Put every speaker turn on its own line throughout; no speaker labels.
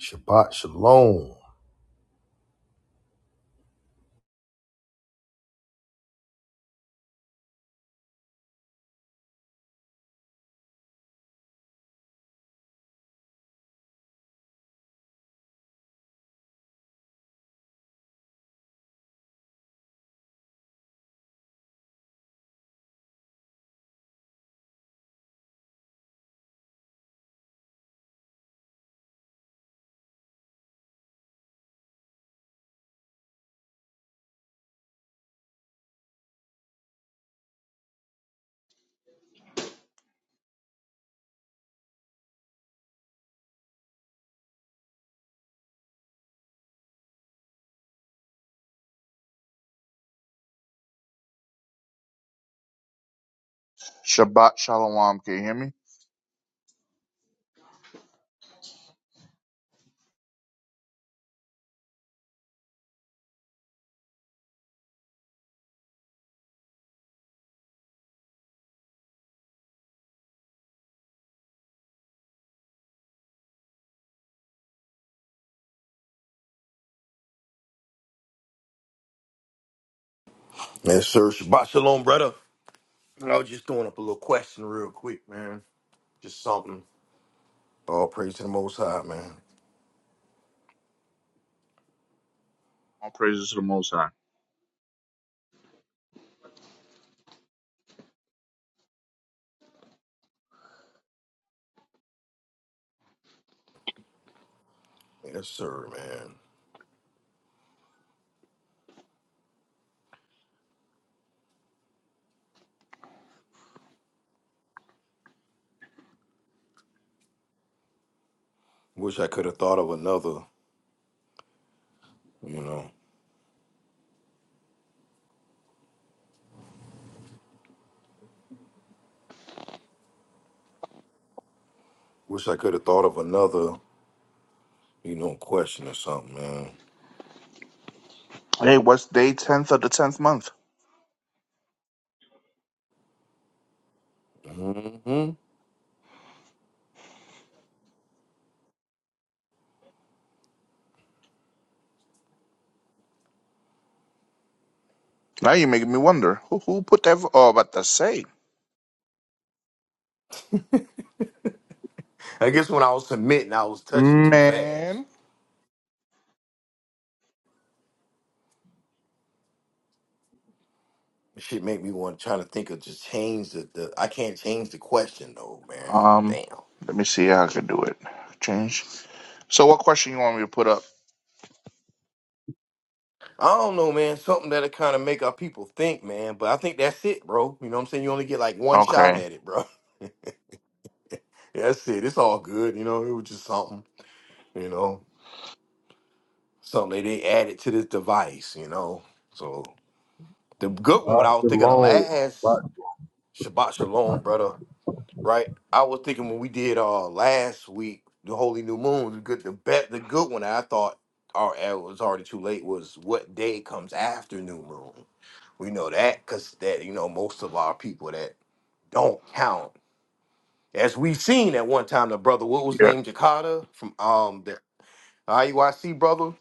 Shabbat shalom.
Shabbat shalom. Can you hear me?
Yes, sir. Shabbat shalom, brother. I was just throwing up a little question real quick, man. Just something. All praise to the Most High, man.
All praises to the Most High.
Yes, sir, man. Wish I could have thought of another, you know. Wish I could have thought of another, you know, question or something,
Hey, what's day tenth of the tenth month?
man. hmm
Now you're making me wonder who who put that. Oh, about to say,
I guess when I was submitting, I was touching too fast.
man.
Shit made me want to try to think of just change the, the. I can't change the question though, man.
Um,
Damn.
let me see how I can do it. Change. So, what question you want me to put up?
I don't know, man. Something that'll kind of make our people think, man. But I think that's it, bro. You know what I'm saying? You only get like one shot
Okay.
at it, bro. Yeah, That's it. It's all good. You know, it was just something, you know, something that they added to this device, you know. So the good one, what
Right,
I was thinking of
Shalom. Right.
last,
I
Shabbat Shalom, brother. right? I was thinking when we did uh last week, the Holy New Moon, the good the bet the good one I thought our it was already too late was what day comes after New Moon. We know that because that you know most of our people that don't count. As we've seen at one time the brother, what was
Yeah.
named Jakata from um the IUIC brother,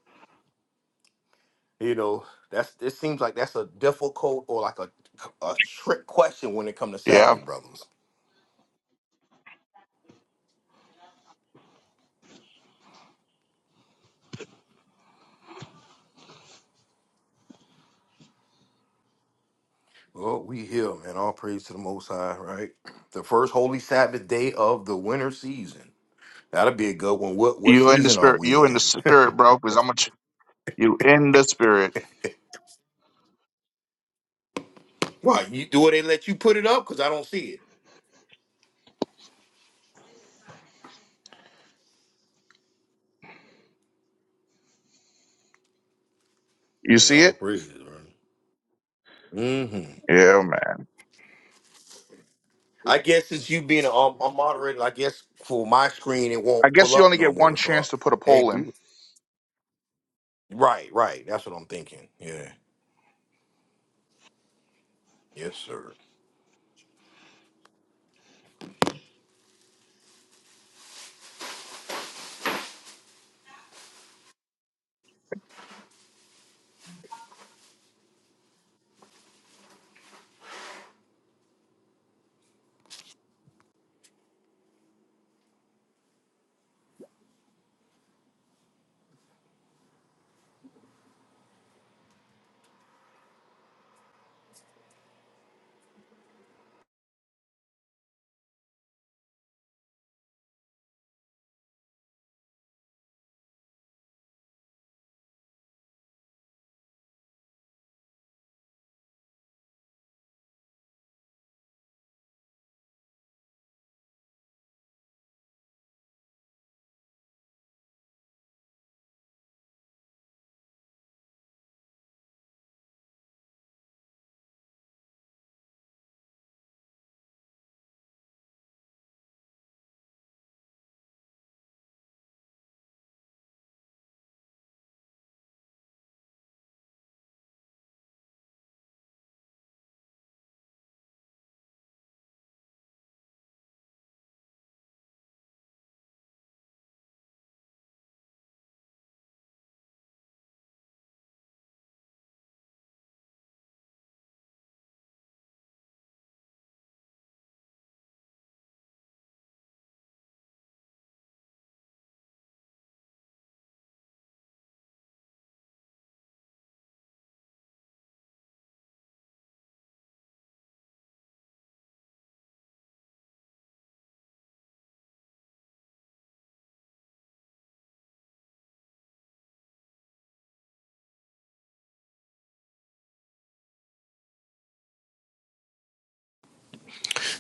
you know, that's it seems like that's a difficult or like a a trick question when it comes to
Yeah.
Saturday brothers Well, we here, man. All praise to the Most High, right? The first Holy Sabbath day of the winter season. That'll be a good one. What what
You in the
season are
spirit?
we
You in the
in?
spirit, bro? Because I'm a ch- you in the spirit.
Why you do it? They let you put it up because I don't see it.
You
Yeah,
see
all
it?
praises, man. hmm
Yeah, man.
I guess since you being a, um, a moderator, I guess for my screen it
I
won't pull
guess you
up
only
no
get one
more. So, I,
chance to put a
hey,
poll in.
dude. right, right. That's what I'm thinking. Yeah. Yes, sir.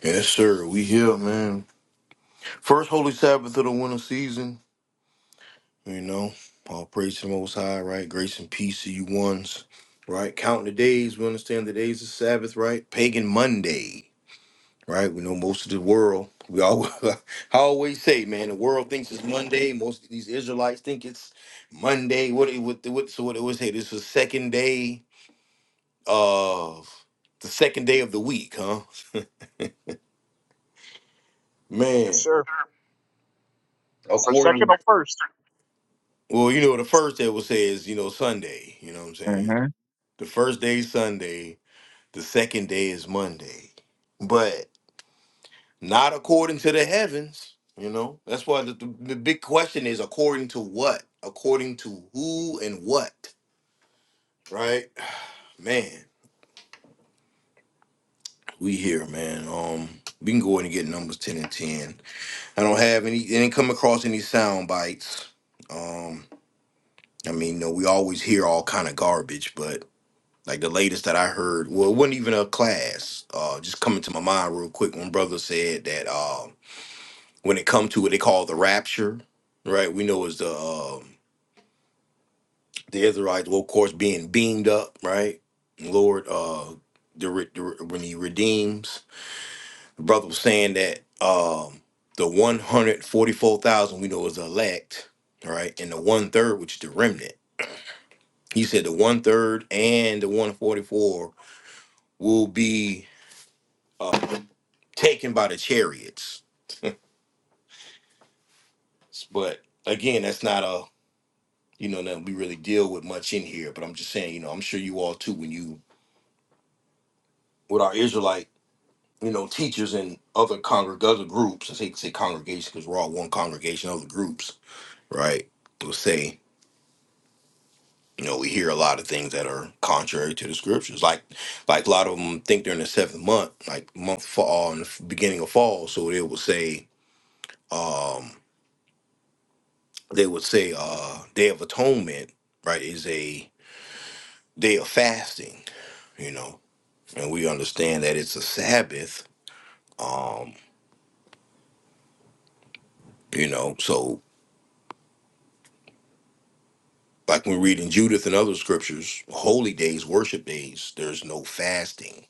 Yes, sir. We here, man. First Holy Sabbath of the winter season. You know, all praise to the Most High, right? Grace and peace to you ones, right? Counting the days, we understand the days of Sabbath, right? Pagan Monday, right? We know most of the world. We all, I always say, man, the world thinks it's Monday. Most of these Israelites think it's Monday. What it what, what so what it was? Hey, this was second day of the second day of the week, huh?
Yes,
Man,
sir. For second
according
or 1st
well, you know, the first day will say is you know Sunday. You know what I'm saying?
Mm-hmm.
The first day is Sunday The second day is Monday, but not according to the heavens. You know, that's why the, the, the big question is according to what? According to who and what? Right? Man, we here, man. Um, we can go in and get numbers ten and ten. I don't have any. I didn't come across any sound bites. Um, I mean, no, we always hear all kind of garbage, but like the latest that I heard, well, it wasn't even a class. Uh, just coming to my mind real quick when brother said that. Um, when it comes to what they call the rapture, right? We know is the um, the Israelites, well, of course, being beamed up, right? Lord, uh, the, re- the re- when He redeems, the brother was saying that um, the one hundred forty four thousand we know is the elect, right, and the one third, which is the remnant. He said the one third and the one forty four will be uh, taken by the chariots, but again, that's not a you know, that we really deal with much in here. But I'm just saying, you know, I'm sure you all too, when you with our Israelite, you know, teachers and other congreg other groups, I hate to say congregation because we're all one congregation, other groups, right? Will say, you know, we hear a lot of things that are contrary to the scriptures. Like, like a lot of them think they're in the seventh month, like month fall in the f- beginning of fall. So they would say, um, they would say, uh, Day of Atonement, right, is a day of fasting, you know and we understand that it's a Sabbath, um, you know, so like when reading Judith and other scriptures, holy days, worship days, there's no fasting,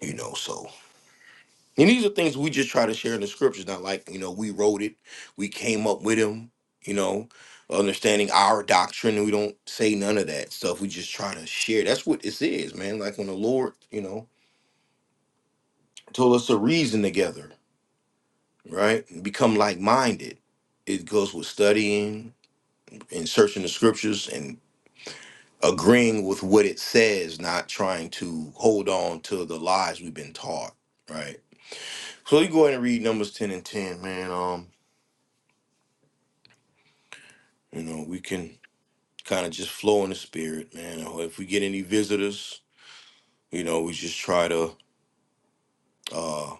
you know, so. And these are things we just try to share in the scriptures, not like, you know, we wrote it, we came up with them, you know, understanding our doctrine. We don't say none of that stuff. We just try to share. That's what this is, man. Like when the Lord, you know, told us to reason together, right? And become like minded. It goes with studying, and searching the scriptures and agreeing with what it says, not trying to hold on to the lies we've been taught, right? So you go ahead and read Numbers 10 and 10, man. Um, you know, we can kind of just flow in the spirit, man. Or If we get any visitors, you know, we just try to, uh,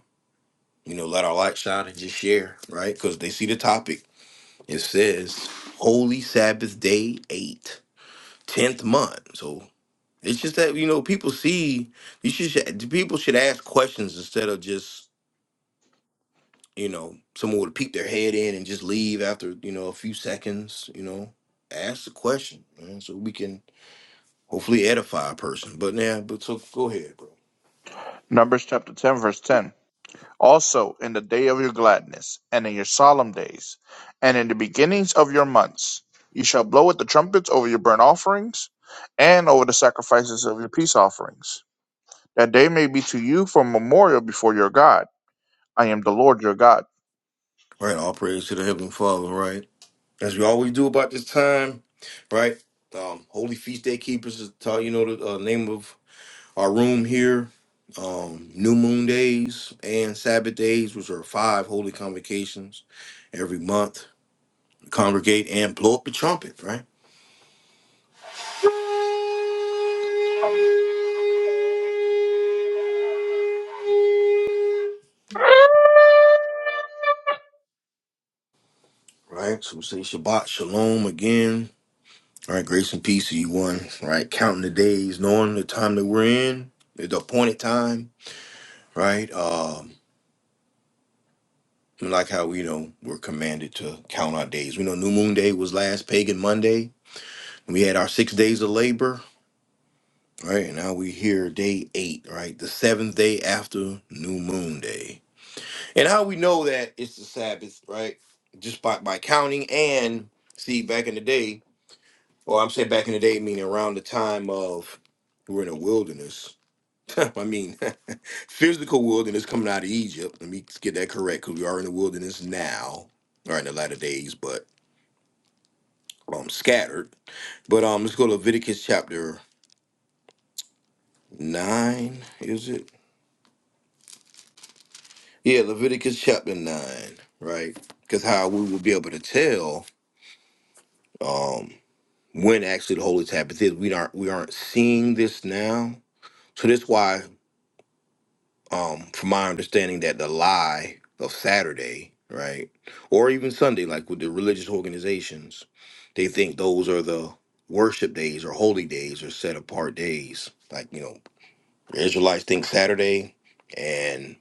you know, let our light shine and just share, right? Because they see the topic. It says, Holy Sabbath Day 8, tenth month. So It's just that you know people see you should should- people should ask questions instead of just you know someone would peek their head in and just leave after you know a few seconds. You know, ask the question, man, so we can hopefully edify a person. But yeah, but so go ahead, bro.
Numbers chapter ten, verse ten. Also in the day of your gladness, and in your solemn days, and in the beginnings of your months, you shall blow at the trumpets over your burnt offerings, and over the sacrifices of your peace offerings, that they may be to you for a memorial before your God. I am the Lord your God.
Right, all praise to the heavenly Father. Right, as we always do about this time. Right, um, Holy Feast Day Keepers is taught. You know the uh, name of Our room here, um, new moon days and Sabbath days, which are five holy convocations every month. Congregate and blow up the trumpet, right? Right. So we say Shabbat Shalom again. All right, grace and peace to you one. Right, counting the days, knowing the time that we're in, the appointed time. Right. Um, we like how we know we're commanded to count our days. We know New Moon Day was last pagan Monday. We had our six days of labor Right now we here day eight, right? The seventh day after New Moon Day. And how we know that it's the Sabbath, right? Just by, by counting and see back in the day, or I'm saying back in the day meaning around the time of we're in a wilderness. I mean physical wilderness coming out of Egypt. Let me get that correct, because we are in the wilderness now, or in the latter days, but um scattered. But um let's go to Leviticus chapter nine, is it? Yeah, Leviticus chapter nine, right? Because how we will be able to tell um, when actually the holy Sabbath is, we aren't we aren't seeing this now. So that's why, um, from my understanding, that the lie of Saturday, right, or even Sunday, like with the religious organizations, they think those are the worship days or holy days or set apart days, like you know The Israelites think Saturday, and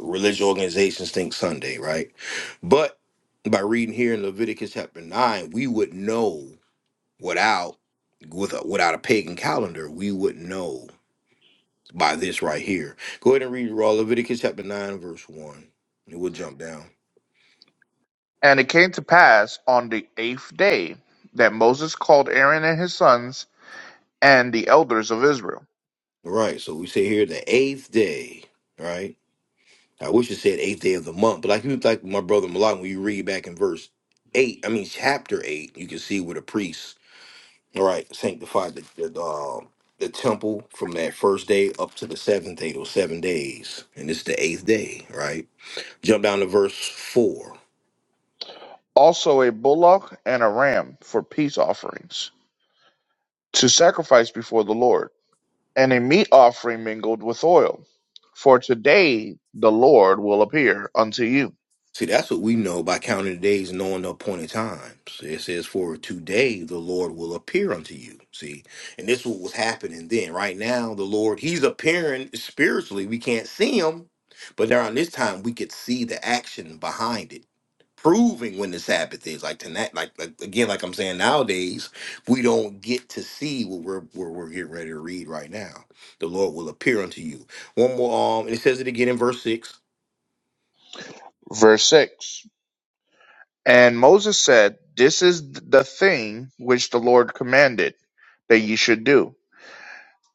religious organizations think Sunday, right? But by reading here in Leviticus chapter nine, we would know without with without a pagan calendar, we would know by this right here. Go ahead and read raw Leviticus chapter nine, verse one. And we'll jump down.
And it came to pass on the eighth day that Moses called Aaron and his sons and the elders of Israel,
All right, so we say here the eighth day, right? I wish it said eighth day of the month, but like you like my brother Malak, when you read back in verse eight, I mean chapter eight, you can see where the priests All right sanctified the the, um the temple from that first day up to the seventh day those seven days and it's the eighth day right jump down to verse four
also a bullock and a ram for peace offerings, to sacrifice before the Lord. and a meat offering mingled with oil. For today the Lord will appear unto you.
see that's what we know by counting the days and knowing the appointed times it says for today the lord will appear unto you see and this is what was happening then right now the lord he's appearing spiritually we can't see him but around this time we could see the action behind it proving when this happened is like tonight like, like again like i'm saying nowadays we don't get to see what we're what we're getting ready to read right now the lord will appear unto you one more um and it says it again in verse six
Verse 6 And Moses said, This is the thing which the Lord commanded that ye should do,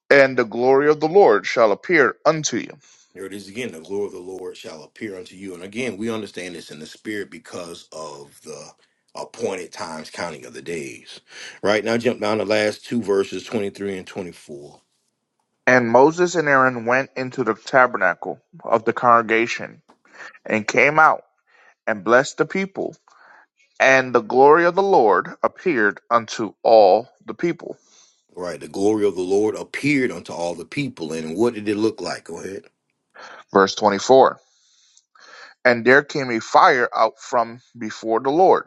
and the glory of the Lord shall appear unto you.
there it is again the glory of the lord shall appear unto you and again we understand this in the spirit because of the appointed times counting of the days right now jump down the last two verses 23 and 24
And Moses and Aaron went into the tabernacle of the congregation, and came out, and blessed the people. And the glory of the Lord appeared unto all the people.
right the glory of the lord appeared unto all the people and what did it look like go ahead
Verse 24 And there came a fire out from before the Lord,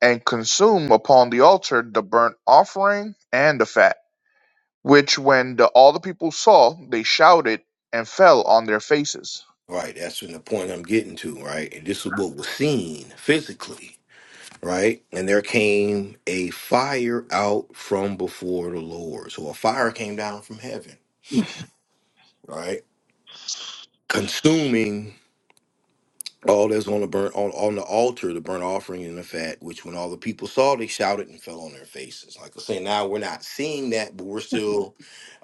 and consumed upon the altar the burnt offering and the fat, which when the, all the people saw, they shouted and fell on their faces.
Right, that's in the point I'm getting to, right? And this is what was seen physically, right? And there came a fire out from before the Lord. So a fire came down from heaven, right? Consuming all that's on the burnt on, on the altar, the burnt offering and the fat, which when all the people saw, they shouted and fell on their faces. Like I say, now we're not seeing that, but we're still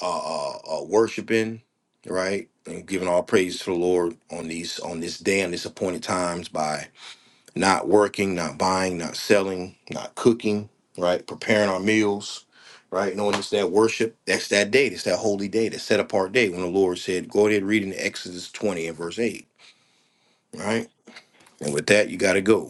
uh, uh, uh worshiping, right? And giving all praise to the Lord on these on this day and this appointed times by not working, not buying, not selling, not cooking, right? Preparing our meals, right? Knowing it's that worship, that's that day, that's that holy day, that set apart day when the Lord said, Go ahead, read in Exodus 20 and verse 8, right? And with that, you got to go.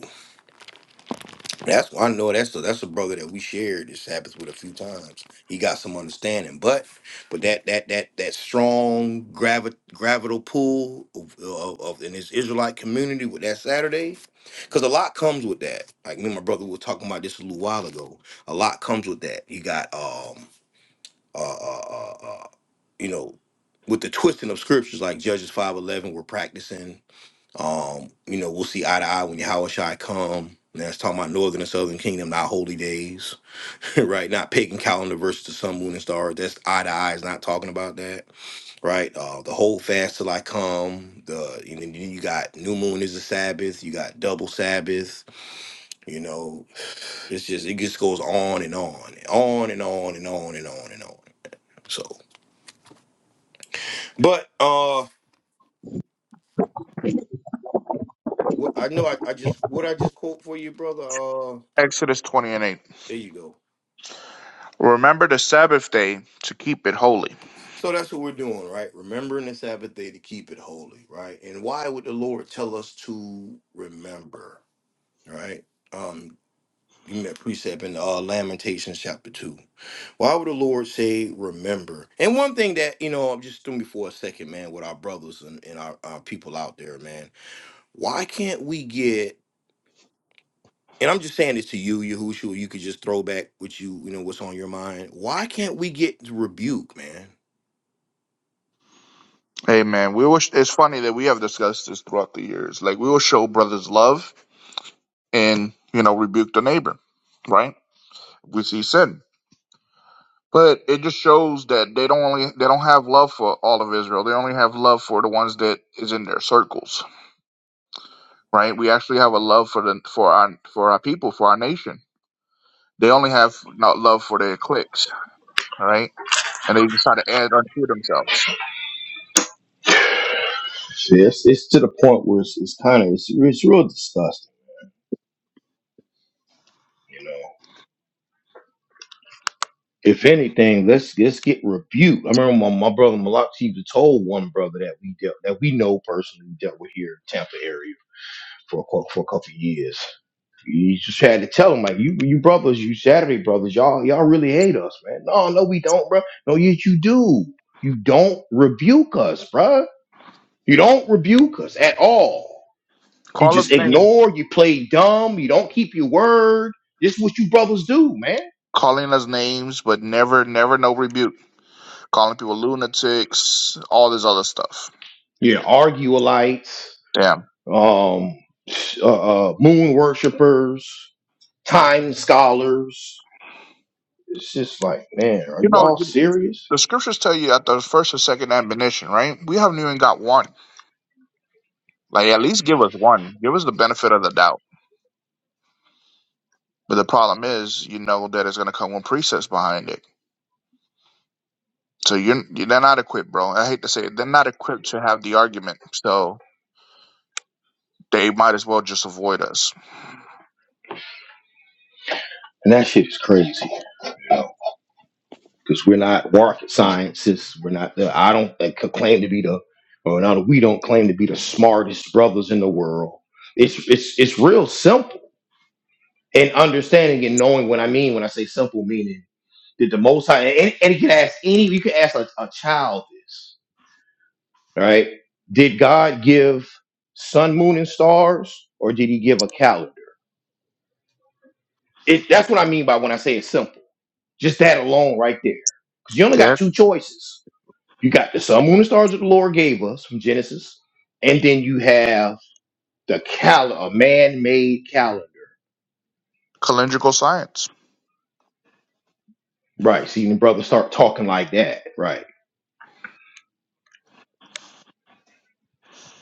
That's I know that's a, that's a brother that we shared this Sabbath with a few times. He got some understanding, but but that that that that strong gravi- gravital pull of, of, of in this Israelite community with that Saturday, because a lot comes with that. Like me and my brother were talking about this a little while ago. A lot comes with that. You got um uh uh, uh, uh you know with the twisting of scriptures like Judges five eleven, we're practicing um, you know, we'll see eye to eye when Yahushua come. Now it's talking about northern and southern kingdom, not holy days, right? Not pagan calendar versus the sun, moon, and stars. That's eye to eye. Is not talking about that, right? Uh, the whole fast till I come. The and then you got new moon is the Sabbath. You got double Sabbath. You know, it's just it just goes on and on, and on and on and on and on and on. So, but uh, what I know, I, I just what I just quote for you, brother. Uh,
Exodus 20 and 8.
there you go.
Remember the Sabbath day to keep it holy.
So that's what we're doing, right? Remembering the Sabbath day to keep it holy, right? And why would the Lord tell us to remember, right? Um, give me that precept in uh, Lamentations chapter two. Why would the Lord say remember? And one thing that you know, I'm just doing before a second, man, with our brothers and, and our, our people out there, man. Why can't we get? And I'm just saying this to you, Yahushua. You could just throw back what you, you know, what's on your mind. Why can't we get rebuke, man?
Amen. We wish it's funny that we have discussed this throughout the years. Like we will show brothers love and you know rebuke the neighbor, right? We see sin. But it just shows that they don't only they don't have love for all of Israel. They only have love for the ones that is in their circles, right? We actually have a love for the for our for our people, for our nation. They only have not love for their cliques, all right? And they just try to add unto themselves.
See, it's, it's to the point where it's, it's kind of it's, it's real disgusting, you know. If anything, let's let's get rebuked. I remember my, my brother Malak Chiba told one brother that we dealt that we know personally dealt with here in Tampa area for a, cou- for a couple of years. You just had to tell him like you you brothers, you Saturday brothers, y'all y'all really hate us, man. No, no, we don't, bro. No, yes you do. You don't rebuke us, bruh. You don't rebuke us at all. You
Call us
just
names,
ignore, you play dumb, you don't keep your word. This is what you brothers do, man.
calling us names, but never never no rebuke. Calling people lunatics, all this other stuff.
Yeah, are arguelites,
Damn,
um, uh, uh, moon worshipers, time scholars. It's just like, man, are
you
you
know
all serious?
the scriptures tell you at the first and second admonition, right? We haven't even got one. Like at least give us one. Give us the benefit of the doubt. But the problem is, you know that it's gonna come with presets behind it. So you're they're not equipped, bro. I hate to say it, they're not equipped to have the argument. So they might as well just avoid us.
And that shit is crazy, you know, because we're not rocket scientists. We're not the, I don't think, claim to be the, or not, we don't claim to be the smartest brothers in the world. It's, it's, it's real simple and understanding and knowing what I mean when I say simple meaning did the Most High and, and you can ask any you can ask a, a child this, right? Did God give sun, moon, and stars, or did He give a calendar? It, that's what I mean by when I say it's simple. Just that alone, right there, because you only
Yeah,
got two choices. You got the sun, moon, and stars that the Lord gave us from Genesis, and then you have the calendar, a man-made calendar.
calendrical science.
Right. See, the brothers start talking like that. Right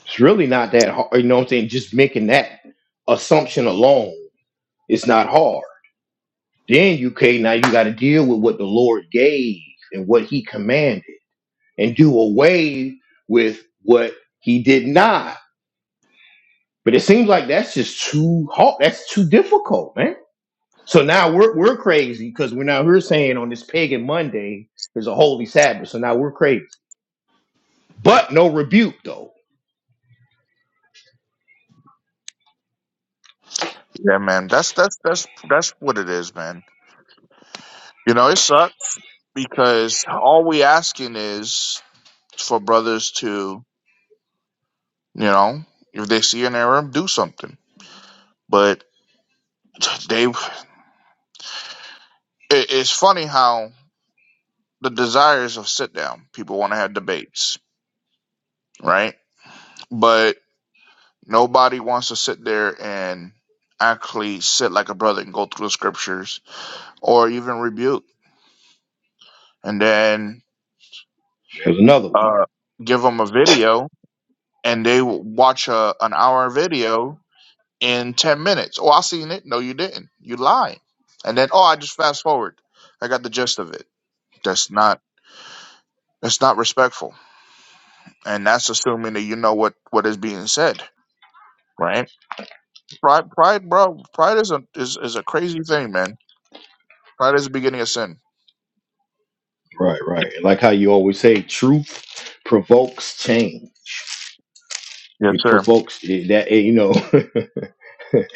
It's really not that hard. You know what I'm saying? Just making that assumption alone, it's not hard. Then you okay, now you gotta deal with what the Lord gave and what he commanded and do away with what he did not. But it seems like that's just too hard. That's too difficult, man. So now we're we're crazy because we're now we're saying on this pagan Monday there's a holy Sabbath. So now we're crazy. But no rebuke though.
Yeah, man. That's that's that's that's what it is, man. You know, it sucks because all we asking is for brothers to, you know, if they see an error, do something. But they, it, it's funny how. the desires of sit down. People want to have debates, right? But nobody wants to sit there and actually sit like a brother and go through the scriptures or even rebuke and then
There's another one.
uh, give them a video and they will watch a, an hour video in 10 minutes. Oh, I seen it. No, you didn't. You lied. And then, oh, I just fast forward. I got the gist of it. That's not, that's not respectful. And that's assuming that you know what, what is being said, right? Pride, pride, bro. Pride is a is, is a crazy thing, man. Pride is the beginning of sin.
Right, right. And Like how you always say, truth provokes change.
Yes,
It
sir.
provokes it, that eh, you know,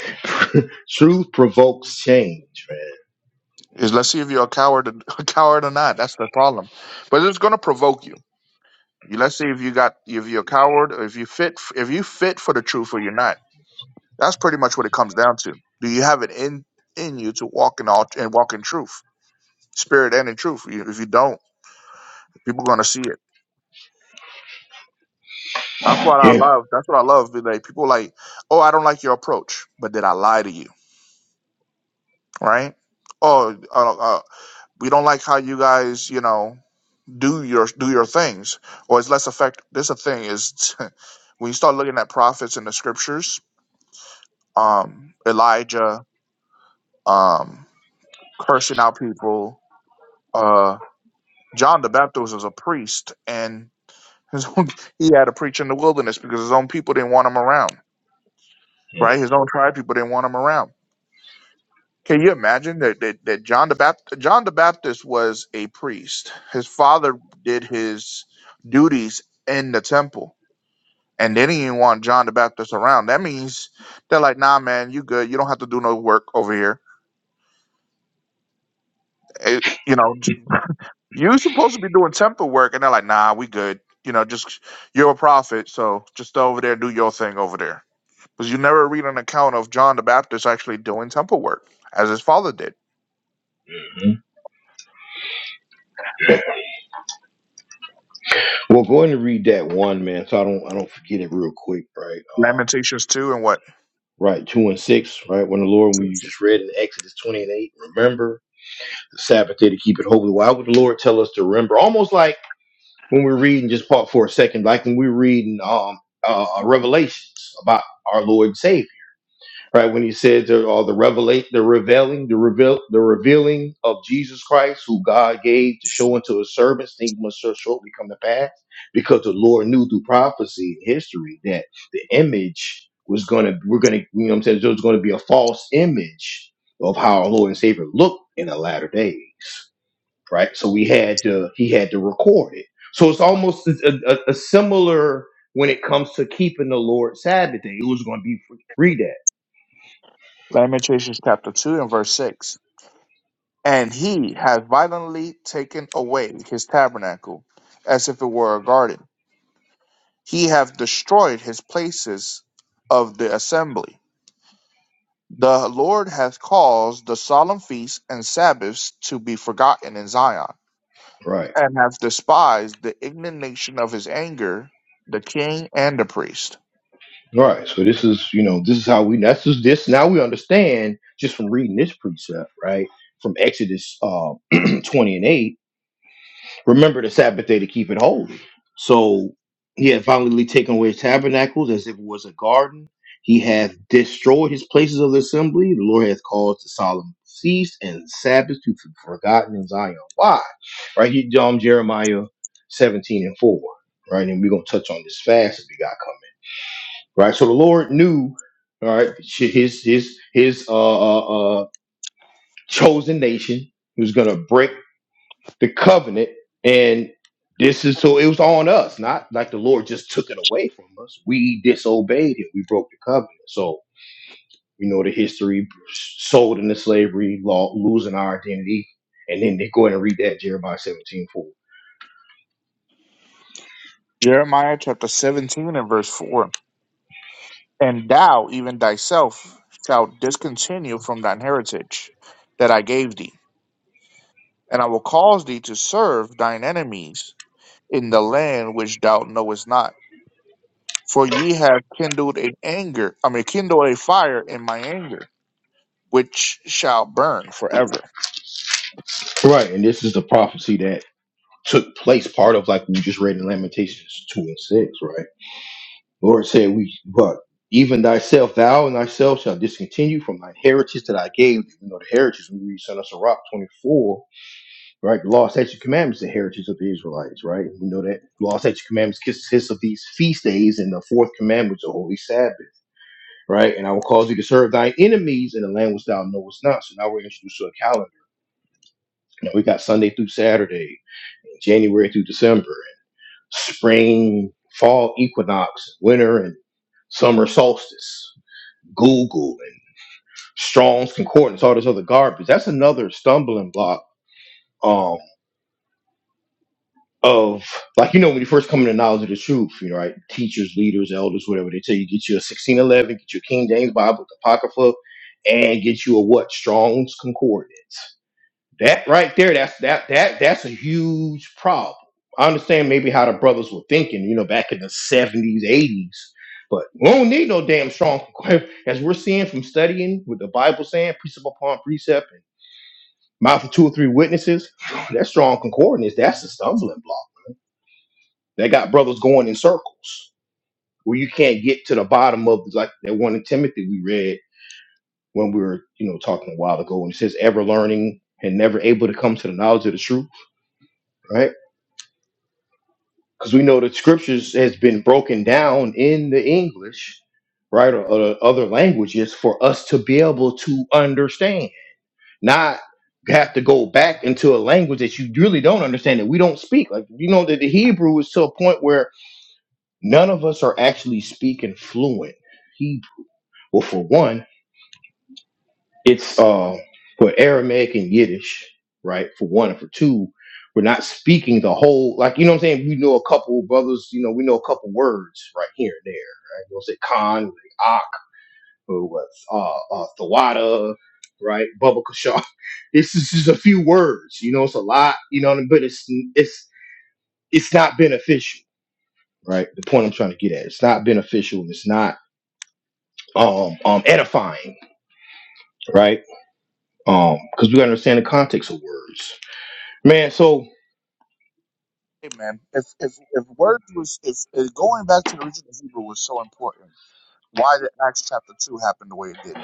truth provokes change, man.
Is let's see if you're a coward, a coward or not. That's the problem. But it's gonna provoke you. You let's see if you got if you're a coward or if you fit if you fit for the truth or you're not. That's pretty much what it comes down to. Do you have it in in you to walk in all and walk in truth, spirit and in truth? You- If you don't, people gonna see it. That's what I
Yeah.
love. That's what I love. be Like people like, oh, I don't like your approach, but did I lie to you? Right? oh, uh. uh, we don't like how you guys, you know, do your do your things, or it's less effect. This a thing is when you start looking at prophets in the scriptures, um, Elijah, um, cursing out people. Uh, John the Baptist was a priest, and his own, he had to preach in the wilderness because his own people didn't want him around. Right, his own tribe people didn't want him around. Can you imagine that that, that John the Baptist, John the Baptist was a priest. His father did his duties in the temple and they didn't even want John the Baptist around. That means they're like, nah, man, you good. You don't have to do no work over here. It- you know, j- you supposed to be doing temple work, and they're like, nah, we good. You know, just you're a prophet, so just go over there and do your thing over there. Because you never read an account of John the Baptist actually doing temple work as his father did.
Mhm. Well, go ahead and read that one, man. So I don't, I don't forget it real quick, right? Um,
Lamentations 2 and what?
right, two and six, right? When the Lord, we just read in Exodus twenty and eight, remember the Sabbath day to keep it holy. Why would the Lord tell us to remember? Almost like when we're reading, just part for a second, like when we're reading um uh, uh, Revelations about our Lord and Savior right? When he said the, all the revelate, the revealing, the reveal, the revealing of Jesus Christ, who God gave to show unto his servants, things must so shortly come to pass, because the Lord knew through prophecy and history that the image was gonna, we're gonna, you know, what I'm saying there was gonna be a false image of how our Lord and Savior looked in the latter days, right? So we had to, he had to record it. So it's almost a, a, a similar when it comes to keeping the Lord's Sabbath day. It was going to be free that,
Lamentations chapter 2 and verse 6. And he has violently taken away his tabernacle as if it were a garden he hath destroyed his places of the assembly. The Lord hath caused the solemn feasts and Sabbaths to be forgotten in Zion,
right?
and hath despised the indignation of his anger, the king and the priest.
Right. So this is, you know, this is how we that's just this now we understand just from reading this precept, right? From Exodus uh, twenty and eight. Remember the Sabbath day to keep it holy. So he had violently taken away his tabernacles as if it was a garden. He hath destroyed his places of assembly. The Lord hath caused the solemn feast and Sabbath to be forgotten in Zion. Why? Right? He um Jeremiah seventeen and four. Right, and we're gonna touch on this fast if we got right? So the Lord knew, all right, his his his uh, uh, uh chosen nation was gonna break the covenant, and this is so it was on us, not like the Lord just took it away from us. We disobeyed Him, we broke the covenant. So you know the history, sold into slavery, law, losing our identity, and then they go ahead and read that Jeremiah seventeen four,
Jeremiah chapter 17 and verse 4. And thou, even thyself, shalt discontinue from thine heritage that I gave thee, and I will cause thee to serve thine enemies in the land which thou knowest not For ye have kindled an anger, I mean, kindled a fire in my anger, which shall burn forever.
right? And this is the prophecy that took place, part of like we just read in Lamentations two and six, right? Lord said, We what? Even thyself, thou and thyself shall discontinue from thy heritage that I gave thee. You know, the heritage, we read Son of Sirach 24, right? The law, statute, commandments, the heritage of the Israelites, right? We know that the law, statute, commandments consists of these feast days, and the fourth commandment is the holy Sabbath, right? And I will cause thee to serve thy enemies in the land which thou knowest not. So now we're introduced to a calendar. Now we got Sunday through Saturday, January through December, spring, fall equinox, winter, and summer solstice. Google and Strong's Concordance, all this other garbage. That's another stumbling block um, of like you know when you first come into knowledge of the truth, you know, right? Teachers, leaders, elders, whatever they tell you, get you a sixteen eleven, get you a King James Bible, Apocrypha, and get you a what Strong's Concordance. That right there, that's that that that's a huge problem. I understand maybe how the brothers were thinking, you know, back in the seventies, eighties, but we don't need no damn strong as we're seeing from studying with the Bible saying precept upon precept and mouth of two or three witnesses. That strong concordance, that's a stumbling block. That got brothers going in circles where you can't get to the bottom of like that one in Timothy we read when we were, you know, talking a while ago, and it says ever learning and never able to come to the knowledge of the truth, right? because we know the scriptures has been broken down in the English, right, or, or other languages for us to be able to understand, not have to go back into a language that you really don't understand that we don't speak. Like you know that the Hebrew is to a point where none of us are actually speaking fluent Hebrew. Well, for one. It's uh, for Aramaic and Yiddish, right? For one, and for two, we're not speaking the whole. Like you know what I'm saying? We know a couple brothers. You know, we know a couple words right here and there. Right? We'll say Khan, like Ak, or what's uh, uh, Thawada, right? Bubba Kashaw. This is just a few words. You know, it's a lot. You know, what I mean? but it's it's it's not beneficial, right? The point I'm trying to get at. It's not beneficial. and It's not um um edifying, right? Um, because we understand the context of words. Man, so
Hey man, if if if words was if, if going back to the original Hebrew was so important, why did Acts chapter two happen the way it did?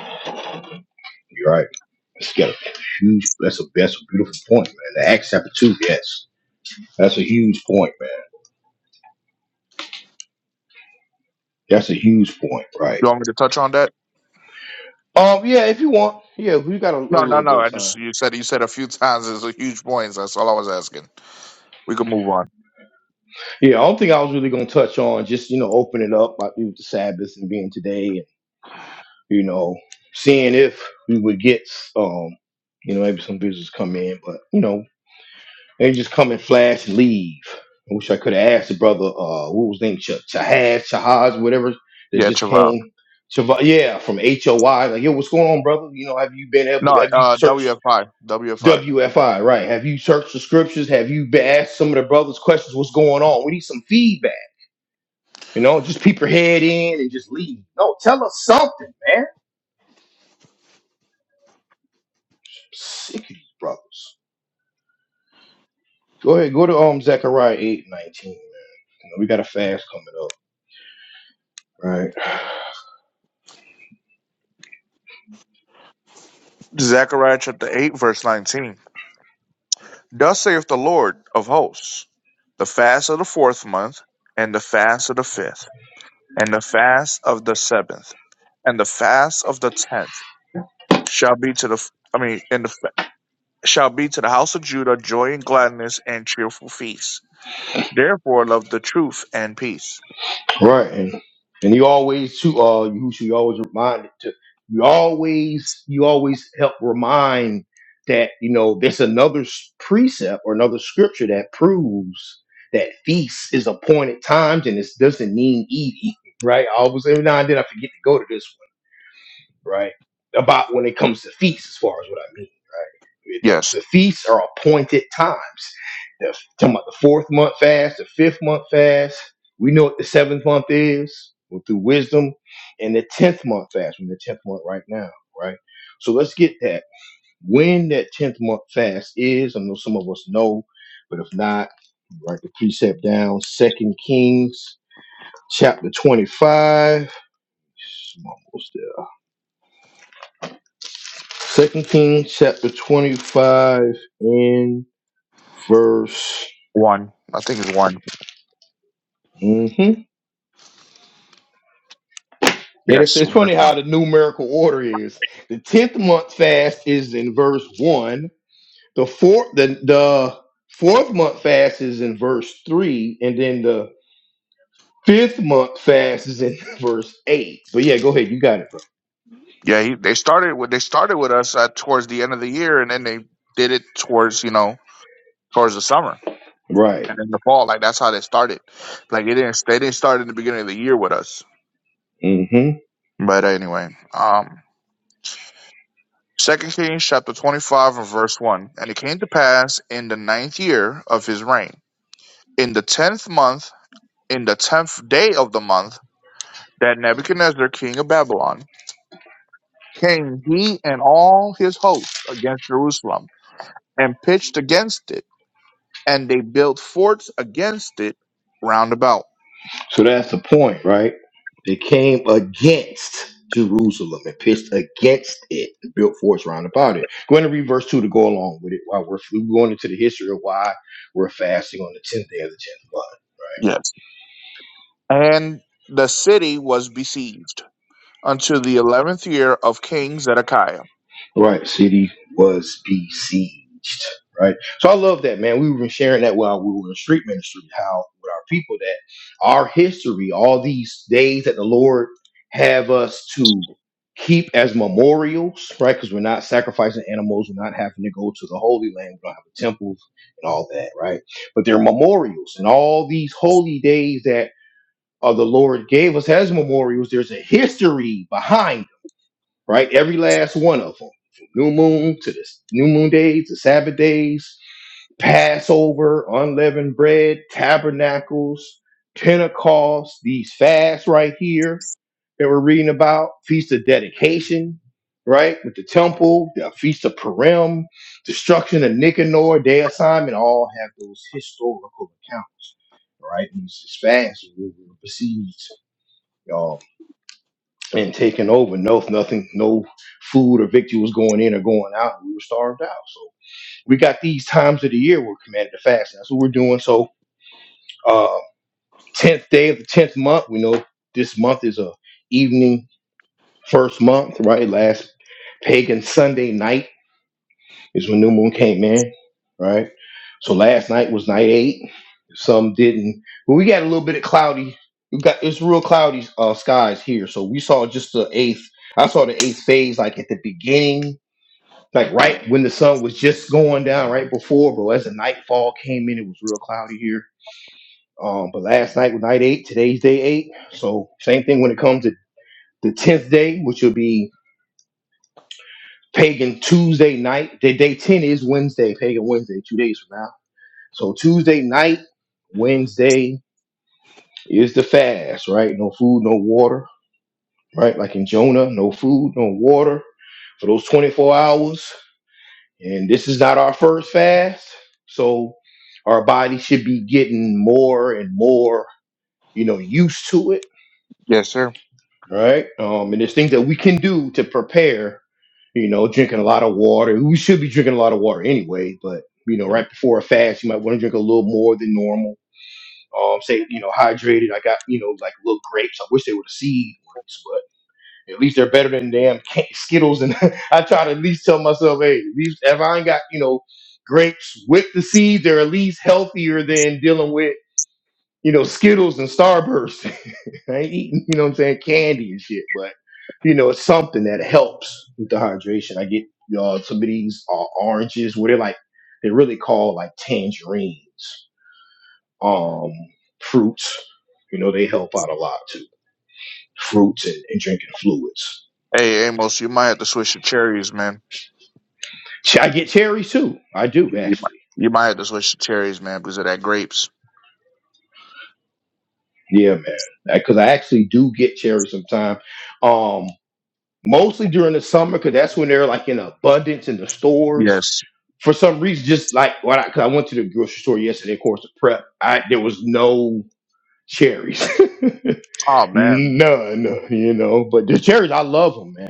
You're right. It's got a huge. That's a that's a beautiful point, man. The Acts chapter two. Yes, that's a huge point, man. That's a huge point, right?
You want me to touch on that?
um yeah, if you want. Yeah, we got a, a
No, no,
little
no.
bit
I
of time.
just you said you said a few times is a huge point. That's all I was asking. We can move on.
Yeah, I don't think I was really gonna touch on just, you know, opening up like with the Sabbath and being today and you know, seeing if we would get um, you know, maybe some visitors come in, but you know. They just come and flash and leave. I wish I could have asked the brother, uh, what was his name, Ch- Chahaz, Chahaz, whatever, that
Yeah,
just
Chavab.
came. Chav- yeah, from H O Y. Like, yo, what's going on, brother? You know, have you been able to,
No,
have you
uh,
searched
WFI,
WFI, right? Have you searched the scriptures? Have you been asked some of the brothers questions? What's going on? We need some feedback. You know, just peep your head in and just leave. No, tell us something, man. sick of these brothers. Go ahead, go to um Zechariah eight nineteen. You know, we got a fast coming up, right?
Zechariah chapter eight, verse nineteen. Thus saith the Lord of hosts, the fast of the fourth month, and the fast of the fifth, and the fast of the seventh, and the fast of the tenth shall be to the I mean, and the fa- shall be to the house of Judah joy and gladness and cheerful feasts. Therefore, love the truth and peace.
Right. And, and you always too uh you you always remind to you always you always help remind that you know there's another s- precept or another scripture that proves that feast is appointed times and it doesn't mean eat eat, right? I always every now and then I forget to go to this right? About when it comes to feasts, as far as what I mean, right?
Yes,
The, the feasts are appointed times. The, talking about the fourth month fast, the fifth month fast. We know what the seventh month is well, through wisdom, and the tenth month fast. We're in the tenth month right now, right? So let's get that when that tenth month fast is. I know some of us know, but if not, write the precept down. Second Kings chapter twenty-five. I'm almost there Second Kings chapter 25 and verse.
one. I think it's one.
Mm-hmm. And it's,
Yes,
it's funny
verse
how
one.
the numerical order is. The 10th month fast is in verse 1. The fourth the, the fourth month fast is in verse 3. And then the fifth month fast is in verse 8. But yeah, go ahead. You got it, bro.
Yeah, he, they started with they started with us uh, towards the end of the year, and then they did it towards you know towards the summer.
Right.
and in the fall. Like that's how they started. Like they didn't they didn't start in the beginning of the year with us.
Mm-hmm.
But anyway, um, Second Kings chapter twenty five and verse one, and it came to pass in the ninth year of his reign, in the tenth month, in the tenth day of the month, that Nebuchadnezzar king of Babylon came he and all his hosts against Jerusalem and pitched against it, and they built forts against it round about.
So that's the point, right? They came against Jerusalem and pitched against it and built forts round about it. Going to read verse 2 to go along with it while we're, we're going into the history of why we're fasting on the 10th day of the 10th month. right?
Yes, and the city was besieged unto the eleventh year of King Zedekiah.
Right. City was besieged. Right. So I love that, man. We were sharing that while we were in street ministry, how with our people that our history, all these days that the Lord have us to keep as memorials, right? Because we're not sacrificing animals, we're not having to go to the Holy Land, we don't have a temple and all that, right? But they're memorials, and all these holy days that uh, the Lord gave us as memorials, there's a history behind right? Every last one of them, from new moon to the new moon days, the Sabbath days, Passover, unleavened bread, tabernacles, Pentecost, these fasts right here that we're reading about, feast of dedication, right? With the temple, the feast of Purim, destruction of Nicanor, day of Simon, all have those historical accounts, right? And these fasts, we- we- we proceed, y'all and taken over. No, nothing, no food or victual was going in or going out. We were starved out. So we got these times of the year we're commanded to fast. That's what we're doing. So uh, tenth day of the tenth month. We know this month is a evening first month, right? Last pagan Sunday night is when new moon came in, right? So last night was night eight. Some didn't. But we got a little bit of cloudy. We got it's real cloudy uh, skies here. So we saw just the eighth. I saw the eighth phase like at the beginning, like right when the sun was just going down, right before. But as the nightfall came in, it was real cloudy here. Um, but last night was night eight. Today's day eight. So same thing when it comes to the tenth day, which will be pagan Tuesday night. Day day ten is Wednesday, pagan Wednesday, two days from now. So Tuesday night, Wednesday is the fast, right? No food, no water, right? Like in Jonah, no food, no water for those 24 hours. And this is not our first fast. So our body should be getting more and more, you know, used to it,
Yes, sir.
right? Um, and there's things that we can do to prepare, you know, drinking a lot of water. We should be drinking a lot of water anyway, but, you know, right before a fast, you might want to drink a little more than normal um, say, you know, hydrated. I got, you know, like little grapes. I wish they were the seed ones, but at least they're better than damn ca- Skittles. And I try to at least tell myself, hey, at least if I ain't got, you know, grapes with the seeds, they're at least healthier than dealing with, you know, Skittles and Starburst. I ain't eating, you know what I'm saying, candy and shit, but, you know, it's something that helps with the hydration. I get, y'all, some of these uh, oranges where they're like, they're really called like tangerines um, fruits. You know, they help out a lot too. Fruits and, and drinking fluids.
Hey, Amos, you might have to switch your cherries, man.
Ch- I get cherries too. I do
You, you might,
actually.
you might have to switch the cherries, man, because of that grapes.
Yeah, man. Because I actually do get cherries sometimes. Um, mostly during the summer, because that's when they're like in abundance in the stores.
Yes.
For some reason, just like when I, cause I went to the grocery store yesterday, of course, to prep, I there was no cherries,
Oh, man.
none. You know, but the cherries, I love them, man.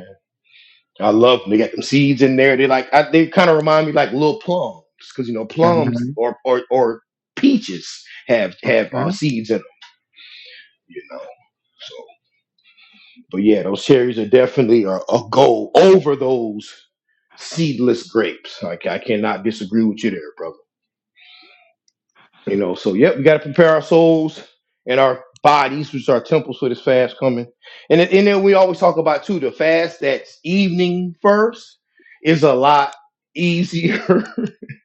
I love they got them seeds in there. They like I, they kind of remind me like little plums because you know plums
hmm
or or or peaches have have
hmm
uh, seeds in them. You know, so but yeah, those cherries are definitely a, a go over those seedless grapes. Like I cannot disagree with you there, brother. You know, so yep, we got to prepare our souls and our bodies, which are temples for this fast coming. And then- and then we always talk about too the fast that's evening first is a lot easier,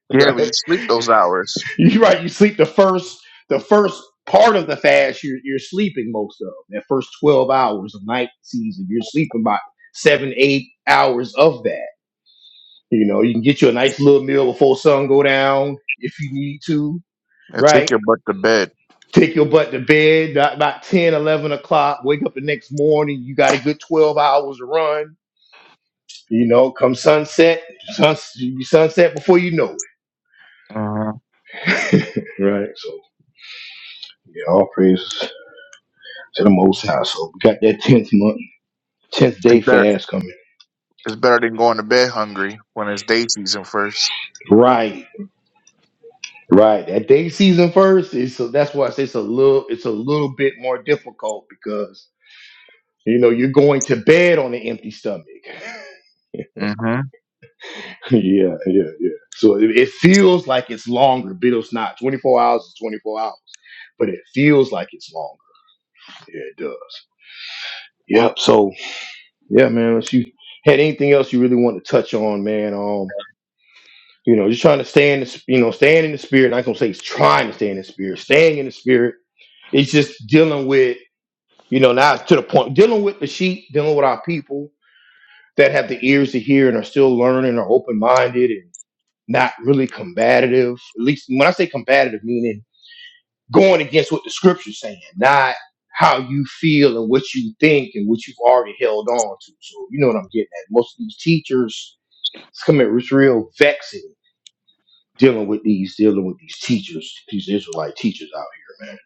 Yeah,
right?
we just sleep those hours
You're right. You sleep the first the first part of the fast. You're you're sleeping most of that first twelve hours of night season. You're sleeping about seven eight hours of that. You know, you can get you a nice little meal before sun go down if you need to.
and take
Right.
your butt to bed.
Take your butt to bed about, about 10, eleven o'clock. Wake up the next morning. You got a good 12 hours to run. You know, come sunset, suns you sunset before you know it.
hmm
Right. So, yeah, all praise to the Most High. So, we got that 10th month. Tenth day
It's better.
fast coming.
It's better than going to bed hungry when it's day season first.
Right, right. That day season first is so that's why I say it's a little it's a little bit more difficult because you know you're going to bed on an empty stomach.
mm hmm
yeah, yeah, yeah. So it, it feels like it's longer, but it's not. Twenty four hours is twenty four hours, but it feels like it's longer. Yeah, it does. Yep. So yeah, man. If you had anything else you really want to touch on, man? Um. You know, just trying to stay in the, you know, staying in the spirit. I'm Not gonna say it's trying to stay in the spirit, staying in the spirit. It's just dealing with, you know, now it's to the point, dealing with the sheep, dealing with our people that have the ears to hear and are still learning, are open minded and not really combative. At least when I say combative, meaning going against what the scripture's saying, not how you feel and what you think and what you've already held on to. So you know what I'm getting at. Most of these teachers, it's coming, it's real vexing dealing with these dealing with these teachers, these Israelite teachers out here, man.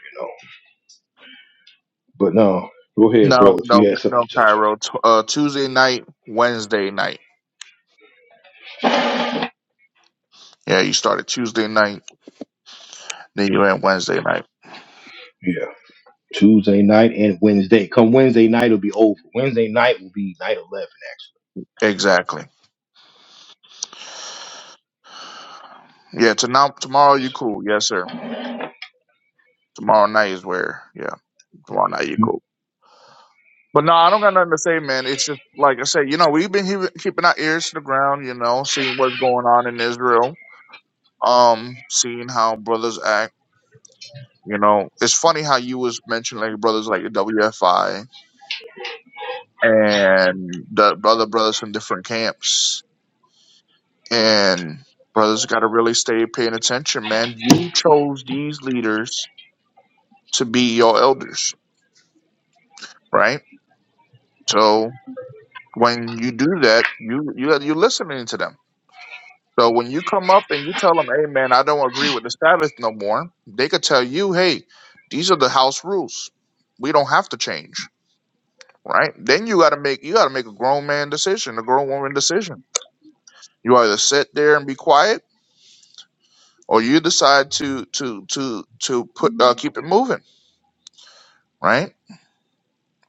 You know. But no, go ahead,
No,
brother. If
no,
you had something
no,
to touch on,
Cairo. T- uh, Tuesday night, Wednesday night. Yeah, you started Tuesday night, then you went Wednesday night.
yeah. Tuesday night and Wednesday. Come Wednesday night, it'll be over. Wednesday night will be night eleven, actually.
Exactly. Yeah, to now tomorrow you
Yes,
cool. Yes, sir. Tomorrow night is where. Yeah, tomorrow night you
sir. Mhm.
cool. But no, I don't got nothing to say, man. It's just like I said, you know, we've been he- keeping our ears to the ground, you know, seeing what's going on in Israel, um, seeing how brothers act. You know, it's funny how you was mentioning like brothers like the WFI and the other brothers from different camps, and brothers got to really stay paying attention, man. You chose these leaders to be your elders, right? So When you do that, you you you're listening to them. So when you come up and you tell them, "Hey, man, I don't agree with the Sabbath no more," they could tell you, "Hey, these are the house rules. We don't have to change." Right? Then you got to make you got to make a grown man decision, a grown woman decision. You either sit there and be quiet, or you decide to to to to put uh, keep it moving. Right?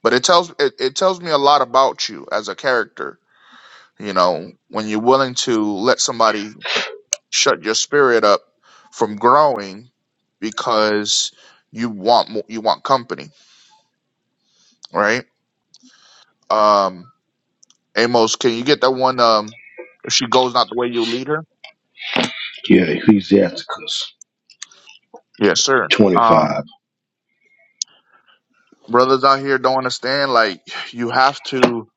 But it tells it, it tells me a lot about you as a character. You know, when you're willing to let somebody shut your spirit up from growing because you want more, you want company, right? Um, Amos, can you get that one? Um, if she goes not the way you lead her,
Yeah, Ecclesiasticus
yes, sir. Um,
25
brothers out here don't understand. Like you have to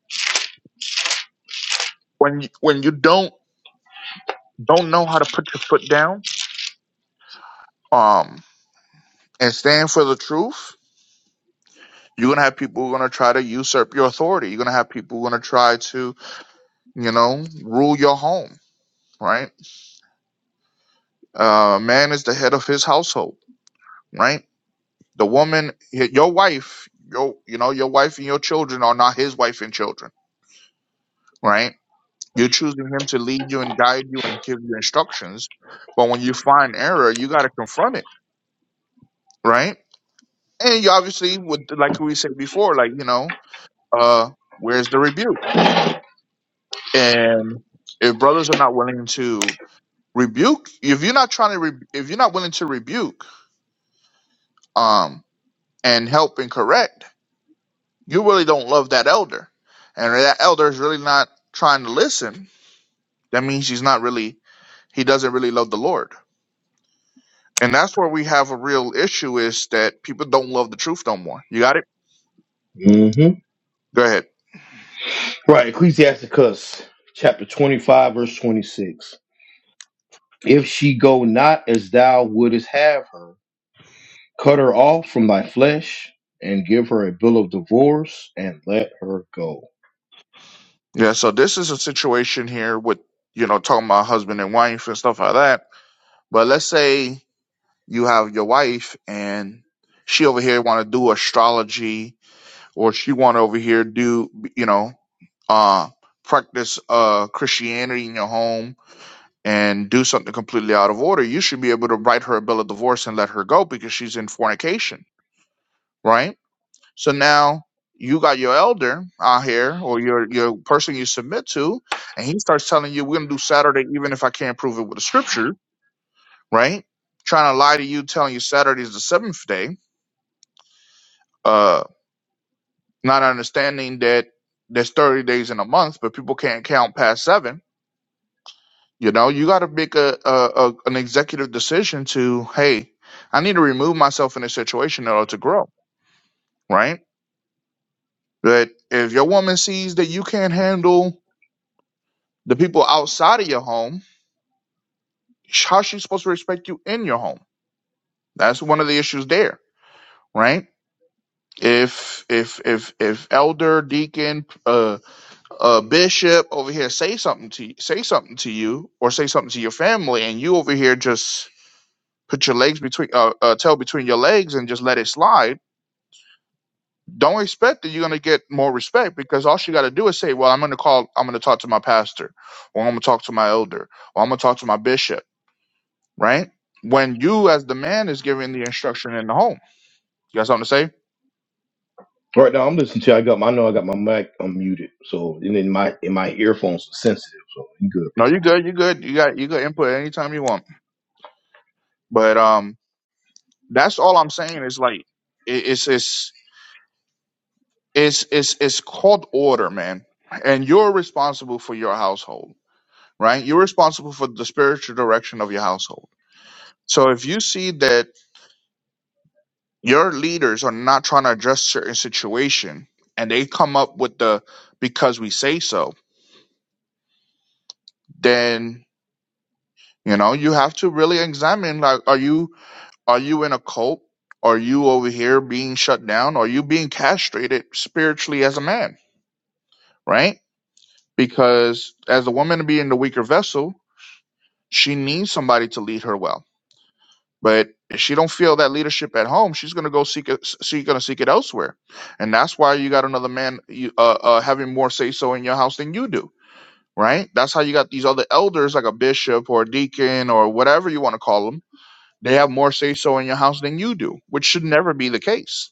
when you, when you don't don't know how to put your foot down, um, and stand for the truth. You're gonna have people who are gonna try to usurp your authority. You're gonna have people who are gonna try to, you know, rule your home, right? Uh, man is the head of his household, right? The woman, y- your wife, your you know your wife and your children are not his wife and children, right? You're choosing him to lead you and guide you and give you instructions, but when you find error, you got to confront it, right? And you obviously would, like we said before, like you know, uh, where's the rebuke? And if brothers are not willing to rebuke, if you're not trying to, re- if you're not willing to rebuke, um, and help and correct you really don't love that elder and that elder is really not trying to listen that means he's not really he doesn't really love the lord and that's where we have a real issue is that people don't love the truth no more you got it
Mm-hmm.
go ahead
Right, Ecclesiasticus chapter twenty-five, verse twenty-six. If she go not as thou wouldest have her, cut her off from thy flesh, and give her a bill of divorce, and let her go.
yeah so this is a situation here with you know talking about husband and wife and stuff like that but let's say you have your wife and she over here want to do astrology or she want to over here do you know uh practice uh christianity in your home and do something completely out of order, you should be able to write her a bill of divorce and let her go because she's in fornication, right? So now you got your elder out here or your your person you submit to, and he starts telling you we're gonna do Saturday even if I can't prove it with the scripture, right? Trying to lie to you, telling you Saturday is the seventh day, uh, not understanding that there's 30 days in a month, but people can't count past seven You know, you got to make a, a, a an executive decision to, hey, I need to remove myself in a situation in order to grow, right? But if your woman sees that you can't handle the people outside of your home, how's she supposed to respect you in your home? That's one of the issues there, right? If if if if elder, deacon, uh, uh, bishop over here say something to you, say something to you, or say something to your family, and you over here just put your legs between uh, uh tail between your legs and just let it slide don't expect that you're going to get more respect because all she got to do is say well i'm going to call i'm going to talk to my pastor or i'm going to talk to my elder or i'm going to talk to my bishop right when you as the man is giving the instruction in the home you got something to say
Right now, I'm listening to. you. I got. My, I know I got my mic unmuted, so and then my and my earphones are sensitive, so you good,
no you're good you're good you got you got input anytime you want but um that's all i'm saying is like it, it's it's it's it's it's called order man and you're responsible for your household right? You're responsible for the spiritual direction of your household. So if you see that your leaders are not trying to address certain situation and they come up with the because we say so, then you know you have to really examine like are you are you in a cult? Are you over here being shut down? Are you being castrated spiritually as a man, right? Because as a woman being the weaker vessel, she needs somebody to lead her well But if she don't feel that leadership at home, she's gonna go seek it. She's gonna seek it elsewhere, and that's why you got another man you, uh, uh, having more say so in your house than you do, right? That's how you got these other elders like a bishop or a deacon or whatever you want to call them. They have more say so in your house than you do, which should never be the case,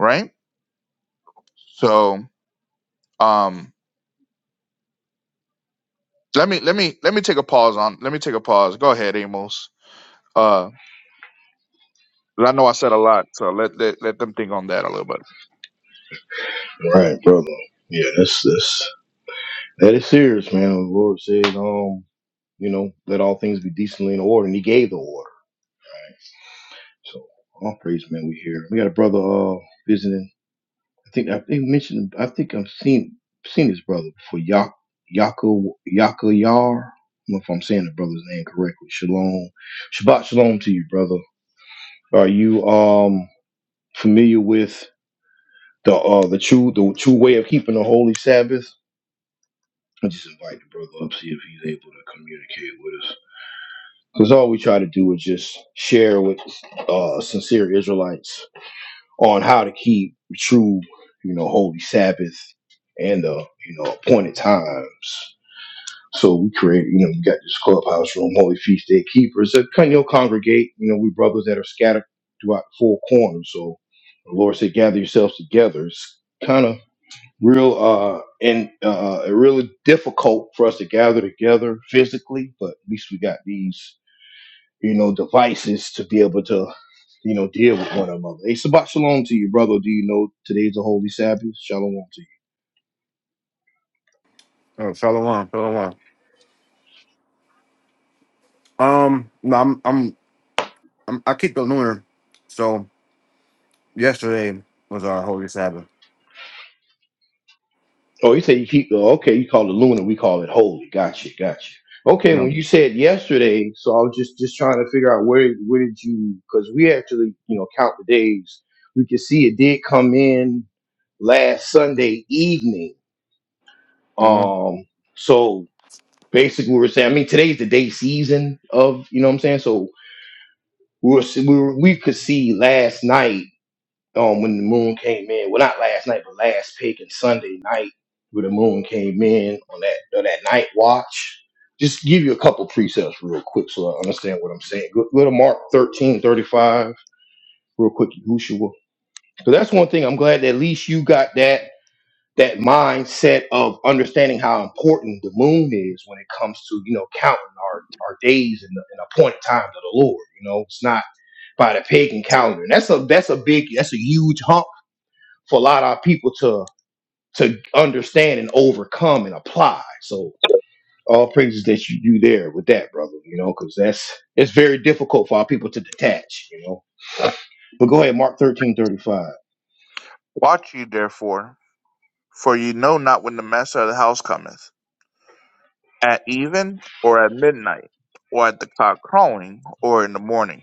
right? So, um, let me let me let me take a pause on. Let me take a pause. Go ahead, Amos. Uh, 'cause I know I said a lot, so let let, let them think on that a little bit.
bro. All right, brother. Yeah, that's that's that is serious, man. The Lord said, um, you know, let all things be decently in order, and He gave the order. right? So all praise, man. We here. We got a brother uh visiting. I think I think mentioned. I think I've seen seen his brother before. Yak Yako Yaka Yar. I don't know if I'm saying the brother's name correctly. Shalom, Shabbat Shalom to you, brother. Are you um? familiar with the uh the true the true way of keeping the holy Sabbath, I just invite the brother up see if he's able to communicate with us. Because all we try to do is just share with uh sincere Israelites on how to keep the true, you know, holy Sabbath and the you know appointed times. So we create, you know, we got this clubhouse room, Holy Feast Day Keepers that kind of congregate. You know, we brothers that are scattered throughout the four corners. So the Lord said, gather yourselves together. It's kind of real uh and uh really difficult for us to gather together physically but at least we got these you know devices to be able to you know deal with one another hey Shabbat shalom to you brother do you know today's a holy sabbath shalom to you
Oh, Shalom, Shalom. Um, no, I'm, I'm, I'm, I keep the lunar. So yesterday was our holy Sabbath.
oh you say you keep oh, okay you call it lunar we call it holy gotcha gotcha okay
Yeah.
when you said yesterday so i was just just trying to figure out where where did you because we actually you know count the days we could see it did come in last sunday evening
hmm
Um, so basically, we were saying, I mean, today's the day season of, you know what I'm saying? So we were, we, were, we could see last night um, when the moon came in. Well, not last night, but last pick and Sunday night where the moon came in on that on that night watch. Just give you a couple precepts real quick so I understand what I'm saying. Go, go to Mark 13 35 real quick, Yahushua. So that's one thing I'm glad that at least you got that that mindset of understanding how important the moon is when it comes to you know counting our, our days and the, and appointed time to the Lord. You know, it's not by the pagan calendar. And that's a that's a big that's a huge hump for a lot of people to to understand and overcome and apply. So all praises that you do there with that, brother. You know, because that's it's very difficult for our people to detach. You know, but go ahead, Mark thirteen thirty five.
Watch you, therefore For ye know not when the master of the house cometh, at even, or at midnight, or at the cock crowing, or in the morning.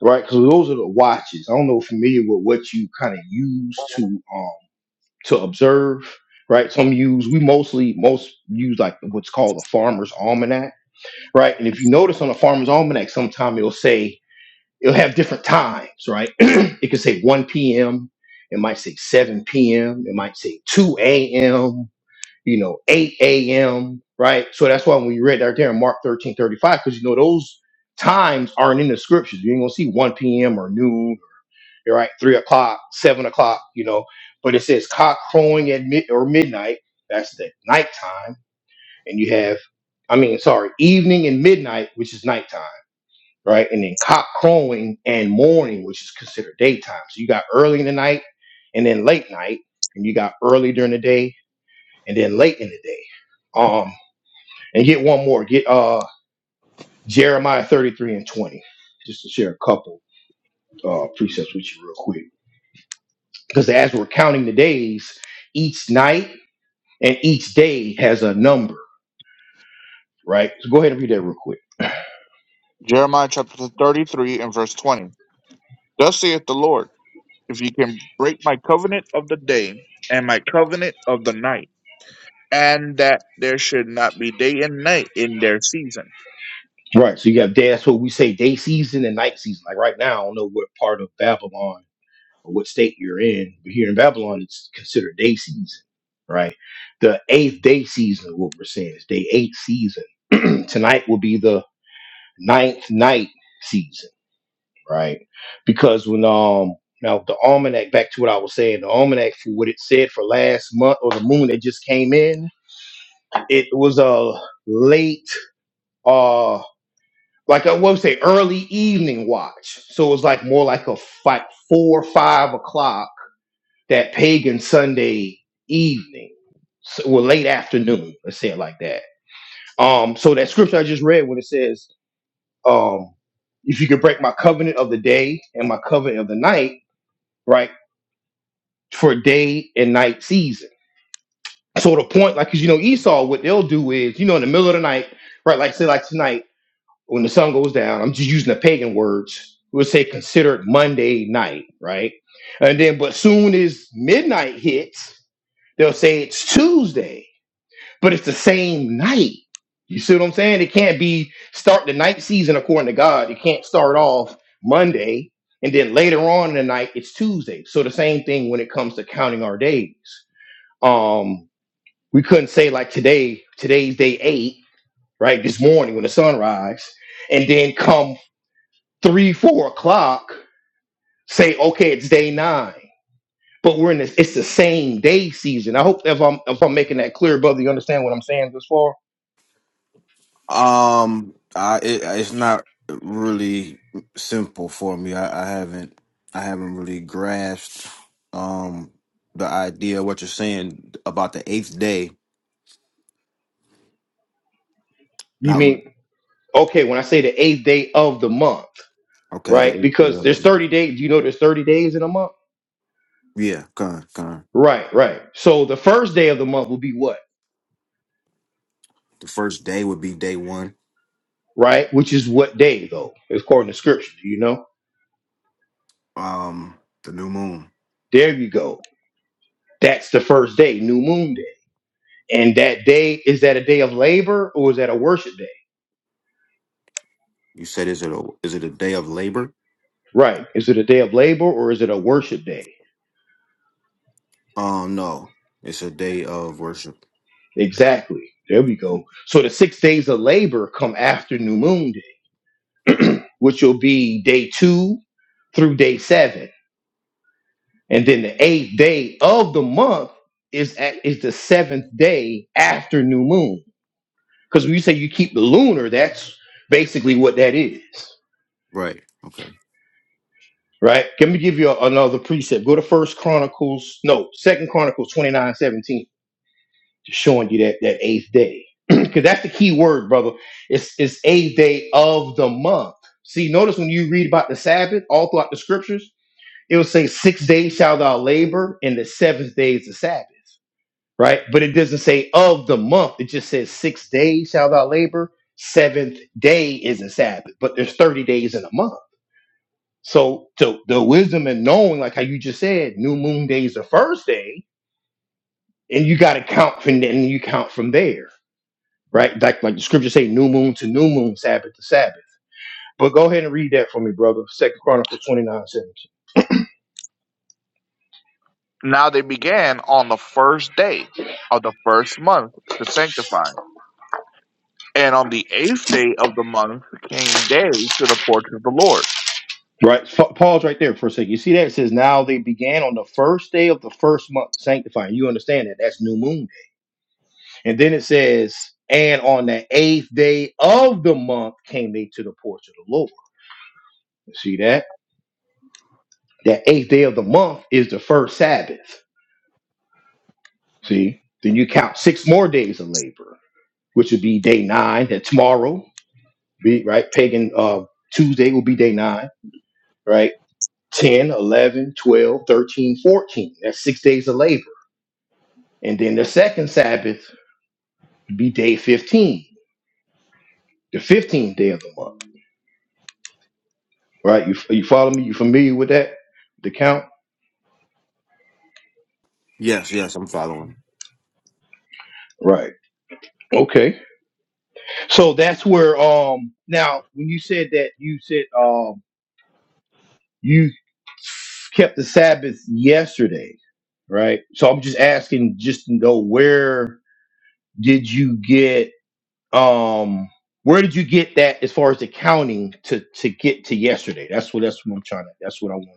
right? Because those are the watches. I don't know if you're familiar with what you kind of use to um to observe, right? Some use we mostly most use like what's called a farmer's almanac, right? And if you notice on a farmer's almanac, sometime it'll say it'll have different times, right? it could say 1 p.m., it might say 7 p.m., it might say 2 a.m., you know, 8 a.m. Right. So that's why when you read right there in Mark 13:35, because you know those times aren't in the scriptures. You ain't gonna see 1 p.m. or noon right? Three o'clock, seven o'clock, you know. But it says cock crowing at mid or midnight. That's the nighttime, and you have, I mean, sorry, evening and midnight, which is nighttime, right? And then cock crowing and morning, which is considered daytime. So you got early in the night, and then late night, and you got early during the day, and then late in the day. Um, and get one more. Get uh Jeremiah thirty three and twenty, just to share a couple uh precepts with you real quick. because as we're counting the days, each night and each day has a number, right? So go ahead and read that real quick.
Jeremiah chapter 33 and verse 20. Thus saith the Lord, if ye can break my covenant of the day, and my covenant of the night, and that there should not be day and night in their season.
Right. So you have day. That's what we say day season and night season. Like right now, I don't know what part of Babylon or what state you're in, but here in Babylon, it's considered day season, right? The eighth day season, what we're saying is day eight season. Tonight will be the ninth night season. right? Because when um now the almanac, back to what I was saying, the almanac for what it said for last month or the moon that just came in, it was a late uh like I would say early evening watch. So it was like more like a five, four five o'clock that pagan Sunday evening. So, well, late afternoon, let's say it like that. Um, so that scripture I just read when it says, um, if you could break my covenant of the day and my covenant of the night, right? for day and night season. So the point, like, cause you know, Esau, what they'll do is, you know, in the middle of the night, right? Like, say, like tonight, when the sun goes down, I'm just using the pagan words. We'll say considered Monday night, right? And then, but soon as midnight hits, they'll say it's Tuesday, but it's the same night. You see what I'm saying? It can't be start the night season according to God. It can't start off Monday and then later on in the night it's Tuesday. So the same thing when it comes to counting our days um, we couldn't say like today, today's day eight, right? This morning when the sun rise, and then come three, four o'clock, say, okay, it's day nine. But we're in this, it's the same day season. I hope if I'm if I'm making that clear, brother, you understand what I'm saying this far?
Um, I it, it's not really simple for me. I, I haven't I haven't really grasped um the idea of what you're saying about the eighth day.
You
Not really.
mean okay, when I say the eighth day of the month,
okay. The
right?
eighth day.
Because
of the
there's
month.
30 days, do you know there's 30 days in a month?
Yeah, con con.
Right, right. So the first day of the month will be what?
The first day would be day one.
Right? Which is what day though, according to scripture, you know?
Um, the new moon.
There you go That's the first day, new moon day. And that day, is that a day of labor or is that a worship day?
You said, is it a is it a day of labor?
Right. Is it a day of labor or is it a worship day?
Um, no, it's a day of worship.
Exactly. There we go. So the six days of labor come after new moon day, which will be day two through day seven. And then the eighth day of the month is at, is the seventh day after new moon. Because when you say you keep the lunar, that's basically what that is.
Right. Okay.
right? Let me give you a- another precept. Go to First Chronicles, no, Second Chronicles 29 17, just showing you that that eighth day. Because that's the key word, brother. It's it's eighth day of the month. See, notice when you read about the Sabbath all throughout the scriptures, it will say six days shall thou labor, and the seventh day is the Sabbath, right? But it doesn't say of the month, it just says six days shall thou labor, seventh day is a Sabbath, but there's 30 days in a month so the the wisdom and knowing, like how you just said, new moon day is the first day, and you got to count from then you count from there, right? Like like the scriptures say, new moon to new moon, Sabbath to Sabbath. But go ahead and read that for me, brother. Second Chronicles twenty nine seventeen.
Now they began on the first day of the first month to sanctify. And on the eighth day of the month came they to the porch of the Lord
Right, F- pause right there for a second. You see that it says now they began on the first day of the first month sanctifying. You understand that that's new moon day, and then it says, and on the eighth day of the month came they to the porch of the Lord. You see that? That eighth day of the month is the first Sabbath. See? Then you count six more days of labor, which would be day nine. That tomorrow, be right? Pagan uh, Tuesday will be day nine, right? 10, 11, 12, 13, 14. That's six days of labor. And then the second Sabbath would be day 15, the 15th day of the month, right? You, you follow me? You familiar with that? The count?
Yes. Yes, I'm following.
Right. Okay. So that's where, um, now when you said that, you said, um, You kept the Sabbath yesterday, right? So I'm just asking just to know where did you get um where did you get that as far as the counting to to get to yesterday? That's what that's what I'm trying to that's what I want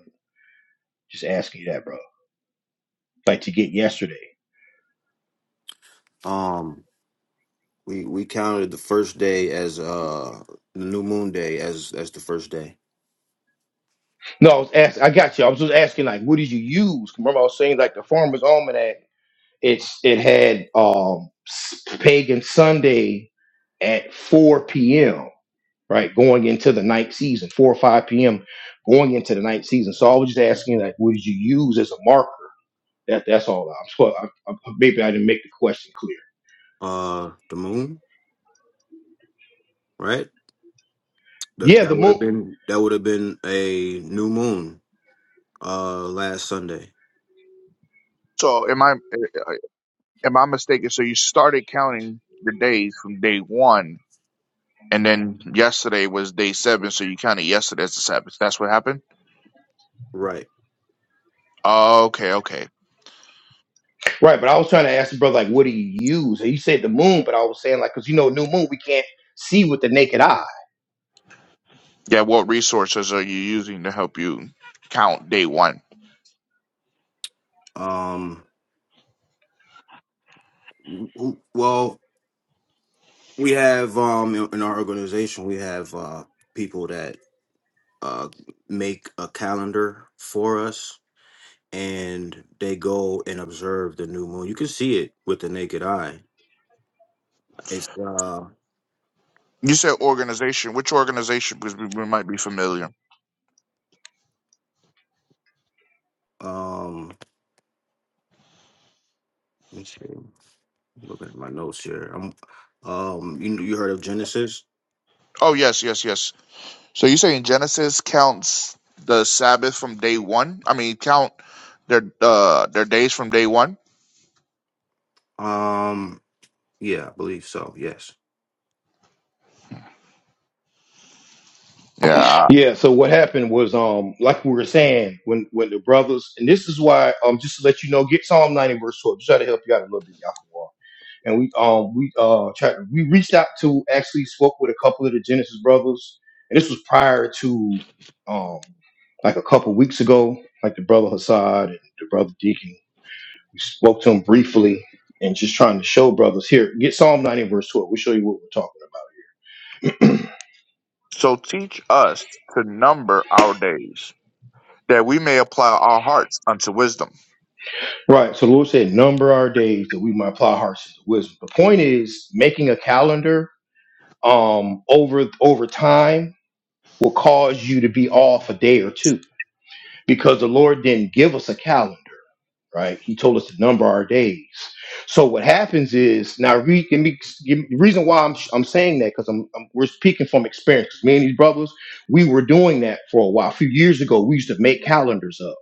just asking you that, bro. Like to get yesterday.
Um, we we counted the first day as uh the new moon day as as the first day.
No, I was ask, I got you. I was just asking like what did you use? Remember I was saying like the farmer's almanac, it's it had um s- pagan Sunday at 4 p.m. right? Going into the night season, 4 or 5 p.m., going into the night season. So I was just asking, like, what did you use as a marker? That That's all. I'm sure, I, I, maybe I didn't make the question clear.
Uh, the moon, right? That
Yeah,
that
the
would
moon.
have been that would have been a new moon. Uh, last Sunday.
So am I eh, eh, am I mistaken? So you started counting the days from day one, and then yesterday was day seven. So you counted yesterday as the Sabbath. That's what happened.
Right.
Oh, Okay, okay.
Right, but I was trying to ask the brother, like, what do you use? And he said the moon, but I was saying, like, because you know, new moon, we can't see with the naked eye.
Yeah. What resources are you using to help you count day one?
Um. w- Well, we have um in in our organization we have uh people that uh, make a calendar for us and they go and observe the new moon. You can see it with the naked eye. It's uh
You said organization. Which organization? Because we, we might be familiar.
um let me see. Looking at my notes here. i um you you heard of Genesis?
Oh yes, yes, yes. So you say in Genesis counts the Sabbath from day one. I mean, count their uh their days from day one.
Um yeah, I believe so. Yes.
Yeah.
Yeah, so what happened was, um, like we were saying, when when the brothers, and this is why, um, just to let you know, get Psalm 90 verse 12, just try to help you out a little bit, y'all. and we um we uh tried we reached out to actually spoke with a couple of the Genesis brothers, and this was prior to um like a couple weeks ago, like the brother Hassad and the brother Deacon. We spoke to them briefly and just trying to show brothers here get Psalm 90 verse 12. We'll show you what we're talking about.
So teach us to number our days, that we may apply our hearts unto wisdom.
right. So the Lord said, number our days that we might apply hearts to wisdom. The point is making a calendar um over over time will cause you to be off a day or two because the Lord didn't give us a calendar, right? He told us to number our days. So what happens is now re, give me, give me- the reason why I'm I'm saying that because I'm, I'm- we're speaking from experience. Me and these brothers, we were doing that for a while. A few years ago, we used to make calendars up.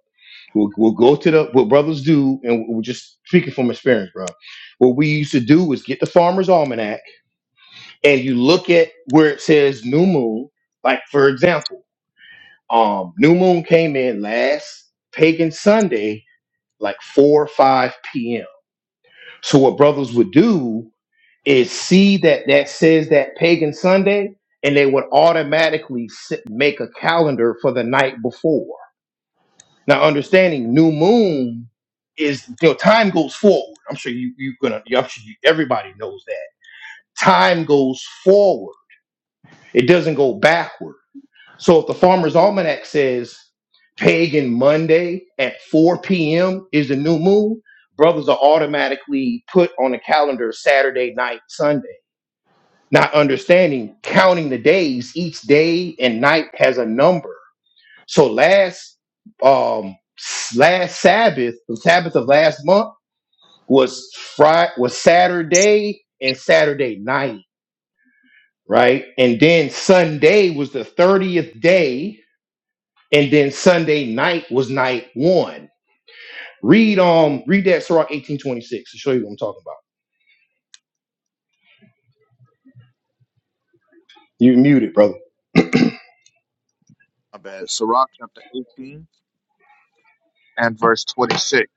We'll, we'll go to the what brothers do, and we're just speaking from experience, bro. What we used to do was get the farmer's almanac, and you look at where it says new moon. Like for example, um, new moon came in last pagan Sunday, like 4 or 5 p.m. So what brothers would do is see that that says that pagan Sunday, and they would automatically sit, make a calendar for the night before. Now, understanding new moon is you know time goes forward. I'm sure you you gonna I'm sure you, everybody knows that time goes forward. It doesnard. It doesn't go backward. So if the Farmer's Almanac says pagan Monday at 4 p.m. is the new moon, brothers are automatically put on the calendar Saturday night, Sunday. Not understanding, counting the days, each day and night has a number. So last um s- last Sabbath, the Sabbath of last month was Friday was Saturday and Saturday night, right? And then Sunday was the 30th day And then Sunday night was night one. Read um read that Sirach 1826 to show you what I'm talking about. You muted, brother.
My bad. Sirach chapter 18 and verse 26.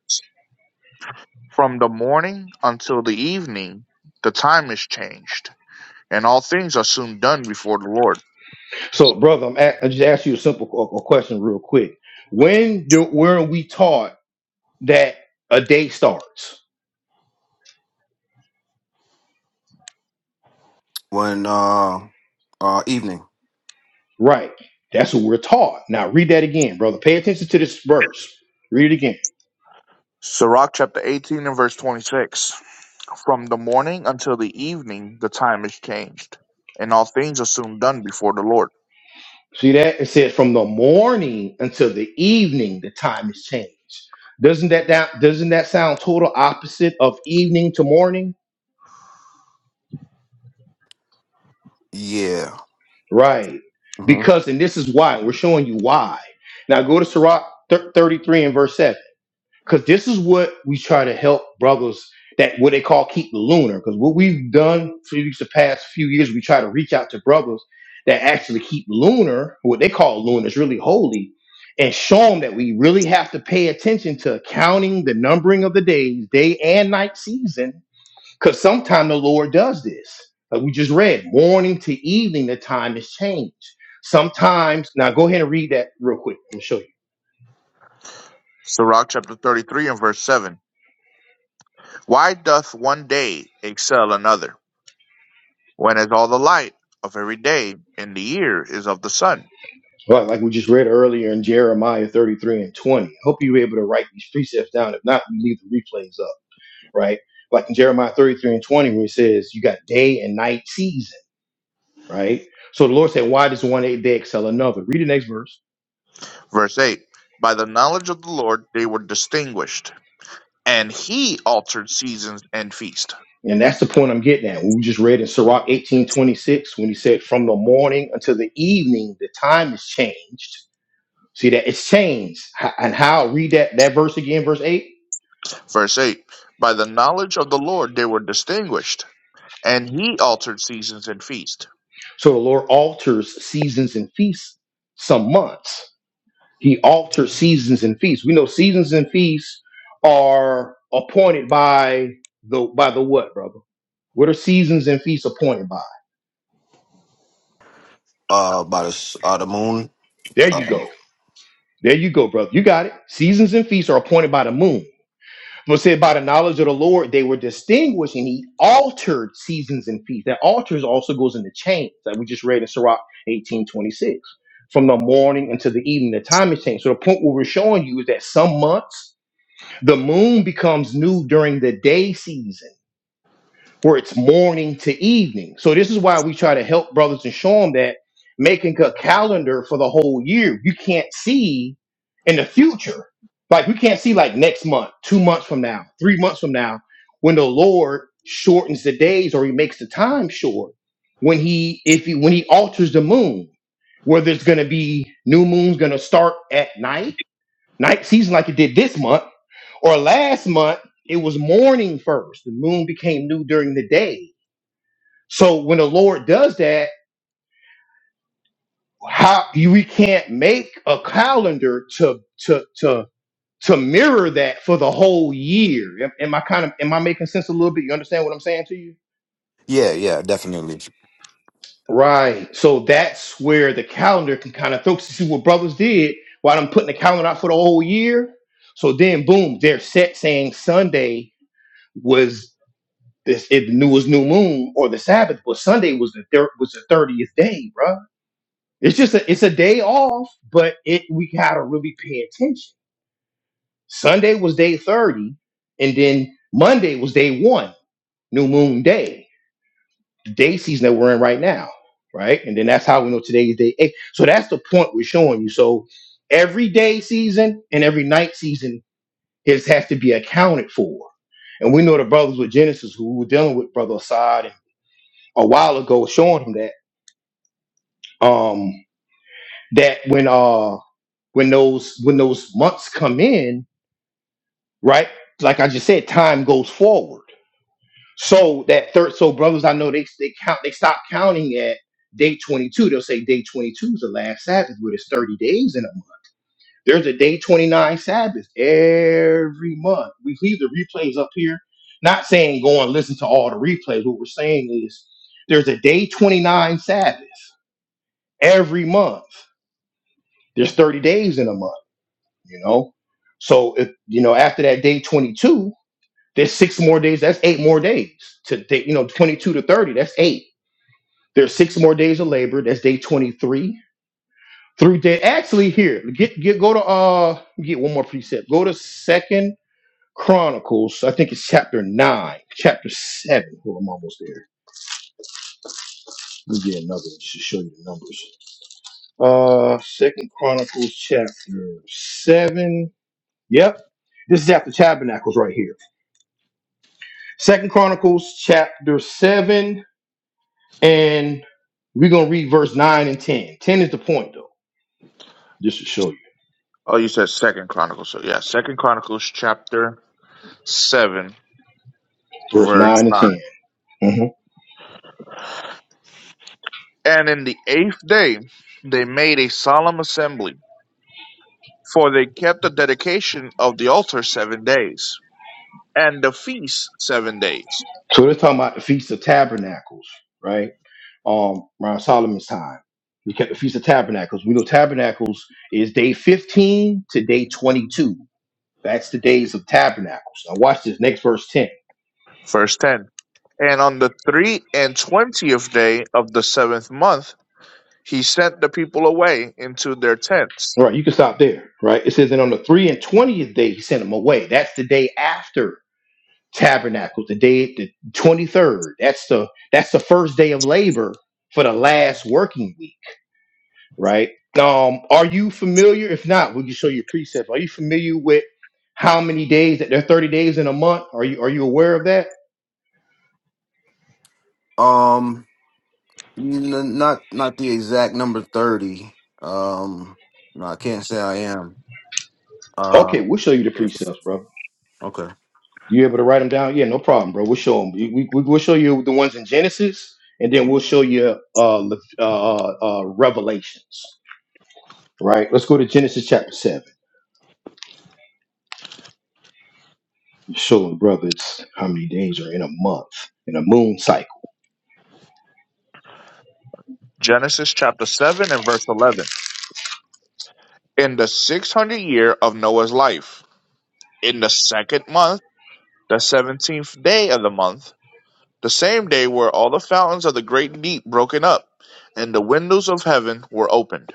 From the morning until the evening, the time is changed, and all things are soon done before the Lord.
So, brother, I'm a- I just asked you a simple qu- a question real quick. When do where we taught that a day starts?
When uh uh evening.
Right. That's what we're taught. Now read that again, brother. Pay attention to this verse. Read it again.
Sirach chapter 18 and verse 26. From the morning until the evening, the time is changed, and all things are soon done before the Lord.
See that? It says from the morning until the evening, the time is changed. Doesn't that, that doesn't that sound total opposite of evening to morning?
Yeah.
Right.
hmm
Because, and this is why, we're showing you why. Now go to Sirach thir- 33 and verse 7. Because this is what we try to help brothers that what they call keep the lunar. Because what we've done for these the past few years, we try to reach out to brothers that actually keep lunar, what they call lunar is really holy, and show them that we really have to pay attention to counting the numbering of the days, day and night season because sometimes the Lord does this. Like we just read, morning to evening, the time has changed. Sometimes, now go ahead and read that real quick. I'll show you.
Sirach chapter 33 and verse 7. Why doth one day excel another? when as all the light of every day and the year is of the sun.
Right, like we just read earlier in Jeremiah 33 and 20. I Hope you were able to write these precepts down. If not, we leave the replays up, right? Like in Jeremiah 33 and 20, where it says, You got day and night season, right? So the Lord said, Why does one day excel another? Read the next verse.
Verse 8 By the knowledge of the Lord they were distinguished, and he altered seasons and feast.
And that's the point I'm getting at. We just read in Sirach 1826 when he said, From the morning until the evening, the time is changed. See that it's changed. H- And how read that, that verse again, verse 8.
Verse 8 By the knowledge of the Lord they were distinguished, and he altered seasons and feast.
So the Lord alters seasons and feasts some months. He alters seasons and feasts. We know seasons and feasts are appointed by the by the what, brother? What are seasons and feasts appointed by?
Uh by the s- uh the moon.
There
Uh,
you go. There you go, brother. You got it. Seasons and feasts are appointed by the moon. We'll say by the knowledge of the Lord, they were distinguished, and he altered seasons and feasts. That alters also goes into change, like we just read in Sirach 1826. From the morning until the evening, the time is changed. So the point what we're showing you is that some months the moon becomes new during the day season where it's morning to evening. So this is why we try to help brothers and show them that making a calendar for the whole year, you can't see in the future. Like we can't see like next month, two months from now, three months from now, when the Lord shortens the days or he makes the time short, when he if he when he alters the moon, whether it's gonna be new moon's gonna start at night, night season like it did this month, or last month, it was morning first. The moon became new during the day so when the Lord does that, how you we can't make a calendar to to to to mirror that for the whole year. Am, am I kind of am I making sense a little bit? You understand what I'm saying to you?
yeah, yeah, definitely.
Right. So that's where the calendar can kind of throw. See what brothers did while I'm putting the calendar out for the whole year. So then, boom, they're set saying Sunday was this. It new was new moon or the Sabbath, but Sunday was the thir- was the thirtieth day, bruh. It's just a, it's a day off, but it we gotta really pay attention. Sunday was day thirty, and then Monday was day one, new moon day, the day season that we're in right now, right? And then that's how we know today is day eight. So that's the point we're showing you. So every day season and every night season is has to be accounted for. And we know the brothers with Genesis who were dealing with Brother Assad a while ago, showing him that. Um, that when uh when those when those months come in, right? Like I just said, time goes forward. So that third, so brothers, I know they they count they stop counting at day twenty two. They'll say day twenty two is the last Sabbath, but it's thirty days in a month. There's a day twenty nine Sabbath every month. We leave the replays up here. Not saying go and listen to all the replays. What we're saying is there's a day twenty nine Sabbath every month. There's thirty days in a month. you know so if you know after that day 22 there's six more days that's eight more days to day you know 22 to 30 that's eight there's six more days of labor that's day 23 through day actually here get get go to uh let me get one more precept go to second chronicles i think it's chapter 9 chapter 7 well i'm almost there let me get another one just to show you the numbers uh second chronicles chapter 7 yep this is after tabernacles right here Second Chronicles chapter 7, and we're going to read verse 9 and 10. 10 is the point, though, just to show you.
Oh, you said Second Chronicles. So yeah, Second Chronicles chapter seven,
Verse
verse
9 and
nine.
10. hmm
And in the eighth day they made a solemn assembly, for they kept the dedication of the altar seven days and the feast seven days.
So they're talking about the Feast of Tabernacles, right? Um, around Solomon's time. We kept the Feast of Tabernacles. We know Tabernacles is day 15 to day 22. That's the days of Tabernacles. Now, watch this next verse 10.
Verse 10 And on the three and twentieth day of the seventh month, he sent the people away into their tents.
All right, you can stop there, right? It says, and on the 3 and 20th day, he sent them away. That's the day after Tabernacle, the day the 23rd. That's the that's the first day of labor for the last working week, right? Um, are you familiar? If not, we can show you precepts. Are you familiar with how many days that there are 30 days in a month? Are you are you aware of that?
Um N- not not the exact number thirty. Um, no, I can't say I am. Uh,
Okay, we'll show you the
yes.
precepts, bro.
Okay.
You able to write them down? Yeah, no problem, bro. We'll show them. We, we, we'll show you the ones in Genesis, and then we'll show you uh, Le- uh, uh, uh, Revelations. Right? Let's go to Genesis chapter seven. showing brothers how many days are in a month in a moon cycle
Genesis chapter 7 and verse 11. In the 600 year of Noah's life, in the second month, the 17th day of the month, the same day were all the fountains of the great deep broken up, and the windows of heaven were opened.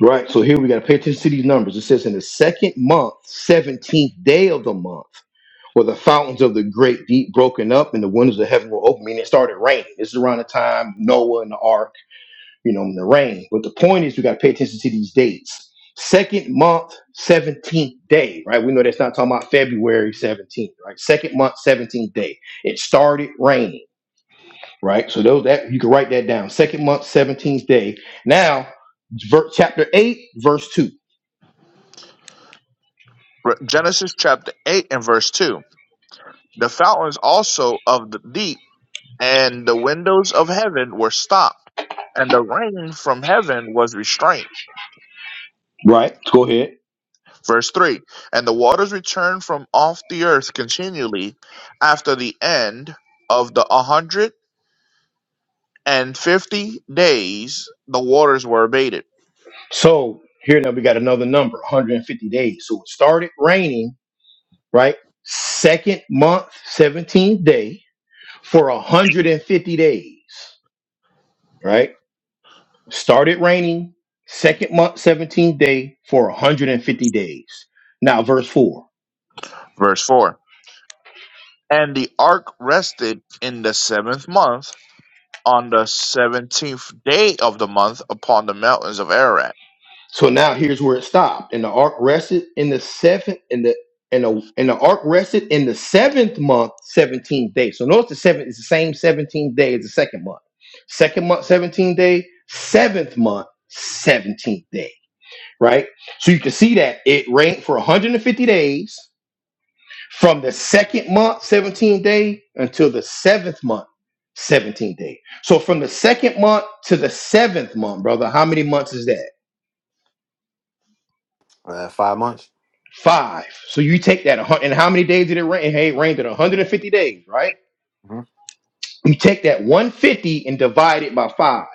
right so here we got to pay attention to these numbers it says in the second month 17th day of the month where the fountains of the great deep broken up and the windows of heaven were open meaning it started raining this is around the time noah and the ark you know in the rain but the point is we got to pay attention to these dates second month 17th day right we know that's not talking about february 17th right second month 17th day it started raining right? So those that you can write that down. Second month, seventeenth day. Now, ver- chapter eight, verse two.
Genesis chapter 8 and verse 2. The fountains also of the deep and the windows of heaven were stopped, and the rain from heaven was restrained.
Right. Let's go ahead.
Verse 3 And the waters returned from off the earth continually after the end of the 150 days, the waters were abated.
So here now we got another number, 150 days. So it started raining, right? Second month, seventeenth day for 150 days, right? Started raining. Second month, seventeenth day for 150 days. Now, verse four.
Verse 4 And the ark rested in the seventh month on the 17th day of the month upon the mountains of Ararat.
So now here's where it stopped. And the ark rested in the seventh in the and the and the ark rested in the seventh month, 17th day. So notice the seventh is the same 17th day as the second month. Second month, 17th day, seventh month, 17th day. Right? So you can see that it rained for 150 days from the second month, 17th day, until the seventh month, 17th day. So from the second month to the seventh month, brother, how many months is that?
Uh, five months,
Five. So you take that, a hun- and how many days did it rain? Hey, it rained in 150 days, right?
hmm
You take that 150 and divide it by five.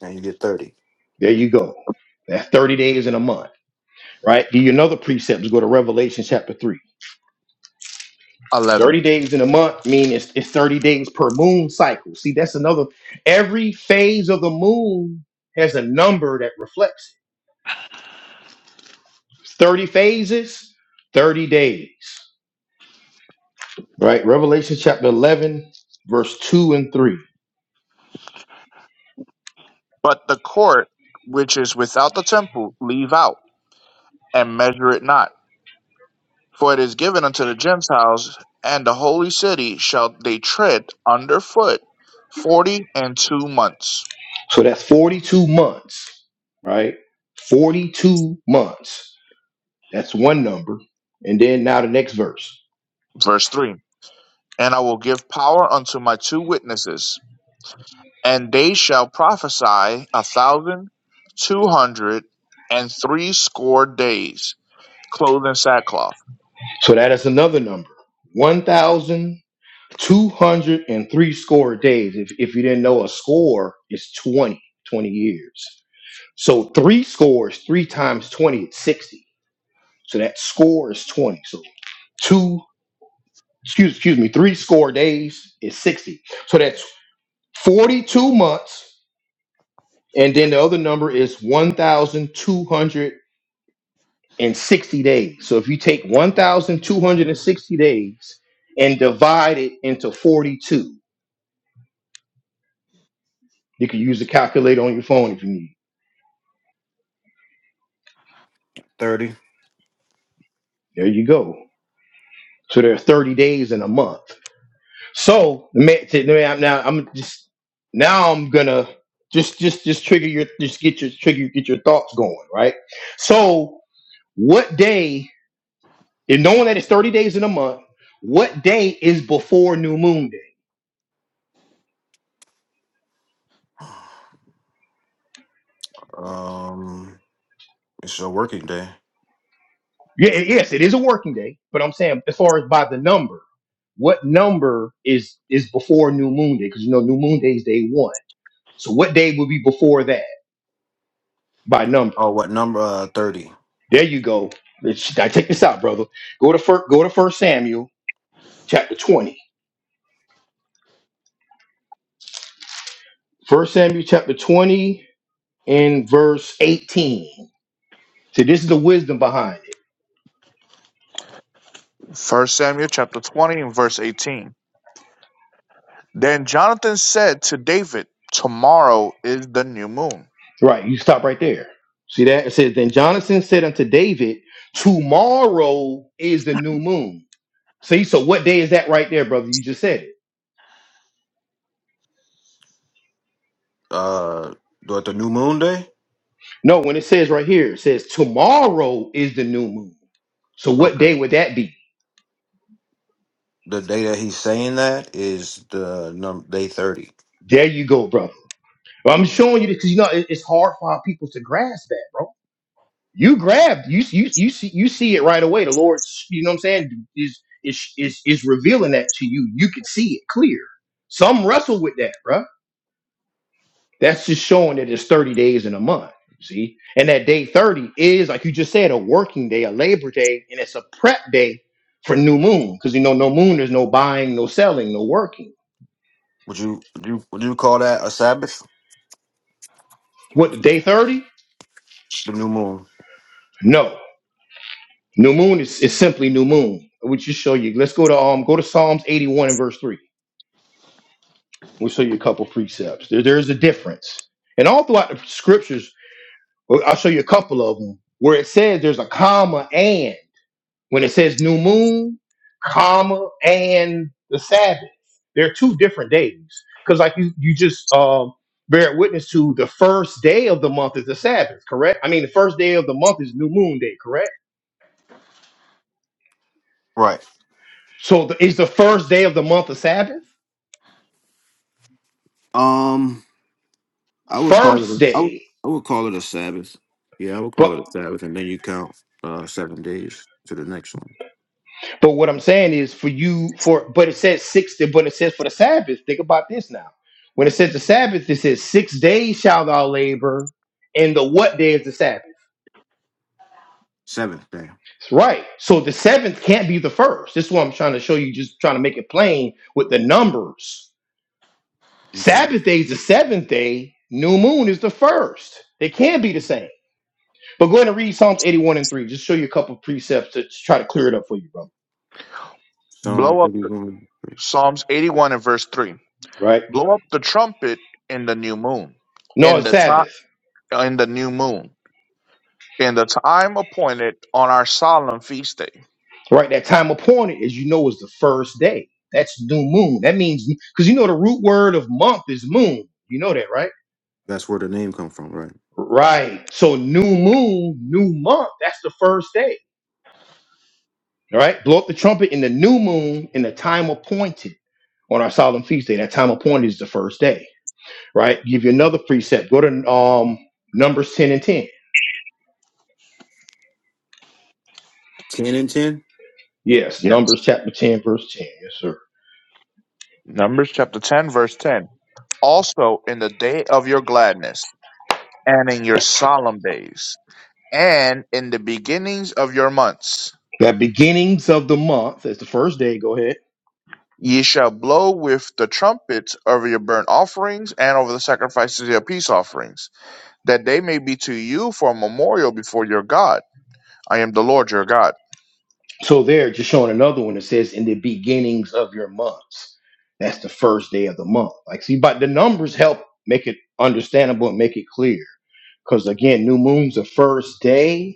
and you get thirty.
There you go. That's 30 days in a month, right? Give you another precept. Let's go to Revelation chapter 3.
11
30 days in a month mean it's, it's 30 days per moon cycle. See, that's another. Every phase of the moon has a number that reflects it. 30 phases, 30 days, right? Revelation chapter 11, verse 2 and 3.
But the court which is without the temple leave out and measure it not For it is given unto the Gentiles and the holy city shall they tread under foot forty and two months.
So that's 42 months, right? 42 months. That's one number. And then now the next verse.
Verse 3 And I will give power unto my two witnesses, and they shall prophesy a thousand two hundred and three score days, clothed in sackcloth.
So that is another number. 1,203 score days. If, if you didn't know, a score is 20 20 years. So three scores, three times 20 is 60. So that score is 20. So two, excuse, excuse me, three score days is 60. So that's 42 months And then the other number is 1,260 days. So if you take 1,260 days and divide it into 42, you can use a calculator on your phone if you need.
Thirty.
There you go. So there are 30 days in a month. So ma- t- now I'm now I'm just now I'm gonna just just just trigger your just get your trigger get your thoughts going right. So what day? And knowing that it's 30 days in a month, what day is before New Moon Day?
Um, it's a working day.
Yeah, it- yes, it is a working day, but I'm saying as far as by the number, what number is is before New Moon Day? Because you know New Moon Day is day one. So what day would be before that by number?
Oh, what number? Uh, thirty.
There you go. Let's- Now take this out, brother. Go to first. Go to First Samuel chapter twenty. First Samuel chapter twenty and verse eighteen. See, this is the wisdom behind it.
First Samuel chapter 20 and verse 18. Then Jonathan said to David, Tomorrow is the new moon.
Right, you stop right there. See that it says. Then Jonathan said unto David, Tomorrow is the new moon. See, so what day is that right there, brother? You just said it.
Uh, what the new moon day?
No, when it says right here, it says tomorrow is the new moon. So what
Okay.
day would that be?
The day that he's saying that is the num day thirty.
There you go, brother. Well, I'm showing you this because you know it- it's hard for our people to grasp that, bro. You grabbed, you you you see you see it right away. The Lord, you know what I'm saying, is is is is revealing that to you. You could see it clear. Some wrestle with that, bro. That's just showing that it's 30 days in a month. See? And that day 30 is, like you just said, a working day, a labor day, and it's a prep day for new moon. Because you know, no moon, there's no buying, no selling, no working.
Would you would you would you call that a Sabbath?
What day 30?
The new moon.
No. New moon is, is simply new moon. We just show you. Let's go to um go to Psalms 81 and verse 3. We'll show you a couple precepts. There, there's a difference. And all throughout the scriptures, well, I'll show you a couple of them where it says there's a comma and. When it says new moon, comma, and the Sabbath, they're two different days. Because like you, you just um, bear witness to the first day of the month is the Sabbath, correct? I mean, the first day of the month is new moon day, correct?
Right.
So the, is the first day of the month a Sabbath?
Um. I would call it.
First
A, I, would,
day.
I would call it a Sabbath. Yeah, I would
But
call it a Sabbath, and then you count uh, seven days to the next one.
but what I'm saying is for you for but it says six day, but it says for the Sabbath. Think about this now. When it says the Sabbath, it says six days shall thou labor, and the what day is the Sabbath?
Seventh day.
Right. So the seventh can't be the first. This is what I'm trying to show you, just trying to make it plain with the numbers.
Okay.
Sabbath day is the seventh day, new moon is the first. They can not be the same. But go ahead and read Psalms 81 and 3. Just show you a couple precepts to try to clear it up for you, brother.
Psalm
Blow up
eighty-one.
Psalms 81 and verse 3.
Right?
blow up the trumpet in the new moon,
No,
in
it's
the time
Sabbath.
in the new moon, in the time appointed on our solemn feast day.
Right? That time appointed, as you know, is the first day. That's new moon. That means because you know the root word of month is moon. You know that, right?
That's where the name come from, right?
Right. So new moon, new month, that's the first day. All right. Blow up the trumpet in the new moon in the time appointed on our solemn feast day. That time appointed is the first day. Right. Give you another precept. Go to um Numbers 10 and 10.
Ten and ten.
Yes,
Yes.
Numbers chapter 10, verse 10. Yes, sir.
Numbers chapter ten, verse ten. Also in the day of your gladness, and in your solemn days, and in the beginnings of your months.
That beginnings of the month is the first day. Go ahead.
Ye shall blow with the trumpets over your burnt offerings and over the sacrifices of your peace offerings, that they may be to you for a memorial before your God. I am the Lord your God.
So there, just showing another one that says in the beginnings of your months. That's the first day of the month. Like see, but the numbers help make it understandable and make it clear. Because again, new moon's the first day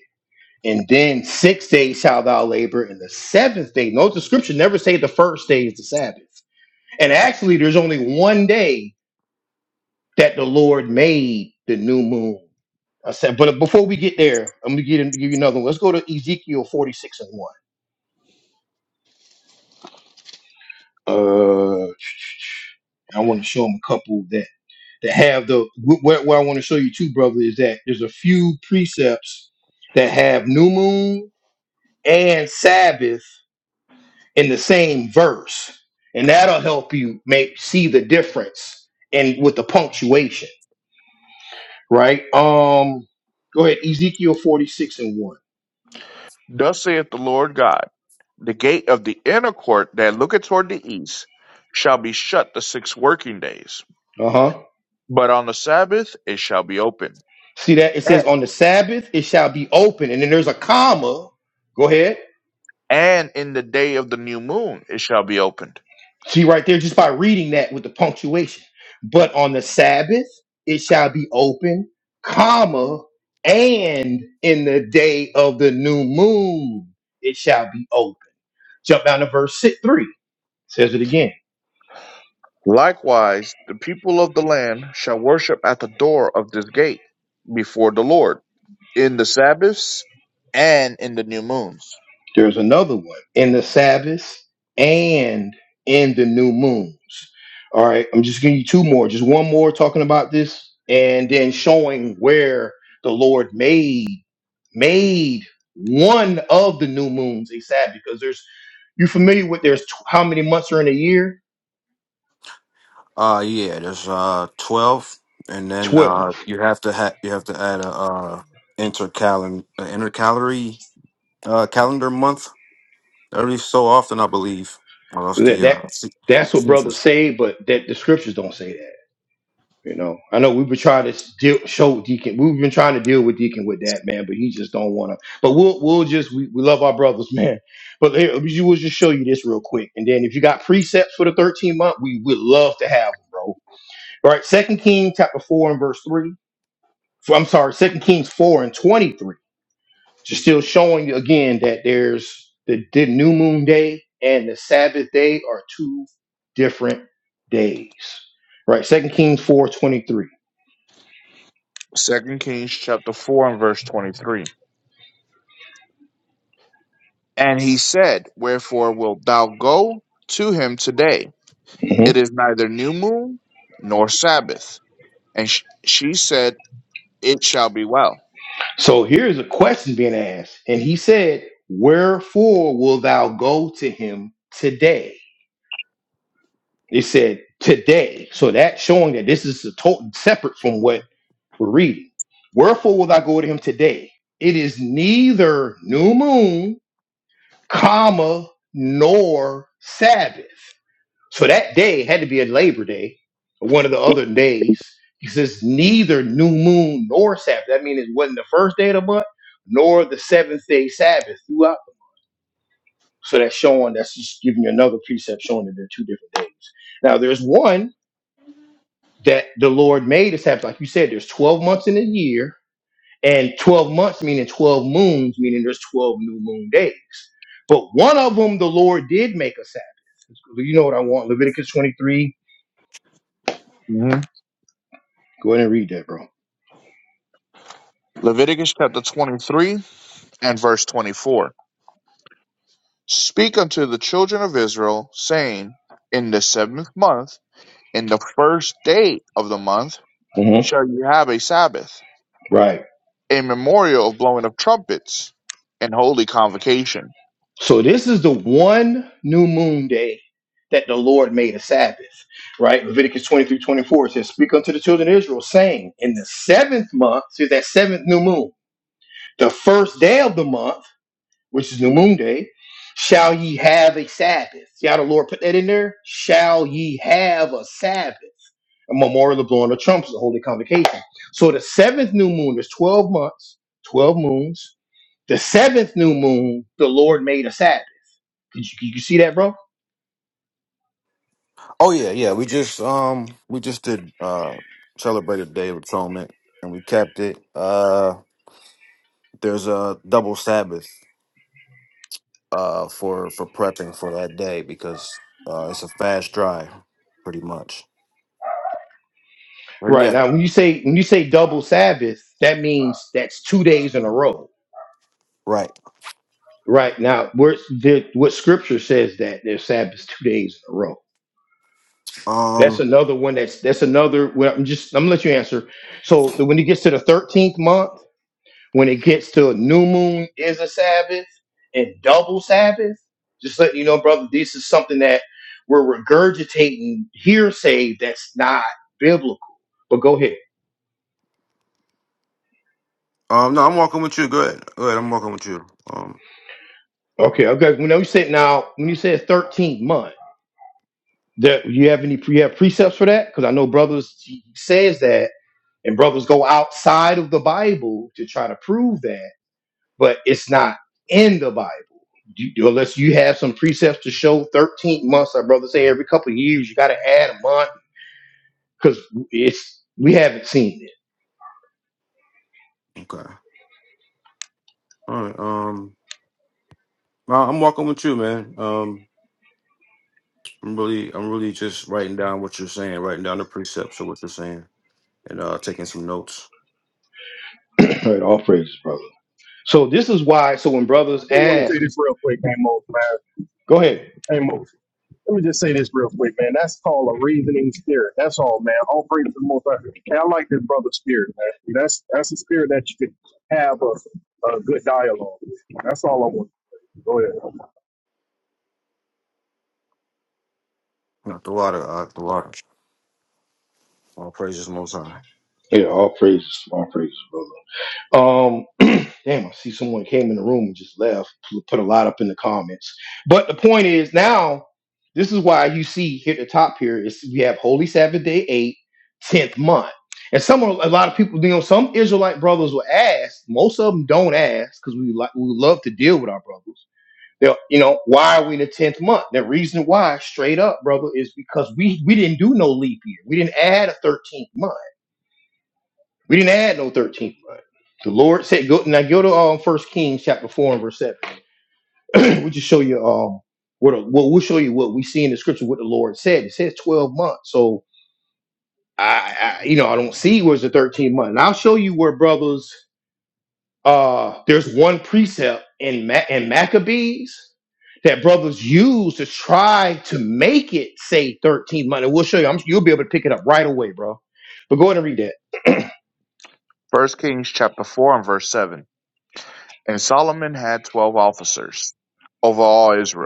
And then six days shalt thou labor, and the seventh day. No, the scripture never say the first day is the Sabbath. And actually, there's only one day that the Lord made the new moon. I said, but before we get there, I'm gonna get him to give you another one. Let's go to Ezekiel 46 and 1. Uh I want to show him a couple that that have the wh- where, where I want to show you too, brother, is that there's a few precepts that have new moon and Sabbath in the same verse, and that'll help you make see the difference and with the punctuation, right? Um, go ahead, Ezekiel forty six and one.
Thus saith the Lord God, the gate of the inner court that looketh toward the east shall be shut the six working days,
Uh huh.
but on the Sabbath it shall be open,
See that it
A-
says on the Sabbath it shall be open, and then there's a comma. Go ahead.
and in the day of the new moon it shall be opened.
See right there, just by reading that with the punctuation. But on the Sabbath it shall be open, comma, and in the day of the new moon it shall be open. Jump down to verse six, three. Says it again.
Likewise, the people of the land shall worship at the door of this gate before the Lord in the Sabbaths and in the new moons.
There's another one in the Sabbaths and in the new moons. All right, I'm just giving you two more. Just one more talking about this, and then showing where the Lord made made one of the new moons a Sabbath because there's you familiar with there's tw- how many months are in a year?
Uh yeah. There's uh twelve, and then
Twelve.
uh you have to ha- you have to add a uh intercalen uh, intercalary uh calendar month every so often, I believe, or else
That,
the
that
uh,
that's what brothers
se-
say, but that the scriptures don't say that. You know, I know we've been trying to deal, show Deacon. We've been trying to deal with Deacon with that man, but he just don't want to. But we'll we'll just we, we love our brothers, man. But here, we will just show you this real quick, and then if you got precepts for the thirteen month, we would love to have them, bro. All right, Second Kings chapter four and verse three. For, I'm sorry, Second Kings four and twenty three. Just still showing you again that there's the, the new moon day and the Sabbath day are two different days. Right, Second Kings four twenty three.
Second Kings chapter four and verse twenty three. And he said, Wherefore wilt thou go to him today? It is neither new moon nor Sabbath. And sh- she said, It shall be well.
So here's a question being asked. And he said, Wherefore will thou go to him today? It said, Today. So that's showing that this is a total separate from what we're reading. Wherefore will thou go to him today? It is neither new moon, comma, nor Sabbath. So that day had to be a Labor Day, or one of the other days, because it's neither new moon nor Sabbath. That means it wasn't the first day of the month, nor the seventh day Sabbath throughout. So that's showing, that's just giving you another precept showing that they're two different days. Now, there's one that the Lord made a Sabbath. Like you said, there's 12 months in a year, and 12 months meaning 12 moons, meaning there's 12 new moon days. But one of them, the Lord did make a Sabbath. You know what I want? Leviticus 23.
hmm
Go ahead and read that, bro.
Leviticus chapter 23 and verse 24. Speak unto the children of Israel, saying, In the seventh month, in the first day of the month,
hmm
shall you have a Sabbath,
Right.
a memorial of blowing of trumpets and holy convocation.
So this is the one new moon day that the Lord made a Sabbath. Right? Leviticus 23 24 says, Speak unto the children of Israel, saying, In the seventh month, see that seventh new moon, the first day of the month, which is new moon day, shall ye have a Sabbath. See how the Lord put that in there? Shall ye have a Sabbath? A memorial of blowing the trumpets, a holy convocation. So the seventh new moon is 12 months, 12 moons The seventh new moon, the Lord made a Sabbath. Did you, you see that, bro?
Oh yeah, yeah. We just um we just did uh celebrated Day of Atonement and we kept it. Uh there's a double Sabbath uh for for prepping for that day because uh it's a fast drive pretty much. Or
Right
yeah,
now, when you say when you say double Sabbath, that means that's two days in a row.
right.
Right now, where the, what Scripture says that there's Sabbaths two days in a row. That's
Um
another one. That's that's another. Well, I'm just I'm gonna let you answer. So the, when it gets to the thirteenth month. When it gets to a new moon is a Sabbath and double Sabbath, just letting you know, brother, this is something that we're regurgitating hearsay that's not biblical. But go ahead.
um no, I'm walking with you. Go ahead, go ahead. I'm walking with you. Um
Okay, okay. When you said now, when you said 13th month, that you have any you have precepts for that? Because I know brothers he says that, and brothers go outside of the Bible to try to prove that, but it's not in the Bible. you- unless you have some precepts to show 13 months our brother say every couple of years you got to add a month because it's we haven't seen
okay. All right. Um no, I'm walking with you, man. Um I'm really I'm really just writing down what you're saying, writing down the precepts of what you're saying and uh taking some notes.
it All right, all praises, brother. so this is why so when brothers
do want to say
ask
this real quick, Amos, man.
go ahead
Amos, let me just say this real quick, man. That's called a reasoning spirit. That's all, man. All praise to the Most High. Hey, I like this brother spirit, man. That's that's a spirit that you can have a, a good dialogue with. That's all I want. Go ahead.
Not the water, uh, the water. All praises most high.
Yeah, all praises, all praises, brother. Um, damn, I see someone came in the room and just left. P- Put a lot up in the comments. But the point is now, this is why you see here at the top here is we have Holy Sabbath Day eight, tenth month. And some of- a lot of people, you know, some Israelite brothers will ask. Most of them don't ask because we like we love to deal with our brothers. They'll, you know, why are we in the tenth month? The reason why, straight up, brother, is because we we didn't do no leap year. We didn't add a thirteenth month we didn't add no 13th month. The Lord said, "Go now. Go to um, First Kings chapter four and verse seven. we just show you um what what we'll show you what we see in the scripture what the Lord said. It says twelve months. So I, I you know I don't see where's the 13th month. And I'll show you where brothers uh there's one precept in Ma- in Maccabees that brothers use to try to make it say 13 month. And we'll show you. I'm, you'll be able to pick it up right away, bro. But go ahead and read that.
First Kings chapter 4 and verse 7. And Solomon had 12 officers over all Israel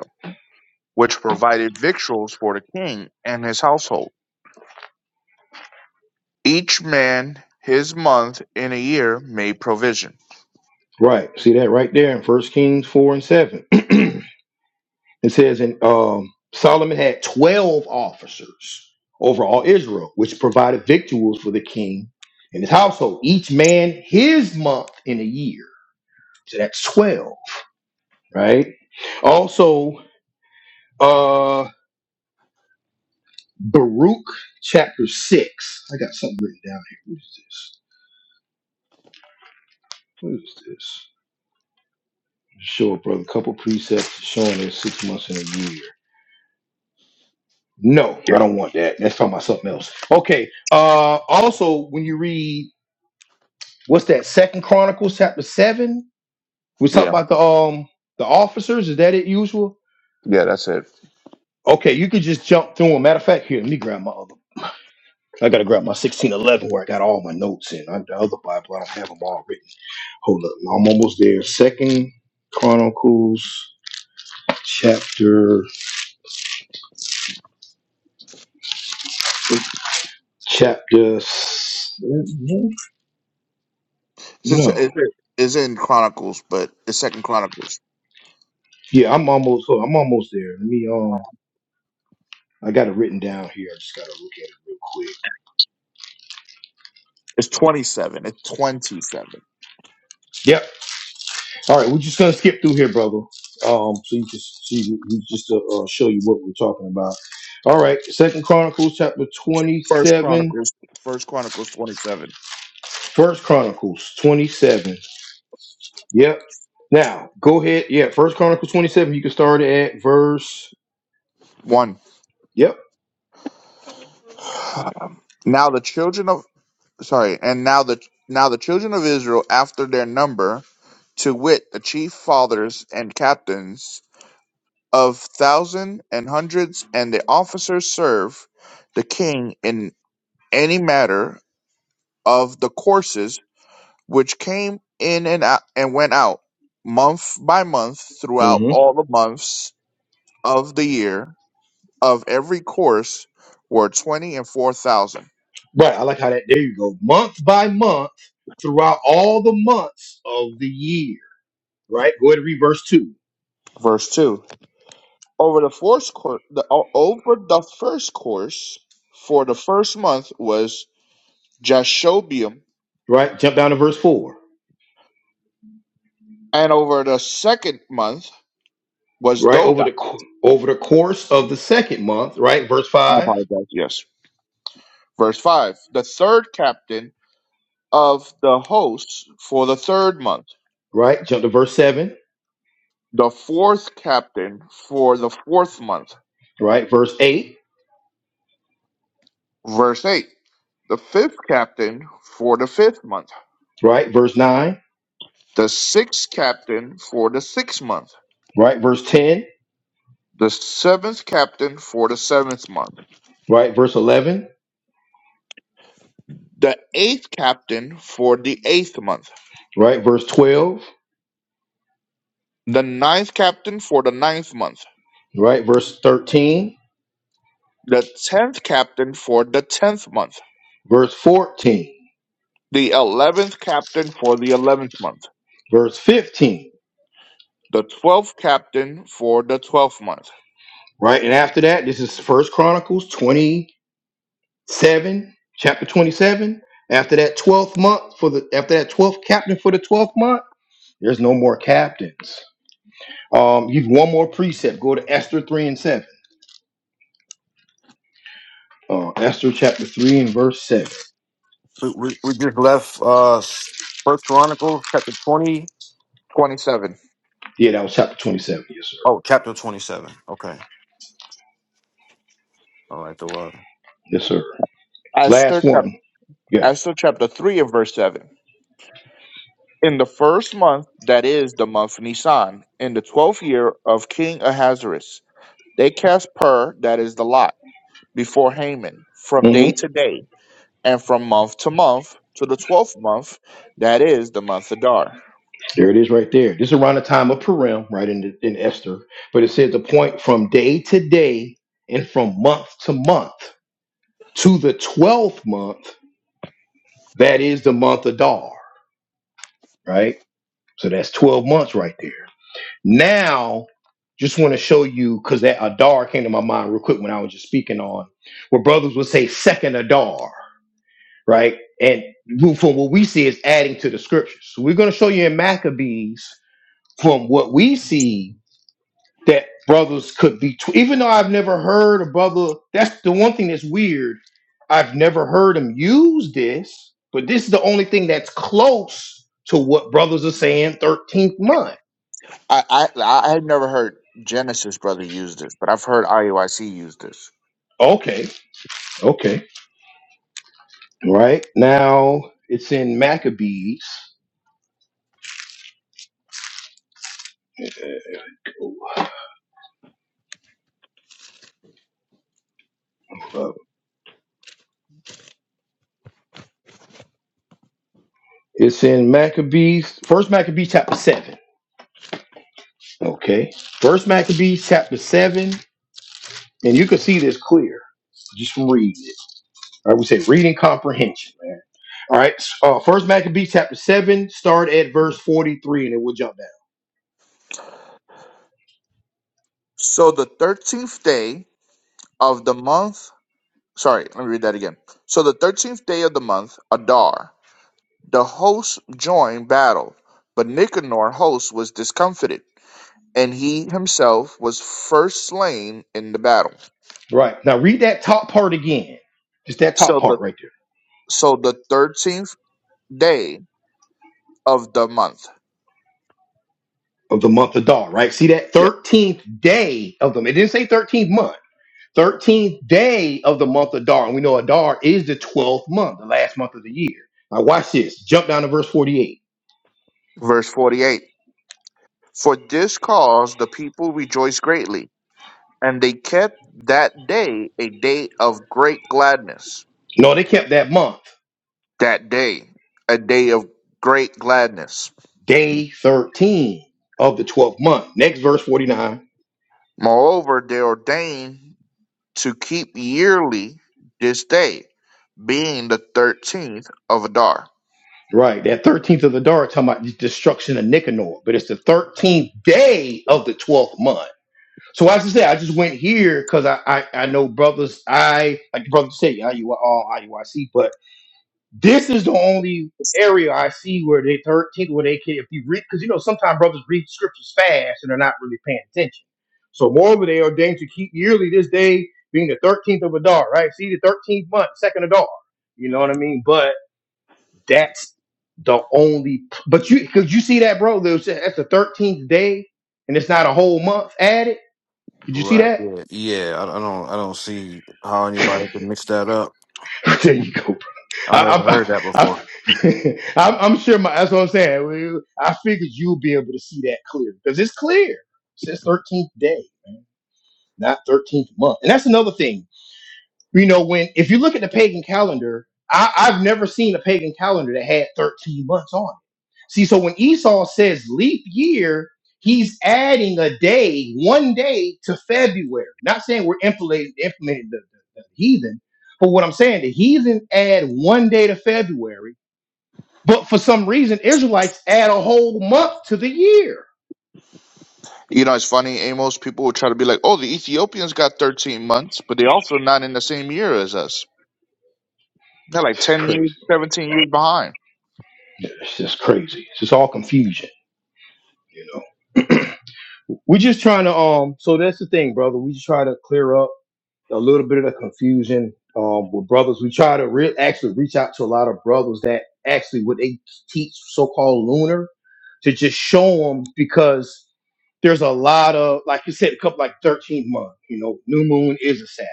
which provided victuals for the king and his household. Each man his month in a year made provision.
Right. See that right there in First Kings four and seven. it says, and um, Solomon had twelve officers over all Israel, which provided victuals for the king and his household, each man his month in a year. So that's twelve, right? Also, uh, Baruch chapter six. I got something written down here. What is this? What is this? Show a brother a couple precepts showing us six months in a year. No,
Yeah,
I don't want that. Let's talk about something else. Okay. Uh also when you read what's that, Second Chronicles chapter seven? We talk
yeah,
about the um the officers, is that it usual?
yeah. That's it.
Okay, you could just jump through them. Matter of fact, here, let me grab my other. I gotta grab my sixteen eleven where I got all my notes in. I, the other Bible, I don't have them all written. Hold up, I'm almost there. Second Chronicles chapter chapter s-
It's, just-
no.
it- it's in Chronicles, but it's Second Chronicles.
Yeah, I'm almost I'm almost there. Let me um I got it written down here. I just gotta look at it real quick.
It's twenty-seven. It's twenty-seven.
Yep. All right, we're just gonna skip through here, brother. Um, so you just see, we just to uh, show you what we're talking about. All right, Second Chronicles chapter
First
twenty-seven,
Chronicles. First Chronicles twenty-seven.
First Chronicles twenty-seven. Yep. Now go ahead. Yeah, First Chronicles twenty-seven. You can start at verse.
One.
Yep.
Now the children of sorry, and now the now the children of Israel after their number, to wit, the chief fathers and captains. of thousands and hundreds, and the officers serve the king in any matter of the courses which came in and out and went out month by month throughout
Mm-hmm.
all the months of the year of every course were twenty and four thousand.
Right. I like how that. There you go. Month by month, throughout all the months of the year. Right. Go ahead and read verse two.
Verse two. Over the first course, the, o- over the first course for the first month was Jashobeam,
Right. Jump down to verse four.
and over the second month was
right
Doda
over the co- over the course of the second month right verse
I
5
apologize. Yes. Verse 5 The third captain of the hosts for the third month,
right jump to verse 7
the fourth captain for the fourth month.
right verse 8
Verse 8 The fifth captain for the fifth month,
right verse 9
the sixth captain for the sixth month,
right verse 10
the seventh captain for the seventh month,
right verse 11
the eighth captain for the eighth month,
right verse 12
the ninth captain for the ninth month,
right verse 13
the tenth captain for the tenth month
verse 14
the eleventh captain for the eleventh month,
verse 15
the twelfth captain for the twelfth month.
right and after that this is first chronicles 27 chapter 27 after that 12th month for the after that 12th captain for the 12th month there's no more captains Um, you one more precept. Go to Esther three and seven. Uh, Esther chapter three and verse seven.
We, we, we just left uh First Chronicles chapter twenty.
27.
Yeah, that was chapter twenty-seven. Yes, sir.
Oh, chapter twenty seven. Okay. All right, the water.
Yes, sir. Last
Esther, chap-
one. Yeah.
Esther chapter 3 and verse 7. In the first month, that is the month Nisan, in the twelfth year of King Ahasuerus, they cast pur, that is the lot, before Haman, from
hmm
day to day, and from month to month, to the twelfth month, that is the month Adar.
There it is, right there. This is around the time of Purim, right in the, in Esther. But it says the point from day to day and from month to month to the twelfth month. That is the month of Dar. Right. So that's twelve months right there. Now, just want to show you because that Adar came to my mind real quick when I was just speaking on where brothers would say second Adar, right? And who- from what we see is adding to the scriptures. So we're going to show you in Maccabees from what we see that brothers could be, tw- even though I've never heard a brother, that's the one thing that's weird. I've never heard him use this, but this is the only thing that's close to what brothers are saying 13th month.
I I I have never heard Genesis brother use this, but I've heard IUIC use this.
Okay, okay. Right now, it's in Maccabees. Uh, It's in Maccabees, First Maccabees chapter seven. Okay, First Maccabees chapter seven, and you can see this clear just from reading it. I would say reading comprehension, man. All right, uh, First Maccabees chapter seven, start at verse forty-three, and it will jump down.
So the thirteenth day of the month, sorry, let me read that again. So the thirteenth day of the month, Adar, the host joined battle, but Nicanor, host, was discomfited, and he himself was first slain in the battle.
Right now, read that top part again. Just that top
So the
part right there
so the thirteenth day of the month.
of the month of Dar. Right, see that
Yeah.
thirteenth day of them. It didn't say thirteenth month. 13th day of the month of Adar, And we know Adar is the 12th month, the last month of the year. Now, watch this. Jump down to verse 48.
Verse forty-eight. For this cause the people rejoiced greatly, and they kept that day a day of great gladness
No, they kept that month,
that day, a day of great gladness.
day 13 of the 12th month. Next verse 49.
Moreover, they ordained to keep yearly this day, being the thirteenth of Adar.
Right, that 13th of the Adar talking about the destruction of Nicanor, but it's the 13th day of the 12th month. So as I say, I just went here because I, I I know brothers. I like the brother say I you are all IUIC, This is the only area I see where they third take where they can if you read because you know sometimes brothers read scriptures fast and they're not really paying attention. So moreover, they are ordained to keep yearly this day being the thirteenth of Adar, right? See the thirteenth month, second Adar. You know what I mean? But that's the only. But you because you see that, bro. There's, that's the thirteenth day, and it's not a whole month added. Did you see
Right,
that?
yeah. Yeah, I, I don't I don't see how anybody could mix that up.
there you
Mhm.
go.
I never heard
I,
that
I,
before.
I, I'm, I'm sure my, that's what I'm saying. We- I figured you'll be able to see that clear because it's clear. It's his 13th day, man, not 13th month. And that's another thing. You know, when if you look at the pagan calendar, I, I've never seen a pagan calendar that had 13 months on it. See, so when Esau says leap year, he's adding a day, one day to February. Not saying we're implementing, implementing the, the, the heathen, but what I'm saying, the heathen add one day to February, but for some reason, Israelites add a whole month to the year.
You know, it's funny, Amos. People will try to be like, "Oh, the Ethiopians got thirteen months, but they also not in the same year as us. They're like
It's
ten years,
crazy.
seventeen years behind."
It's just crazy. It's just all confusion, you know. We're just trying to um. So that's the thing, brother. We just try to clear up a little bit of the confusion um with brothers. We try to re- actually reach out to a lot of brothers that actually what they teach so-called lunar to just show them because there's a lot of like you said, a couple like 13th month. You know, new moon is a Sabbath.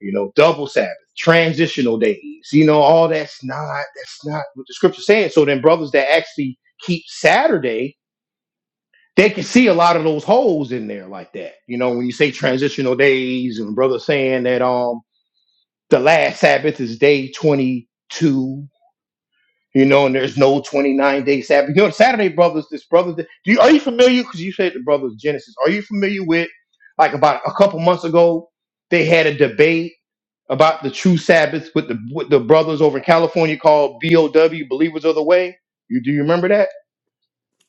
You know, double Sabbath, transitional days. You know, all that's not that's not what the scripture's saying. So then, brothers that actually keep Saturday they can see a lot of those holes in there like that. You know, when you say transitional days and brother saying that um the last Sabbath is day 22, you know, and there's no 29 day Sabbath. You know, Saturday brothers, this brother, do you are you familiar? Because you said the brothers Genesis. Are you familiar with like about a couple months ago they had a debate about the true Sabbath with the with the brothers over in California called BOW Believers of the Way. You do you remember that?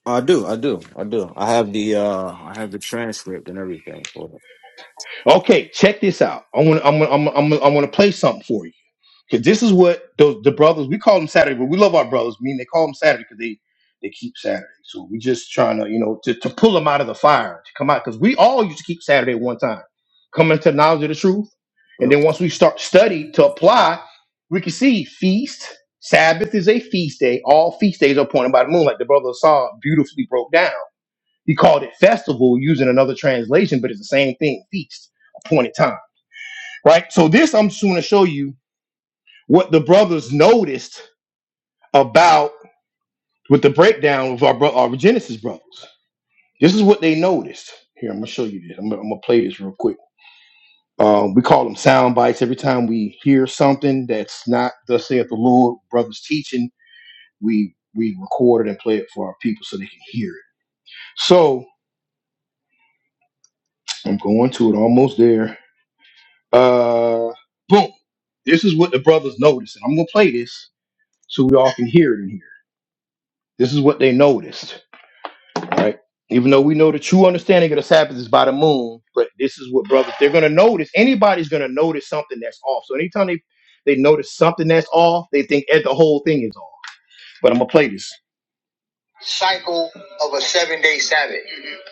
I do, I do, I do. I have the uh I have the transcript and everything for
Okay, check this out. I want I'm gonna, I'm gonna, I'm gonna, I'm gonna play something for you. Because this is what those the brothers we call them Saturday, but we love our brothers. Meaning they call them Saturday because they they keep Saturday. So we just trying to you know to, to pull them out of the fire to come out because we all used to keep Saturday at one time, coming to knowledge of the truth,
it.
and
Yep.
then once we start study to apply, we can see feast. Sabbath is a feast day. All feast days are appointed by the moon, like the brother saw beautifully broke down. He called it festival using another translation, but it's the same thing, feast, appointed time, right? So this I'm just going to show you what the brothers noticed about with the breakdown of our, bro- our Genesis brothers. This is what they noticed. Here, I'm gonna show you this. I'm, gonna- I'm gonna play this real quick. Um, we call them sound bites. Every time we hear something that's not thus saith the Lord, brothers teaching, we we record it and play it for our people so they can hear it. So I'm going to it. Almost there. Uh, boom. This is what the brothers noticed, and I'm gonna play this so we all can hear it in here. This is what they noticed. right? Even though we know the true understanding of the Sabbath is by the moon, but this is what brothers they're gonna notice. Anybody's gonna notice something that's off. So anytime they they notice something that's off, they think eh, the whole thing is off. But I'm gonna play this. Cycle of a seven day Sabbath,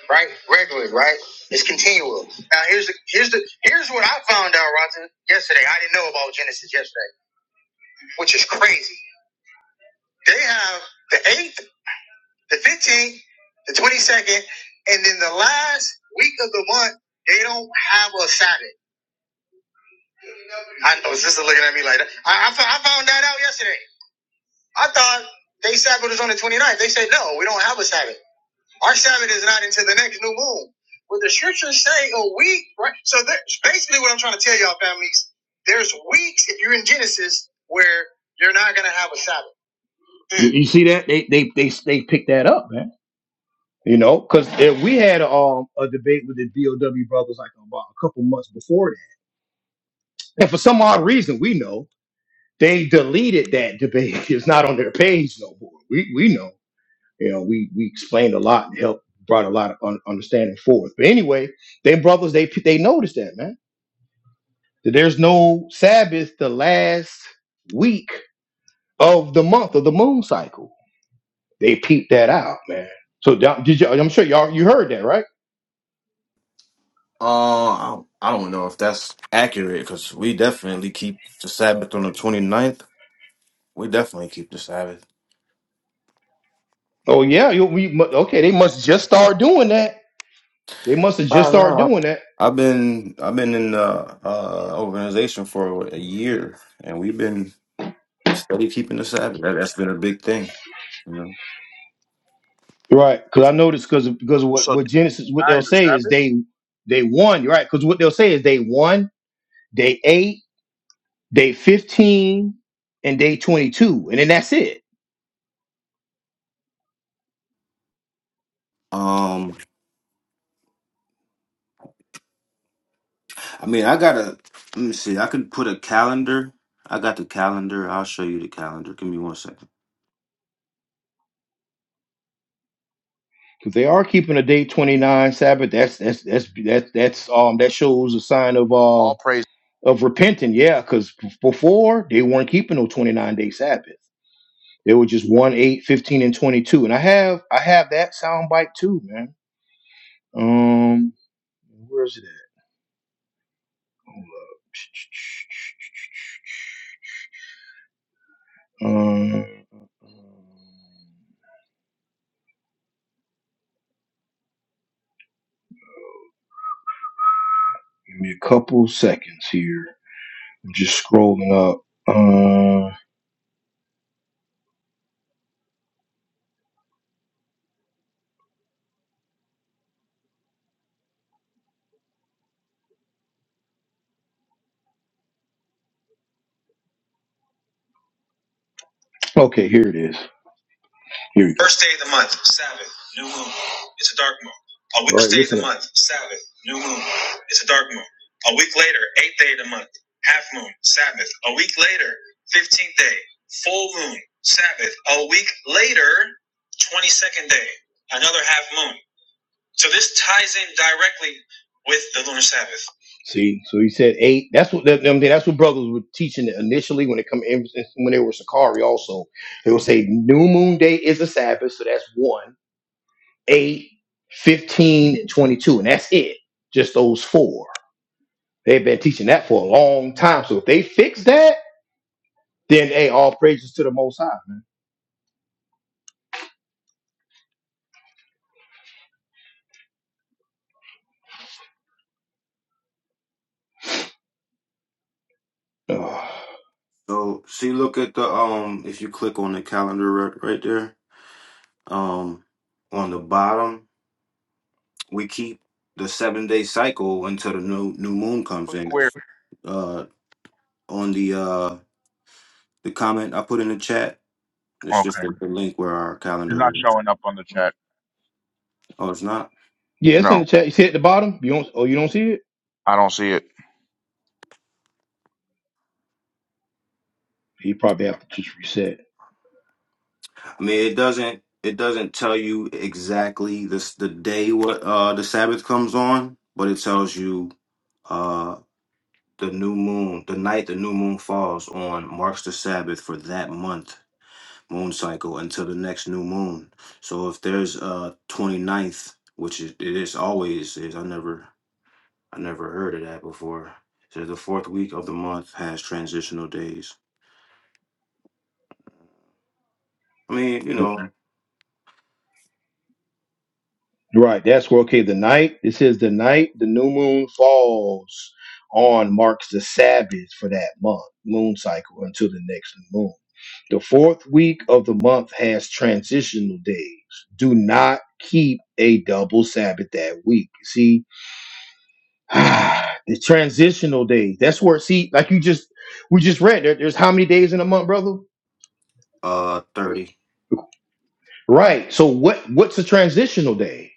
right? Regularly, right? It's continual. Now here's the here's the here's what I found out, Roger, yesterday. I didn't know about Genesis yesterday, which is crazy. They have the eighth the 15th, the 22nd, and then the last week of the month, they don't have a Sabbath. I know sister looking at me like that. I, I, I found that out yesterday. I thought they Sabbath was on the twenty ninth. They said, no, we don't have a Sabbath. Our Sabbath is not until the next new moon. But the scriptures say a week, right? So that's basically what I'm trying to tell y'all, families. There's weeks, if you're in Genesis, where you're not going to have a Sabbath. You, you see that? They, they they they picked that up, man. You know, because we had um, a debate with the DOW brothers like about a couple months before that, and for some odd reason, we know they deleted that debate. It's not on their page no more. We we know. You know, we we explained a lot and helped brought a lot of un- understanding forth. But anyway, they brothers they they noticed that man that there's no Sabbath the last week of the month of the moon cycle. They peeped that out, man. So da- did you? I'm sure y'all you heard that, right?
Uh, I I don't know if that's accurate because we definitely keep the Sabbath on the twenty-ninth. We definitely keep the Sabbath.
Oh yeah, you, we mu- okay? They must just start doing that. They must have just
Oh
started
no.
doing that,
I've been I've been in the uh, organization for a year, and we've been steady keeping the Sabbath. That, that's been a big thing, you know.
right? Because I noticed because
So,
because what
so
what
day
Genesis what
nine
they'll
is the
say is
Sabbath.
they they won, right? Because what they'll say is they won, day eight, day fifteen, and day twenty two, and then that's it.
Um, I mean, I gotta let me see. I could put a calendar. I got the calendar. I'll show you the calendar. Give me one second.
Because they are keeping a day twenty nine Sabbath. That's that's that's that's that's um that shows a sign of uh
All praise.
of repenting, yeah. Because before they weren't keeping no twenty nine day Sabbath. They were just one, eight, fifteen, and twenty-two. And I have I have that soundbite too, man. Um, where's it at? Hold up. Um, give me a couple seconds here. I'm just scrolling up. Uh, okay, here it is. Here we go. First day of the month, Sabbath, new moon. It's a dark moon. A week All right, day of the month, Sabbath, new moon. It's a dark moon. A week later, eighth day of the month, half moon, Sabbath. A week later, fifteenth day, full moon, Sabbath. A week later, twenty-second day, another half moon. So this ties in directly with the lunar Sabbath. See, so he said eight. That's what that, I mean, that's what brothers were teaching initially when it come in, when they were Sakari. Also, they would say new moon day is a Sabbath, so that's one, eight, fifteen, and twenty-two, and that's it. Just those four. They've been teaching that for a long time. So if they fix that, then hey, all praises to the Most High, man. Ugh.
So, see, look at the um. If you click on the calendar right, right there, um, on the bottom, we keep the seven day cycle until the new new moon comes
Click
in.
where?
Uh, on the uh the comment I put in the chat. It's just
Okay,
the, the link where our
it's
calendar
not
is.
showing up on the chat.
Oh, it's not.
Yeah, it's in
No,
the chat. You see it at the bottom. You don't? Oh, you don't see it?
I don't see it.
He probably have to just reset.
I mean, it doesn't. It doesn't tell you exactly this the day what uh the Sabbath comes on, but it tells you uh the new moon, the night the new moon falls on marks the Sabbath for that month moon cycle until the next new moon. So if there's uh 29th, which is, it is always is, I never I never heard of that before. So the fourth week of the month has transitional days. I mean, you know,
Right. That's where okay. The night. It says the night the new moon falls on marks the Sabbath for that month moon cycle until the next new moon. The fourth week of the month has transitional days. Do not keep a double Sabbath that week. See, the transitional days. That's where see, like you just we just read there, there's how many days in a month, brother?
uh, thirty.
Right. So what what's a transitional day?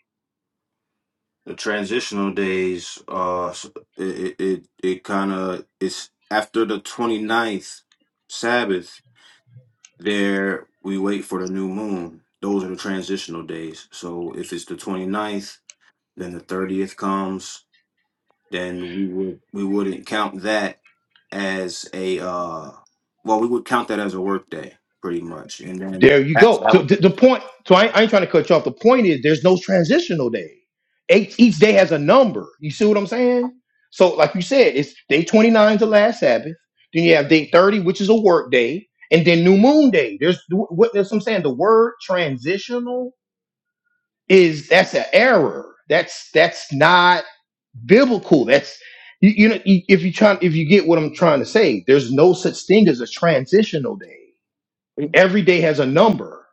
The transitional days, uh, s- it it it kind of it's after the 29th Sabbath. There we wait for the new moon. Those are the transitional days. So if it's the 29th, then the thirtieth comes. Then we would we wouldn't count that as a uh, well, we would count that as a work day, pretty much. And then
There you
that's
go. So
out.
the, the point. So I, I ain't trying to cut you off. The point is there's no transitional day. Each each day has a number. You see what I'm saying? So like you said, it's day 29 to last Sabbath. Then you have day 30, which is a work day, and then new moon day. There's what that's what I'm saying. The word transitional is that's an error. That's that's not. biblical. That's you, you know you- if you try if you get what I'm trying to say, there's no such thing as a transitional day. Every day has a number.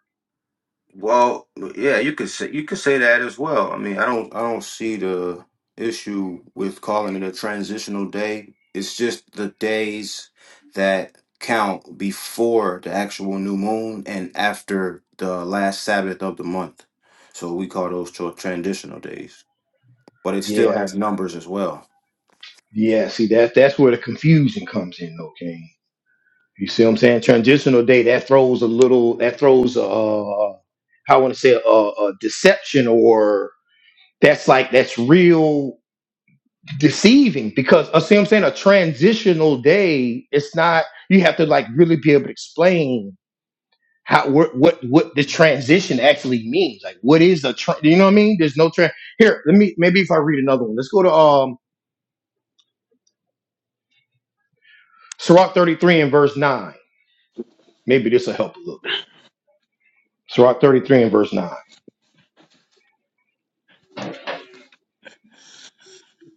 Well, yeah, you could say you could say that as well. I mean, I don't I don't see the issue with calling it a transitional day. It's just the days that count before the actual new moon and after the last Sabbath of the month. So we call those tra- transitional days. But it still
Yeah,
has numbers as well.
yeah. See that that's where the confusion comes in. Okay, you see what I'm saying? Transitional day that throws a little that throws uh how I want to say a, a deception or that's like that's real deceiving because I see what I'm saying a transitional day. It's not you have to like really be able to explain how what what what the transition actually means. Like, what is a tra- you know what I mean? There's no tra- here. Let me maybe if I read another one. Let's go to um Sirach 33 and verse nine. Maybe this will help a little bit. Sirach 33 and verse 9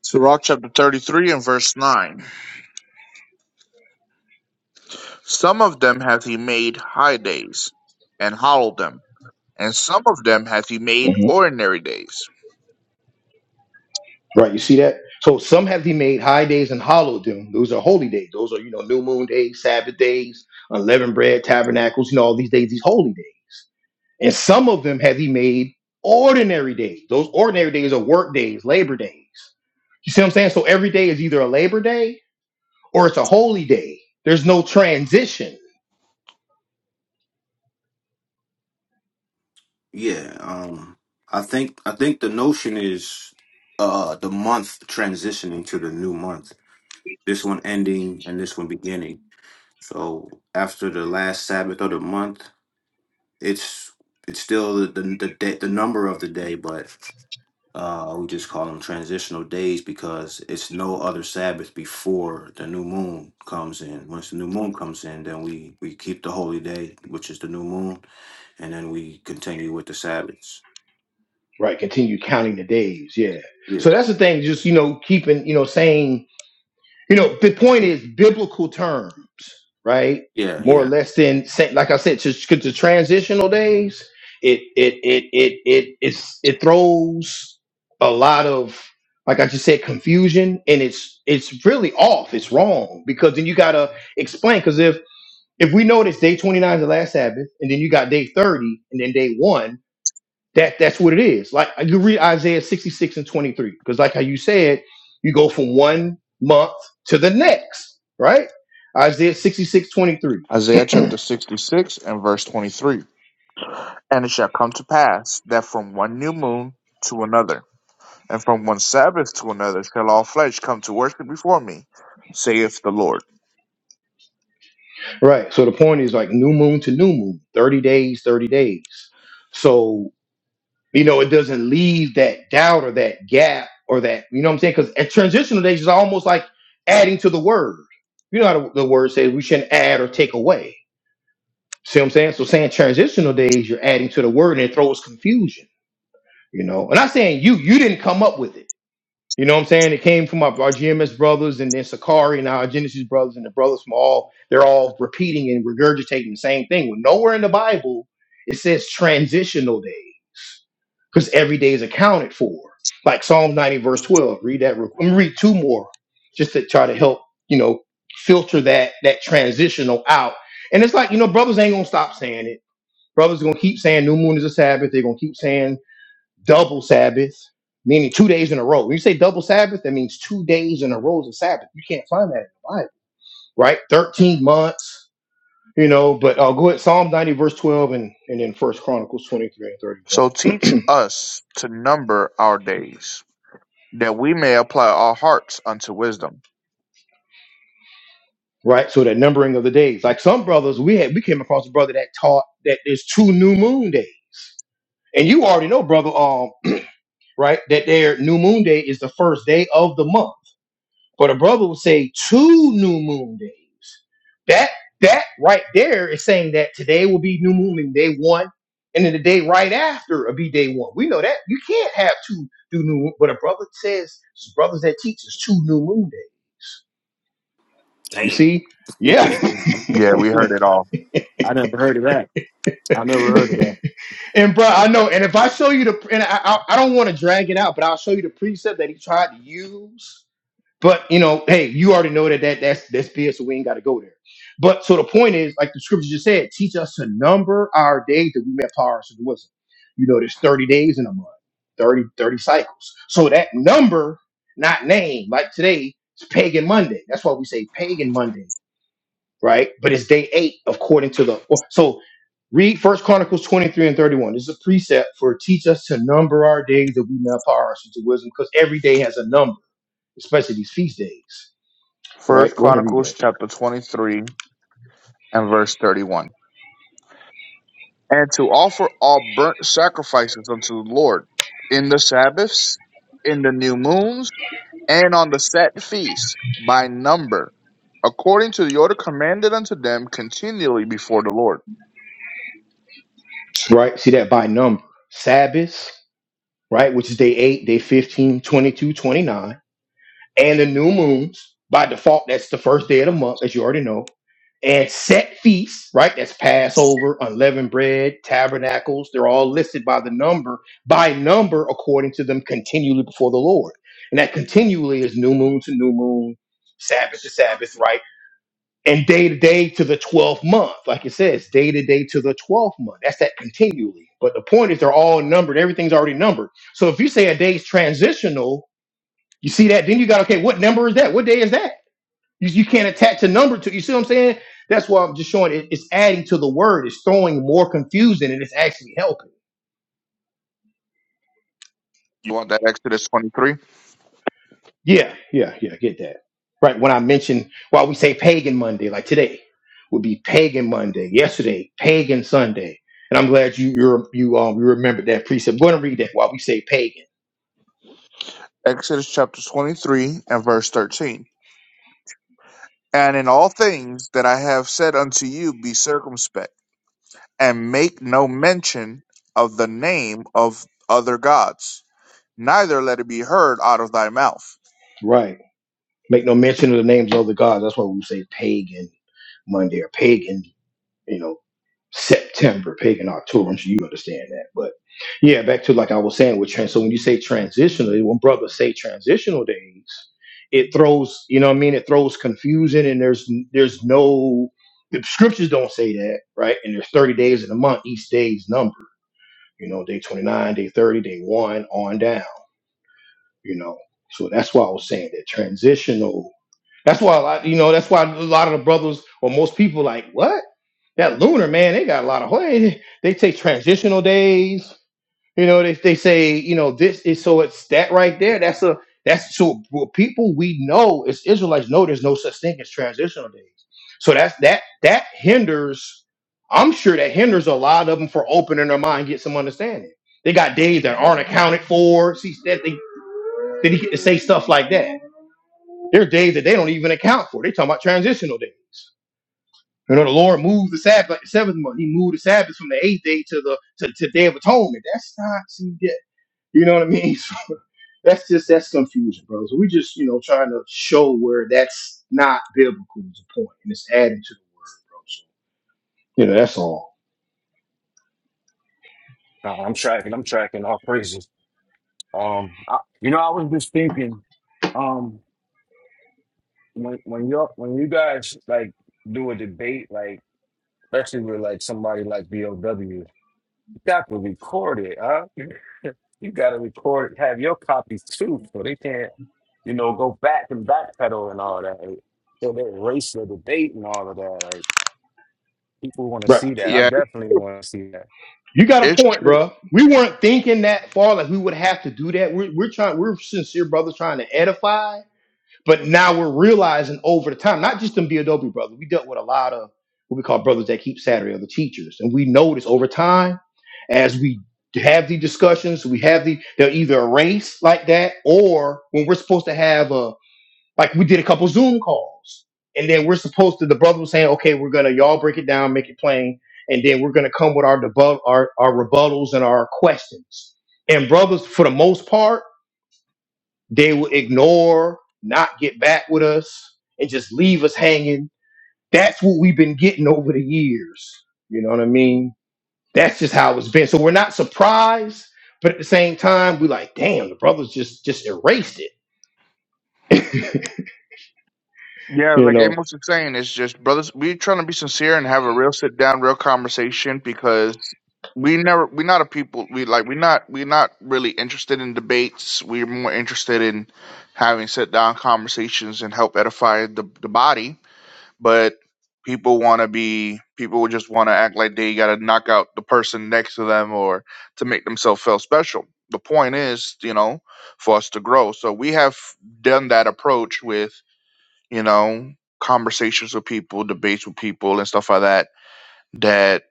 So, Rock chapter thirty-three and verse nine. Some of them hath he made high days, and hallowed them; and some of them hath he made
Mhm.
ordinary days.
Right, you see that? So some have he made high days and hollow doom. Those are holy days. Those are you know new moon days, Sabbath days, unleavened bread, tabernacles. You know all these days, these holy days. And some of them have he made ordinary days. Those ordinary days are work days, labor days. You see what I'm saying? So every day is either a labor day or it's a holy day. There's no transition.
Yeah, um I think I think the notion is uh the month transitioning to the new month. This one ending and this one beginning So after the last Sabbath of the month, it's it's still the the the, day, the number of the day, but uh, we just call them transitional days because it's no other Sabbath before the new moon comes in. Once the new moon comes in, then we we keep the holy day, which is the new moon, and then we continue with the Sabbaths.
Right. Continue counting the days. Yeah.
Yeah,
So that's the thing, just you know, keeping, you know, saying You know, the point is biblical terms, right?
yeah,
More or
yeah.
less than sa- like I said, just 'cause the transitional days, it it it it it it's, it throws a lot of like I just said confusion, and it's it's really off. It's wrong because then you gotta explain because if if we notice day twenty nine is the last Sabbath, and then you got day thirty, and then day one. That that's what it is. Like you read Isaiah 66 and 23, because like how you said, you go from one month to the next, right? Isaiah 66 23.
Isaiah chapter 66 and verse 23. And it shall come to pass that from one new moon to another, and from one Sabbath to another, shall all flesh come to worship before me, saith the Lord.
Right. So the point is like new moon to new moon, 30 days, 30 days. So, you know, it doesn't leave that doubt or that gap or that, you know what I'm saying? Because at transitional days is almost like adding to the word. You know how the, the word says we shouldn't add or take away. See what I'm saying? So saying transitional days, you're adding to the word and it throws confusion You know, and I'm saying you, you didn't come up with it. You know what I'm saying? It came from our, our GMS brothers and then Sakari and our Genesis brothers and the brothers from all, they're all repeating and regurgitating the same thing. When nowhere in the Bible it says transitional days, because every day is accounted for. Like Psalm 90, verse 12. Read that real quick. I'm gonna read two more just to try to help, you know, filter that that transitional out. And it's like, you know, brothers ain't gonna stop saying it. Brothers gonna keep saying new moon is a Sabbath, they're gonna keep saying double Sabbath, meaning two days in a row. When you say double Sabbath, that means two days in a row is a Sabbath. You can't find that in the Bible, right? 13 months, you know, but uh, go ahead, Psalm 90, verse 12, and, and then First Chronicles 23 and 31.
So teach us to number our days, that we may apply our hearts unto wisdom.
Right, so that numbering of the days, like some brothers, we had we came across a brother that taught that there's two new moon days, and you already know, brother, um, right, that their new moon day is the first day of the month But a brother would say two new moon days. That that right there is saying that today will be new moon and day one, and then the day right after will be day one. We know that you can't have two do new. moon. But a brother says brothers that teach is two new moon days. You
Damn.
see, yeah.
Yeah, we heard it all.
I never heard of that. I never heard of that.
and bro, I know. And if I show you the, and I I, I don't want to drag it out, but I'll show you the precept that he tried to use But you know, hey, you already know that, that that's that's fear, so we ain't got to go there. But so the point is, like the scripture just said, teach us to number our days that we may power to the wisdom. You know, there's 30 days in a month, 30 30 cycles. So that number, not name, like today, it's pagan Monday. That's why we say pagan Monday, right? But it's day eight according to the or- so read first Chronicles 23 and 31. This is a precept for teach us to number our days that we may apply ourselves to wisdom, because every day has a number, especially these feast days right?
First
Go ahead and read
Chronicles
that.
chapter 23 and verse 31. And to offer all burnt sacrifices unto the Lord in the Sabbaths, in the new moons, and on the set feasts by number, according to the order commanded unto them continually before the Lord.
Right? See that by number. Sabbaths, right? Which is day 8, day 15, 22, 29, And the new moons, by default, that's the first day of the month, as you already know. And set feasts, right? That's Passover, unleavened bread, tabernacles. They're all listed by the number, by number, according to them continually before the Lord. And that continually is new moon to new moon, Sabbath to Sabbath, right? and day to day to the 12th month. Like it says, day to day to the 12th month. That's that continually. But the point is, they're all numbered. Everything's already numbered. So if you say a day's transitional, you see that, then you got, okay, what number is that? What day is that? You, you can't attach a number to You see what I'm saying? That's why I'm just showing it, it's adding to the word, it's throwing more confusion, and it's actually helping.
You want that Exodus 23?
Yeah, yeah, yeah, get that. Right. When I mentioned while we say pagan Monday, like today would be pagan Monday, yesterday, pagan Sunday. And I'm glad you you're, you um you remembered that precept. Go ahead and read that while we say pagan.
Exodus chapter 23 and verse 13. And in all things that I have said unto you, be circumspect and make no mention of the name of other gods, neither let it be heard out of thy mouth.
Right. Make no mention of the names of the gods. That's why we say pagan Monday or pagan, you know, September, pagan October. I'm sure you understand that. But yeah, back to like I was saying with trans. So when you say transitional, when brothers say transitional days, it throws you know what I mean. It throws confusion, and there's there's no the scriptures don't say that right. And there's 30 days in a month. Each day is numbered. You know, day 29, day 30, day one, on down. You know, so that's why I was saying that transitional. That's why, a lot, you know, that's why a lot of the brothers or most people like what that lunar man. They got a lot of holiday. They take transitional days. You know, they they say you know this is so it's that right there. That's a that's so for people we know as Israelites know there's no such thing as transitional days. So that's that that hinders. I'm sure that hinders a lot of them for opening their mind, get some understanding. They got days that aren't accounted for. See that they that he get to say stuff like that? There are days that they don't even account for. They talking about transitional days. You know, the Lord moved the Sabbath, like the seventh month. He moved the Sabbath from the eighth day to the to, to Day of Atonement. That's not see that. You know what I mean? So that's just that's confusion, bro. So we just you know trying to show where that's not biblical is a point, and it's adding to the word, bro. So you know that's all.
Nah, I'm tracking. I'm tracking. All praises. Um, I, you know, I was just thinking, um, when when you when you guys like do a debate, like especially with like somebody like BOW, you got to record it, huh? You got to record, have your copies too, so they can't, you know, go back and backpedal and all that. Like, So they erase the debate and all of that. Like people want to
Right.
see that. I
Yeah,
definitely want to see that.
You got a
it's
point,
true.
bro. We weren't thinking that far, like we would have to do that. We're, we're trying, we're sincere brothers trying to edify, But now we're realizing over the time, not just them Beadobe brothers, we dealt with a lot of what we call brothers that keep Saturday or the teachers. And we notice over time, as we have the discussions, we have the they're either erased like that, or when we're supposed to have a like we did a couple Zoom calls. And then we're supposed to the brother was saying, okay, we're gonna y'all break it down, make it plain, and then we're gonna come with our debut our, our rebuttals and our questions. And brothers, for the most part, they will ignore, not get back with us, and just leave us hanging. That's what we've been getting over the years. You know what I mean? That's just how it's been. So we're not surprised, but at the same time, we're like, damn, the brothers just just erased it.
Yeah,
you
like
know,
Amos is saying, it's just brothers. We trying to be sincere and have a real sit down, real conversation because we never we not a people we like we not we not really interested in debates. We're more interested in having sit down conversations and help edify the the body but people want to be people would just want to act like they got to knock out the person next to them or to make themselves feel special the point is you know for us to grow so we have done that approach with you know conversations with people debates with people and stuff like that that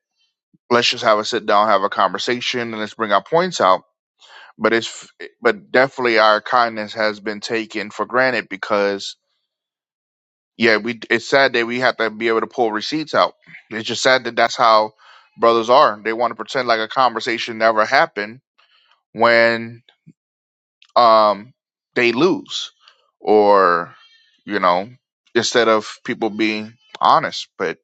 let's just have a sit down have a conversation and let's bring our points out but it's but definitely our kindness has been taken for granted because yeah, we it's sad that we have to be able to pull receipts out. It's just sad that that's how brothers are. They want to pretend like a conversation never happened when um they lose or you know instead of people being honest. But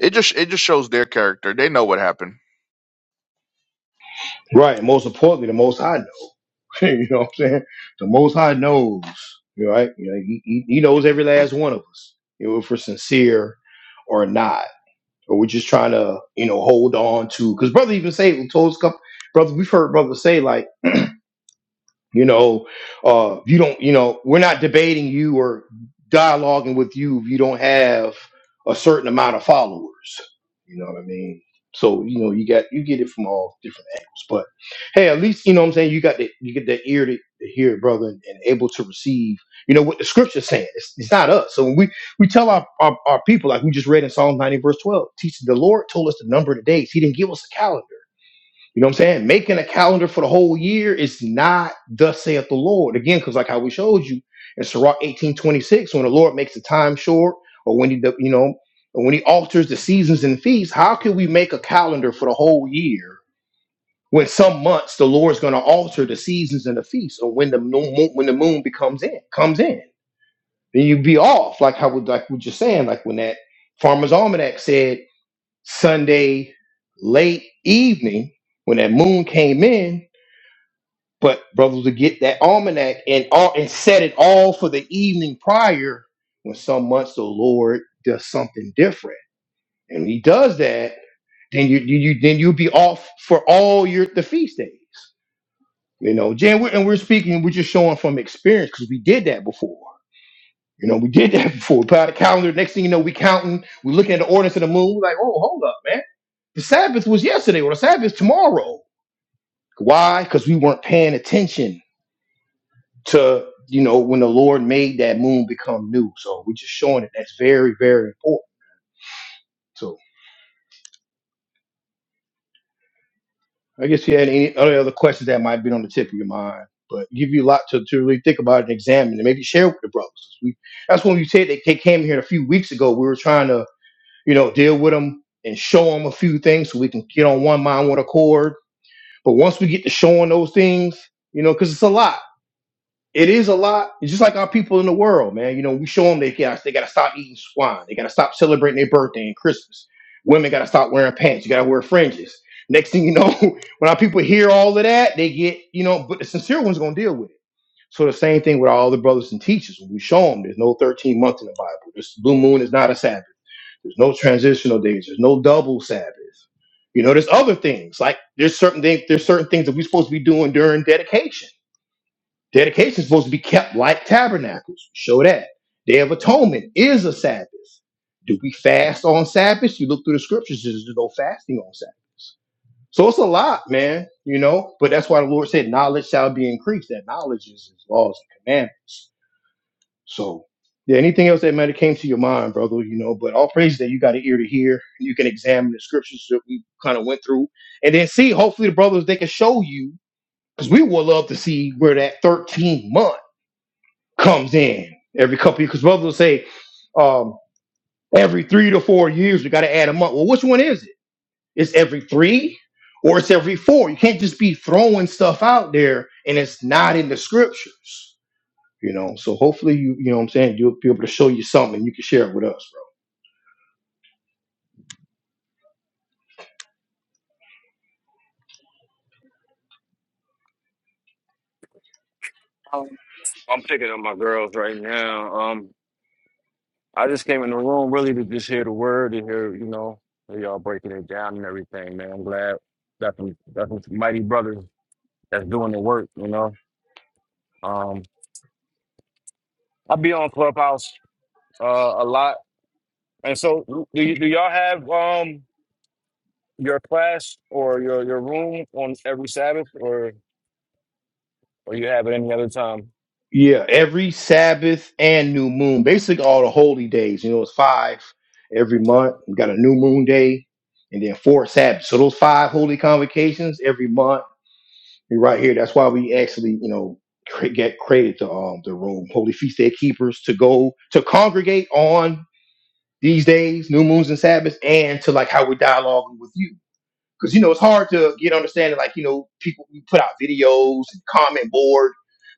it just it just shows their character. They know what happened.
right? Most importantly, the most High knows. you know what I'm saying? The Most High knows, you know, right? You know, he, he, he knows every last one of us, you know, if we're sincere or not. or we're just trying to, you know, hold on to. Because brother even say told us, couple- brothers we've heard brother say like you know uh you don't you know we're not debating you or dialoguing with you if you don't have a certain amount of followers you know what i mean so you know you got you get it from all different angles but hey at least you know what i'm saying you got the you get that ear to, to hear brother and, and able to receive you know what the scripture's saying it's, it's not us so when we we tell our, our our people like we just read in psalm 90 verse 12 teach the lord told us the number of the days he didn't give us a calendar you know what I'm saying? Making a calendar for the whole year is not thus saith the Lord. Again, because like how we showed you in Sirach 1826, when the Lord makes the time short, or when he do- you know, or when he alters the seasons and feasts, how can we make a calendar for the whole year when some months the Lord's gonna alter the seasons and the feasts, or when the moon when the moon becomes in comes in? Then you'd be off, like how we like we just saying, like when that farmer's almanac said Sunday late evening, when that moon came in but brothers would get that almanac and all and set it all for the evening prior. When some months the Lord does something different, and He does that, then you, you you- then you'll be off for all your the feast days. You know, Jan, we're, and we're speaking, we're just showing from experience because we did that before. You know, we did that before. We put out a calendar. Next thing you know, we counting. we looking at the ordinance of the moon. like, oh, hold up, man. The Sabbath was yesterday, or the Sabbath is tomorrow. Why? Because we weren't paying attention to you know when the Lord made that moon become new. So we're just showing it. That's very very important. So I guess you had any other other questions that might be on the tip of your mind, but give you a lot to, to really think about and examine, and maybe share with the brothers. We, that's when you said they, they came here a few weeks ago. We were trying to you know deal with them and show them a few things so we can get on one mind, one accord. But once we get to showing those things, you know, because it's a lot. It is a lot. It's just like our people in the world, man. You know, we show them they got they got to stop eating swine. They got to stop celebrating their birthday and Christmas. Women got to stop wearing pants. You got to wear fringes. Next thing you know, when our people hear all of that, they get you know. But the sincere ones gonna deal with it. So the same thing with our other brothers and teachers. When we show them there's no 13 month in the Bible. This blue moon is not a Sabbath. There's no transitional days. There's no double Sabbath. You know, there's other things like there's certain things there's certain things that we're supposed to be doing during dedication Dedication is supposed to be kept like tabernacles. Show that. Day of Atonement is a Sabbath. Do we fast on Sabbath? You look through the scriptures, there's no fasting on Sabbath. So it's a lot, man, you know? But that's why the Lord said, knowledge shall be increased. That knowledge is his laws and commandments. So, yeah, anything else that might have came to your mind, brother, you know? But all praise that you got an ear to hear. You can examine the scriptures that we kind of went through and then see, hopefully, the brothers, they can show you, because we would love to see where that 13 month comes in every couple years. Because brothers will say, um, every three to four years, we got to add a month. Well, which one is it? It's every three or it's every four. You can't just be throwing stuff out there and it's not in the scriptures, you know. So hopefully, you, you know what I'm saying, you'll be able to show you something and you can share it with us, bro.
Um, I'm picking up my girls right now. Um. I just came in the room really to just hear the word and hear, you know, hear y'all breaking it down and everything, man. I'm glad that some that some mighty brothers that's doing the work, you know. Um I be on Clubhouse uh a lot. And so do y- do y'all have um your class or your your room on every Sabbath or or you have it any other time?
Yeah, every Sabbath and new moon, basically all the holy days, you know, it's five every month. We got a new moon day and then four Sabbaths. So those five holy convocations every month You're right here. That's why we actually, you know, cre- get created the um the room, Holy Feast Day Keepers, to go to congregate on these days, new moons and Sabbaths, and to like how we're dialoguing with you. Because you know it's hard to get understanding. Like you know, people we put out videos and comment board,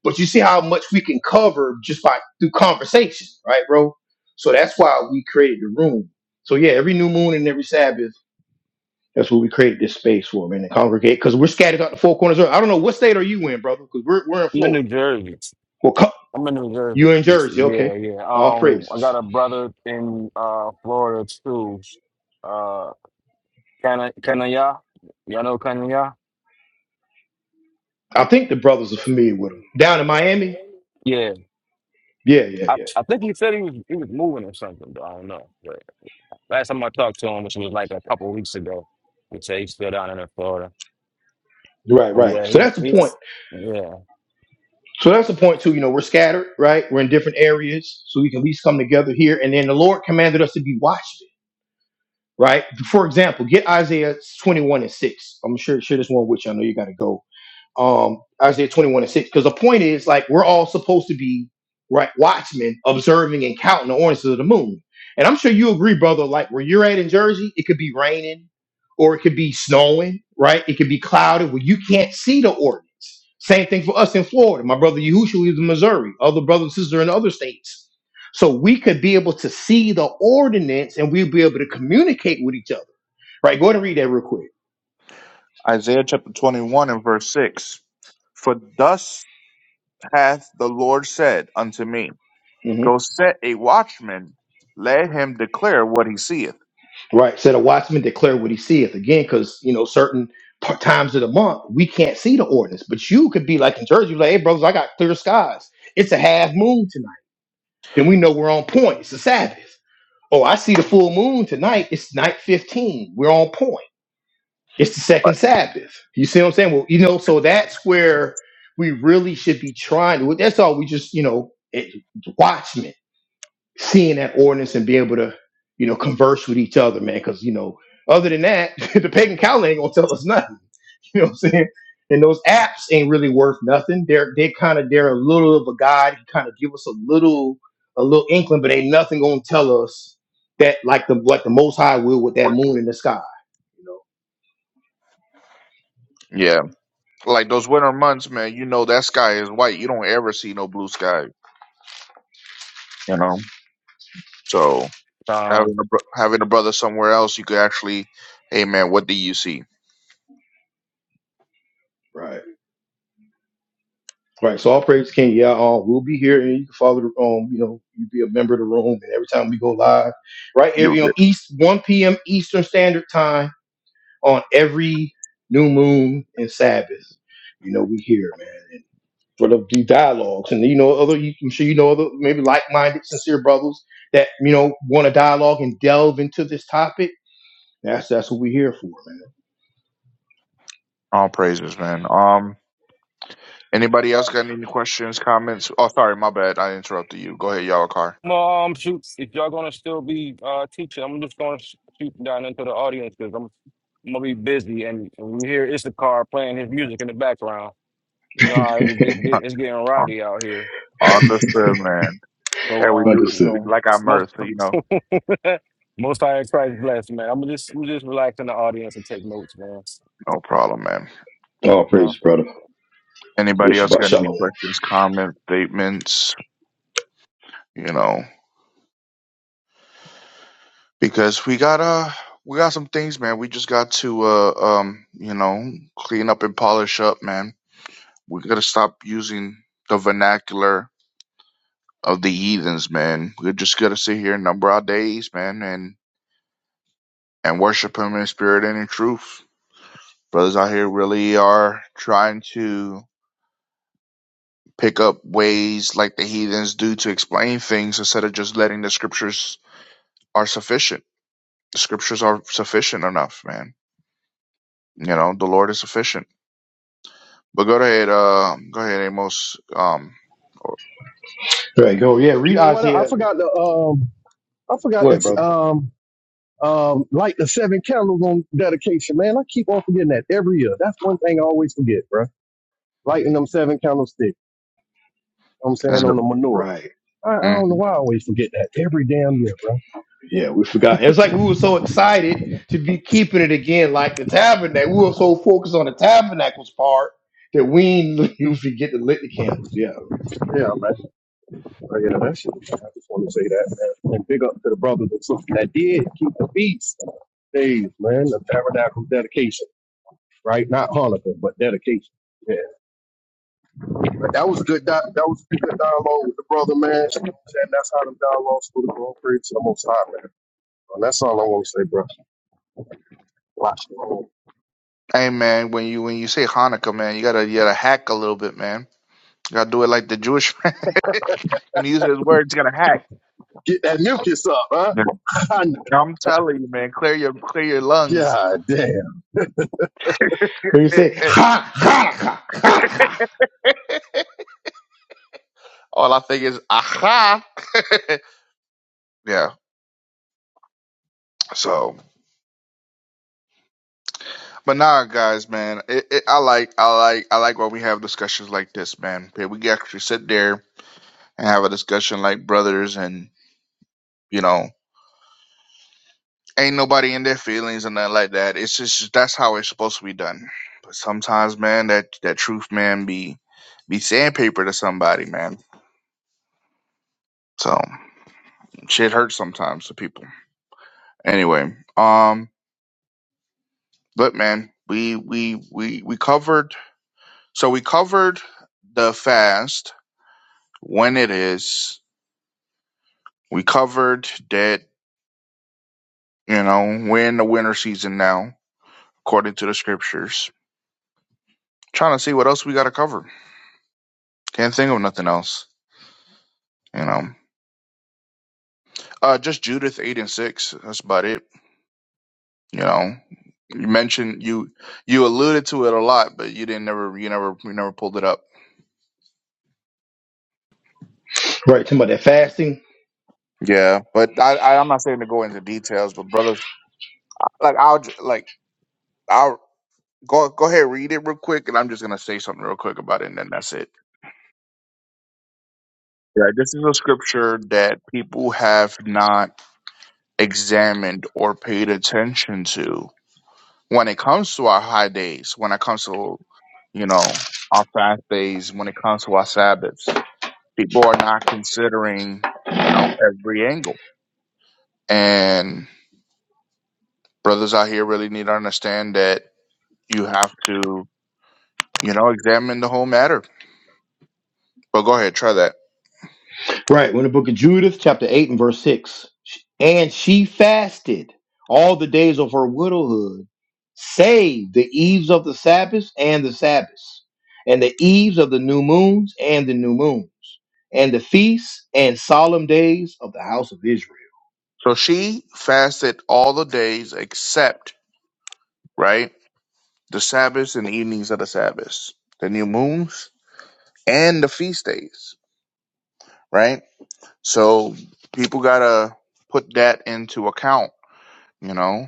but you see how much we can cover just by through conversation, right, bro? So that's why we created the room. So yeah, every new moon and every Sabbath. That's what we created this space for, man, to congregate because we're scattered out the four corners. of- the earth. I don't know what state are you in, brother, because we're, we're in
I'm in New
Florida.
Jersey.
Well, co-
I'm in New Jersey.
you in Jersey, okay.
Yeah, yeah.
All
Um I
praises.
got a brother in uh Florida too. Uh, Kana Kanaya. Y'all know Kanaya?
I think the brothers are familiar with them. Down in Miami?
Yeah. Yeah.
Yeah, yeah,
I,
yeah.
I think he said he was he was moving or something, though. I don't know. But last time I talked to him, which was like a couple of weeks ago, he said he's still down in Florida.
Right,
But
right.
yeah,
So
he,
that's the point.
he's yeah.
So that's the point, too. You know, we're scattered, right? We're in different areas, so we can at least come together here. And then the Lord commanded us to be watchmen, right? For example, get Isaiah 21 and 6. I'm sure, share this one with you. I know you got to go. um Isaiah 21 and 6. Because the point is, like, we're all supposed to be right watchmen observing and counting the oranges of the moon. And I'm sure you agree, brother, like where you're at in Jersey, it could be raining or it could be snowing, right? It could be clouded where you can't see the ordinance. Same thing for us in Florida. My brother Yahushua is in Missouri, other brothers and sisters are in other states. So we could be able to see the ordinance and we'd be able to communicate with each other. Right? Go ahead and read that real quick.
Isaiah chapter 21 and verse 6. For thus hath the Lord said unto me,
Mm-hmm.
Go set a watchman, let him declare what he seeth.
right? Said a watchman declare what he seeth. Again, because you know certain p- times of the month we can't see the ordinance, but you could be like in Jersey, like, hey brothers, I got clear skies. It's a half moon tonight. Then we know we're on point. It's the Sabbath. Oh, I see the full moon tonight. It's night fifteen. We're on point. It's the second Sabbath. You see what I'm saying? Well, you know, so that's where we really should be trying to. That's all. We just you know it, watchmen seeing that ordinance and being able to, you know, converse with each other, man. Because you know, other than that, the pagan calendar ain't gonna tell us nothing. You know what I'm saying? And those apps ain't really worth nothing. They're they kind of they're a little of a guide. He kind of give us a little a little inkling, but ain't nothing gonna tell us that like the like the Most High will with that moon in the sky. You know,
Yeah, like those winter months, man. You know that sky is white. You don't ever see no blue sky. You know, so
Uh,
having a bro- having a brother somewhere else, you could actually, hey man, what do you see?
right? Right. So all praise King Yeah, um, we'll be here, and you can follow the um, you know, you be a member of the room, and every time we go live, right here,
You'll
you know,
get
East 1 p.m. Eastern Standard Time on every new moon and Sabbath. You know, we here, man. And for the, the dialogues, and you know, other you, I'm sure you know other maybe like-minded, sincere brothers that you know want to dialogue and delve into this topic. That's that's what we're here for,
all praises, man. Um, anybody else got any questions, comments? Oh, sorry, my bad. I interrupted you. Go ahead, y'all. Car.
Mom, shoot! If y'all gonna still be uh teaching, I'm just gonna sh- shoot down into the audience because I'm, I'm gonna be busy, and we hear Issachar playing his music in the background. You know
man.
how it gets, get, it's getting rowdy out here.
Understood, man.
So
And we
um,
do
you
Understood.
we
know,
like our
most
mirth, you know.
most high in Christ bless, man. I'm just I'm just relax in the audience and take notes, man. All
No problem, man.
All
right,
praise,
y'all.
brother.
Anybody
It's
else
about
got any
Shalom.
questions, comments, statements? you know, because we got uh we got some things, man. We just got to uh um you know clean up and polish up, man. We gotta stop using the vernacular of the heathens, man. We just gotta sit here and number our days, man, and and worship Him in spirit and in truth. Brothers out here really are trying to pick up ways like the heathens do to explain things instead of just letting the scriptures are sufficient. The scriptures are sufficient enough, man. You know, the Lord is sufficient But go ahead, uh, go ahead, Amos. Um,
Right, go. Yeah,
You
read
know what? I
Isaiah.
forgot to um, I forgot
Go ahead,
to
brother.
um, um, light the seven candles on dedication, man. I keep on forgetting that every year. That's one thing I always forget, bro. Lighting them seven candlesticks. You know what I'm
as
saying
a,
on the manure.
Right.
I, I don't know
Mhm.
why I always forget that every damn year, bro.
Yeah, we forgot. It's like we were so excited to be keeping it again, like the tabernacle. We were so focused on the tabernacles part that we didn't usually get to lit the candles. Yeah.
Yeah, man. But, you know, that shit, I just want to say that, man. And big up to the brothers and sisters that did keep the feast days, man. The tabernacle dedication, right? Not Hanukkah, but dedication. Yeah. But that was a good. Di- that was a good dialogue with the brother, man. And that's how the dialogues go. Go praise to the Most High, man. And that's all I want to say, bro. Watch
hey man, when you when you say Hanukkah, man, you gotta you gotta hack a little bit, man. You gotta do it like the Jewish man. When you use his words, you gotta hack.
Get that mucus up, huh?
Yeah. I'm telling you, man, clear your clear your lungs.
God damn.
When you say ha Hanukkah, Hanukkah,
All I think is aha. yeah. So, but nah, guys, man, it, it, I like I like I like when we have discussions like this, man. Okay, We can actually sit there and have a discussion like brothers and. You know, Ain't nobody in their feelings and nothing like that. It's just that's how it's supposed to be done. But sometimes, man, that that truth, man, be be sandpaper to somebody, man. So shit hurts sometimes to people. Anyway, um, but man, we we we we covered. So we covered the fast when it is. We covered that. You know, we're in the winter season now, according to the scriptures. Trying to see what else we got to cover. Can't think of nothing else. You know. Uh, just Judith eight and six. That's about it. You know, you mentioned you you alluded to it a lot, but you didn't never you never you never pulled it up.
right? Talking about that fasting.
Yeah, but I, I I'm not saying to go into details, but brothers, like I'll j- like I'll go go ahead read it real quick, and I'm just gonna say something real quick about it, and then that's it. Yeah, this is a scripture that people have not examined or paid attention to when it comes to our high days, when it comes to, you know, our fast days, when it comes to our Sabbaths, people are not considering, you know, every angle. And brothers out here really need to understand that you have to, you know, examine the whole matter. But go ahead, try that.
Right. We're in the book of Judith, chapter 8 and verse 6. And she fasted all the days of her widowhood, save the eves of the Sabbaths and the Sabbaths, and the eves of the new moons and the new moons, and the feasts and solemn days of the house of Israel.
So she fasted all the days except, right, the Sabbaths and the evenings of the Sabbaths, the new moons, and the feast days, right? So people gotta put that into account, you know.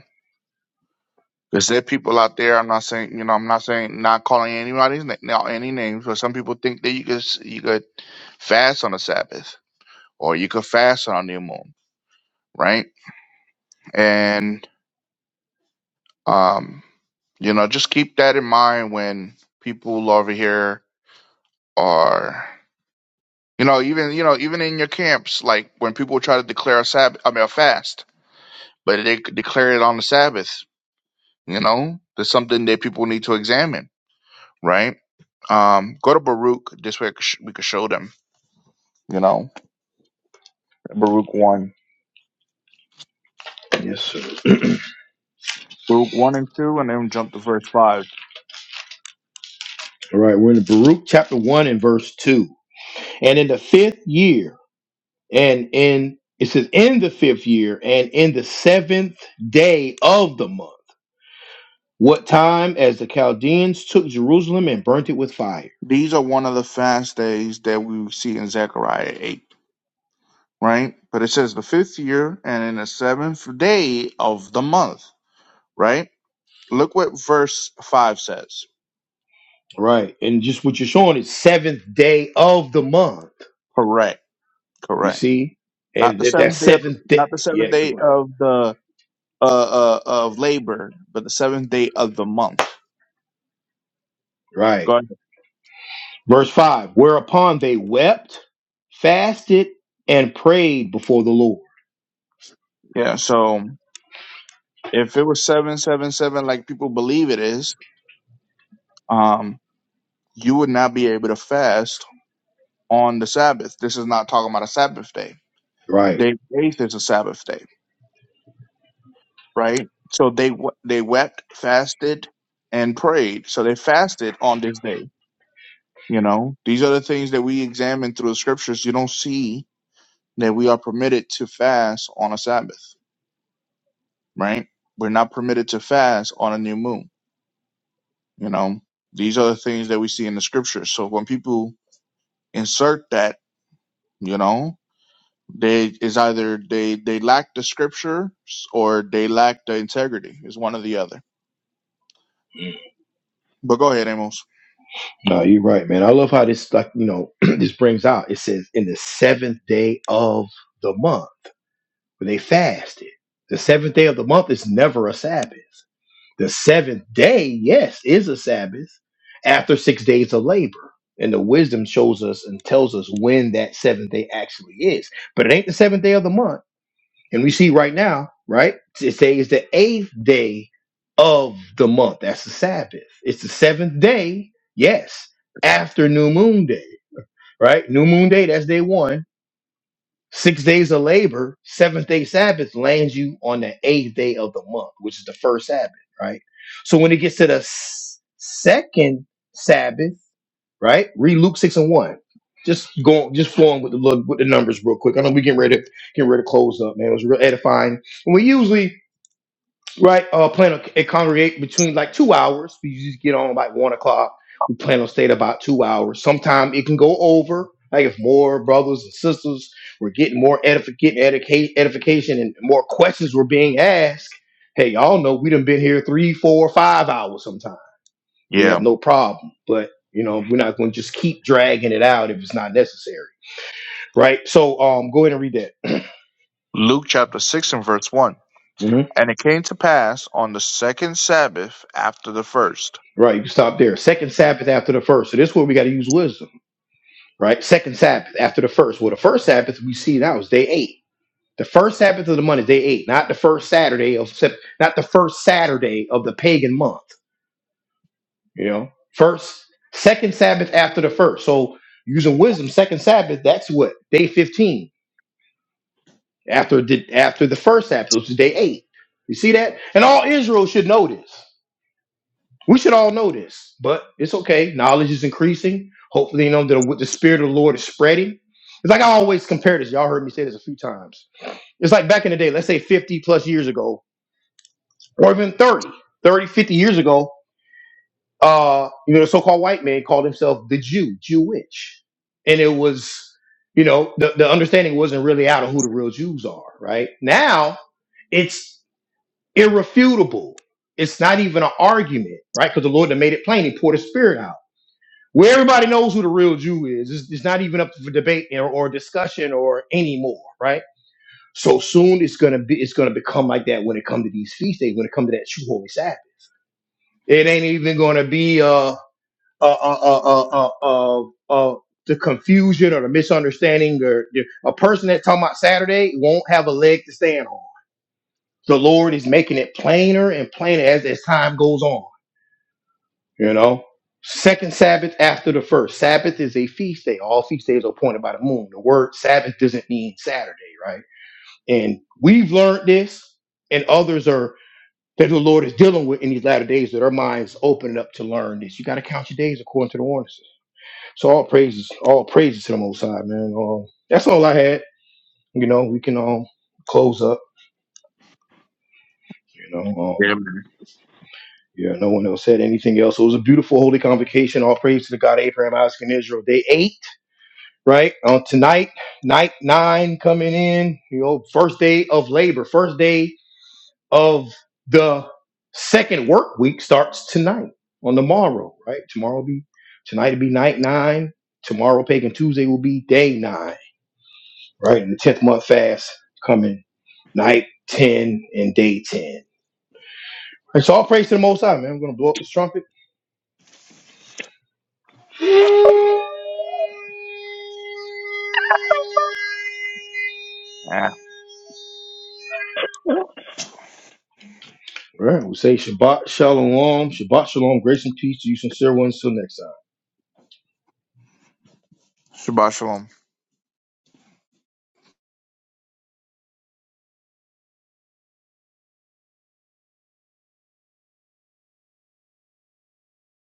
Because there are people out there. I'm not saying, you know, I'm not saying not calling anybody's na- now any names, but some people think that you could s- you could fast on the Sabbath or you could fast on a new moon, right? And um You know, just keep that in mind when people over here are, you know, even you know, even in your camps, like when people try to declare a Sabbath, I mean, a fast, but they could declare it on the Sabbath. You know, there's something that people need to examine, right? Um, go to Baruch. This way, I could sh- we could show them. You know, Baruch one,
Yes, sir.
Baruch one and two, and then jump to verse five.
All right. We're in the Baruch chapter 1 and verse 2. And in the fifth year, and in it says, in the fifth year, and in the seventh day of the month What time as the Chaldeans took Jerusalem and burnt it with fire.
These are one of the fast days that we see in Zechariah eight. right? But it says the fifth year and in the seventh day of the month, right? Look what verse five says.
Right. And just what you're showing is seventh day of the month.
Correct,
You
correct.
see?
Not
And
the
that, that
seventh day, of,
seventh day.
not the seventh
Yeah,
day
good.
of the uh, uh of labor, but the seventh day of the month. Go
Right.
ahead.
Verse 5 Whereupon they wept, fasted, and prayed before the Lord.
Yeah. So if it was seven seven seven, like people believe it is, um, you would not be able to fast on the Sabbath. This is not talking about a Sabbath day.
Right.
Day eighth is a Sabbath day right? So they w- they wept, fasted, and prayed. So they fasted on this day. You know, these are the things that we examine through the scriptures. You don't see that we are permitted to fast on a Sabbath, right? We're not permitted to fast on a new moon. You know, these are the things that we see in the scriptures. So when people insert that, you know, they is either they they lack the scriptures or they lack the integrity. Is one or the other. But go ahead, Amos.
No, you're right, man. I love how this, like, you know, this brings out. It says, in the seventh day of the month, when they fasted. The seventh day of the month is never a Sabbath. The seventh day, yes, is a Sabbath after six days of labor. And the wisdom shows us and tells us when that seventh day actually is. But it ain't the seventh day of the month. And we see right now, right? It says the eighth day of the month. That's the Sabbath. It's the seventh day, yes, after new moon day, right? New moon day, that's day one Six days of labor, seventh day Sabbath lands you on the eighth day of the month, which is the first Sabbath, right? So when it gets to the s- second Sabbath, right? Read Luke six and one. Just going, just flowing with the look with the numbers real quick. I know we getting ready to getting ready to close up, man. It was real edifying. And we usually right? Uh, plan to c- congregate between like two hours. We just get on like one o'clock. We plan on staying about two hours. Sometimes it can go over. Like if more brothers and sisters were getting more edifi- getting educa- edification and more questions were being asked, hey, y'all know we done been here three, four, five hours sometimes. We have no problem, but you know we're not going to just keep dragging it out if it's not necessary, right? So um, go ahead and read that.
Luke chapter 6 and verse 1.
hmm
And it came to pass on the second Sabbath after the first.
Right, you can stop there. Second Sabbath after the first. So this is where we got to use wisdom right? Second Sabbath after the first. Well, the first Sabbath we see now is day eight. The first Sabbath of the month is day eight, not the first Saturday of Sep- not the first Saturday of the pagan month. You know, first, second Sabbath after the first. So using wisdom, second Sabbath that's what day fifteen after the after the first Sabbath, which is day eight. You see that, and all Israel should know this. We should all know this, but it's okay. Knowledge is increasing. Hopefully, you know, the, the spirit of the Lord is spreading. It's like I always compare this. Y'all heard me say this a few times. It's like back in the day, let's say 50 plus years ago, or even 30, 30, fifty years ago, uh, you know, the so-called white man called himself the Jew, Jewish. And it was, you know, the, the understanding wasn't really out of who the real Jews are, right? Now it's irrefutable. It's not even an argument, right? Because the Lord had made it plain. He poured his spirit out. where everybody knows who the real Jew is. It's, it's not even up for debate or, or discussion or anymore, right? So soon it's gonna be it's gonna become like that when it comes to these feast days, when it comes to that true holy Sabbath. It ain't even gonna be uh uh uh uh uh uh, uh uh the confusion or the misunderstanding or the, a person that's talking about Saturday won't have a leg to stand on. The Lord is making it plainer and plainer as as time goes on You know, second Sabbath after the first. Sabbath is a feast day. All feast days are appointed by the moon. The word Sabbath doesn't mean Saturday, right? And we've learned this, and others are that the Lord is dealing with in these latter days that our minds opening up to learn this. You got to count your days according to the ordinances. So all praises, all praises to the Most High, man. Um, that's all I had. You know, we can um close up. You know, um,
Amen.
yeah, no one else said anything else. It was a beautiful holy convocation. All praise to the God of Abraham, Isaac, and Israel. Day eight. right? On tonight, night nine coming in, you know, first day of labor, first day of the second work week starts tonight on the morrow, right? Tomorrow will be tonight will be night nine. Tomorrow, Pagan Tuesday will be day nine, right? And the tenth month fast coming night ten and day ten. And so all praise to the Most High, man. I'm gonna blow up this trumpet.
Ah,
All right. We say Shabbat Shalom. Shabbat Shalom. Grace and peace to you, sincere ones. Till next time.
Shabbat shalom.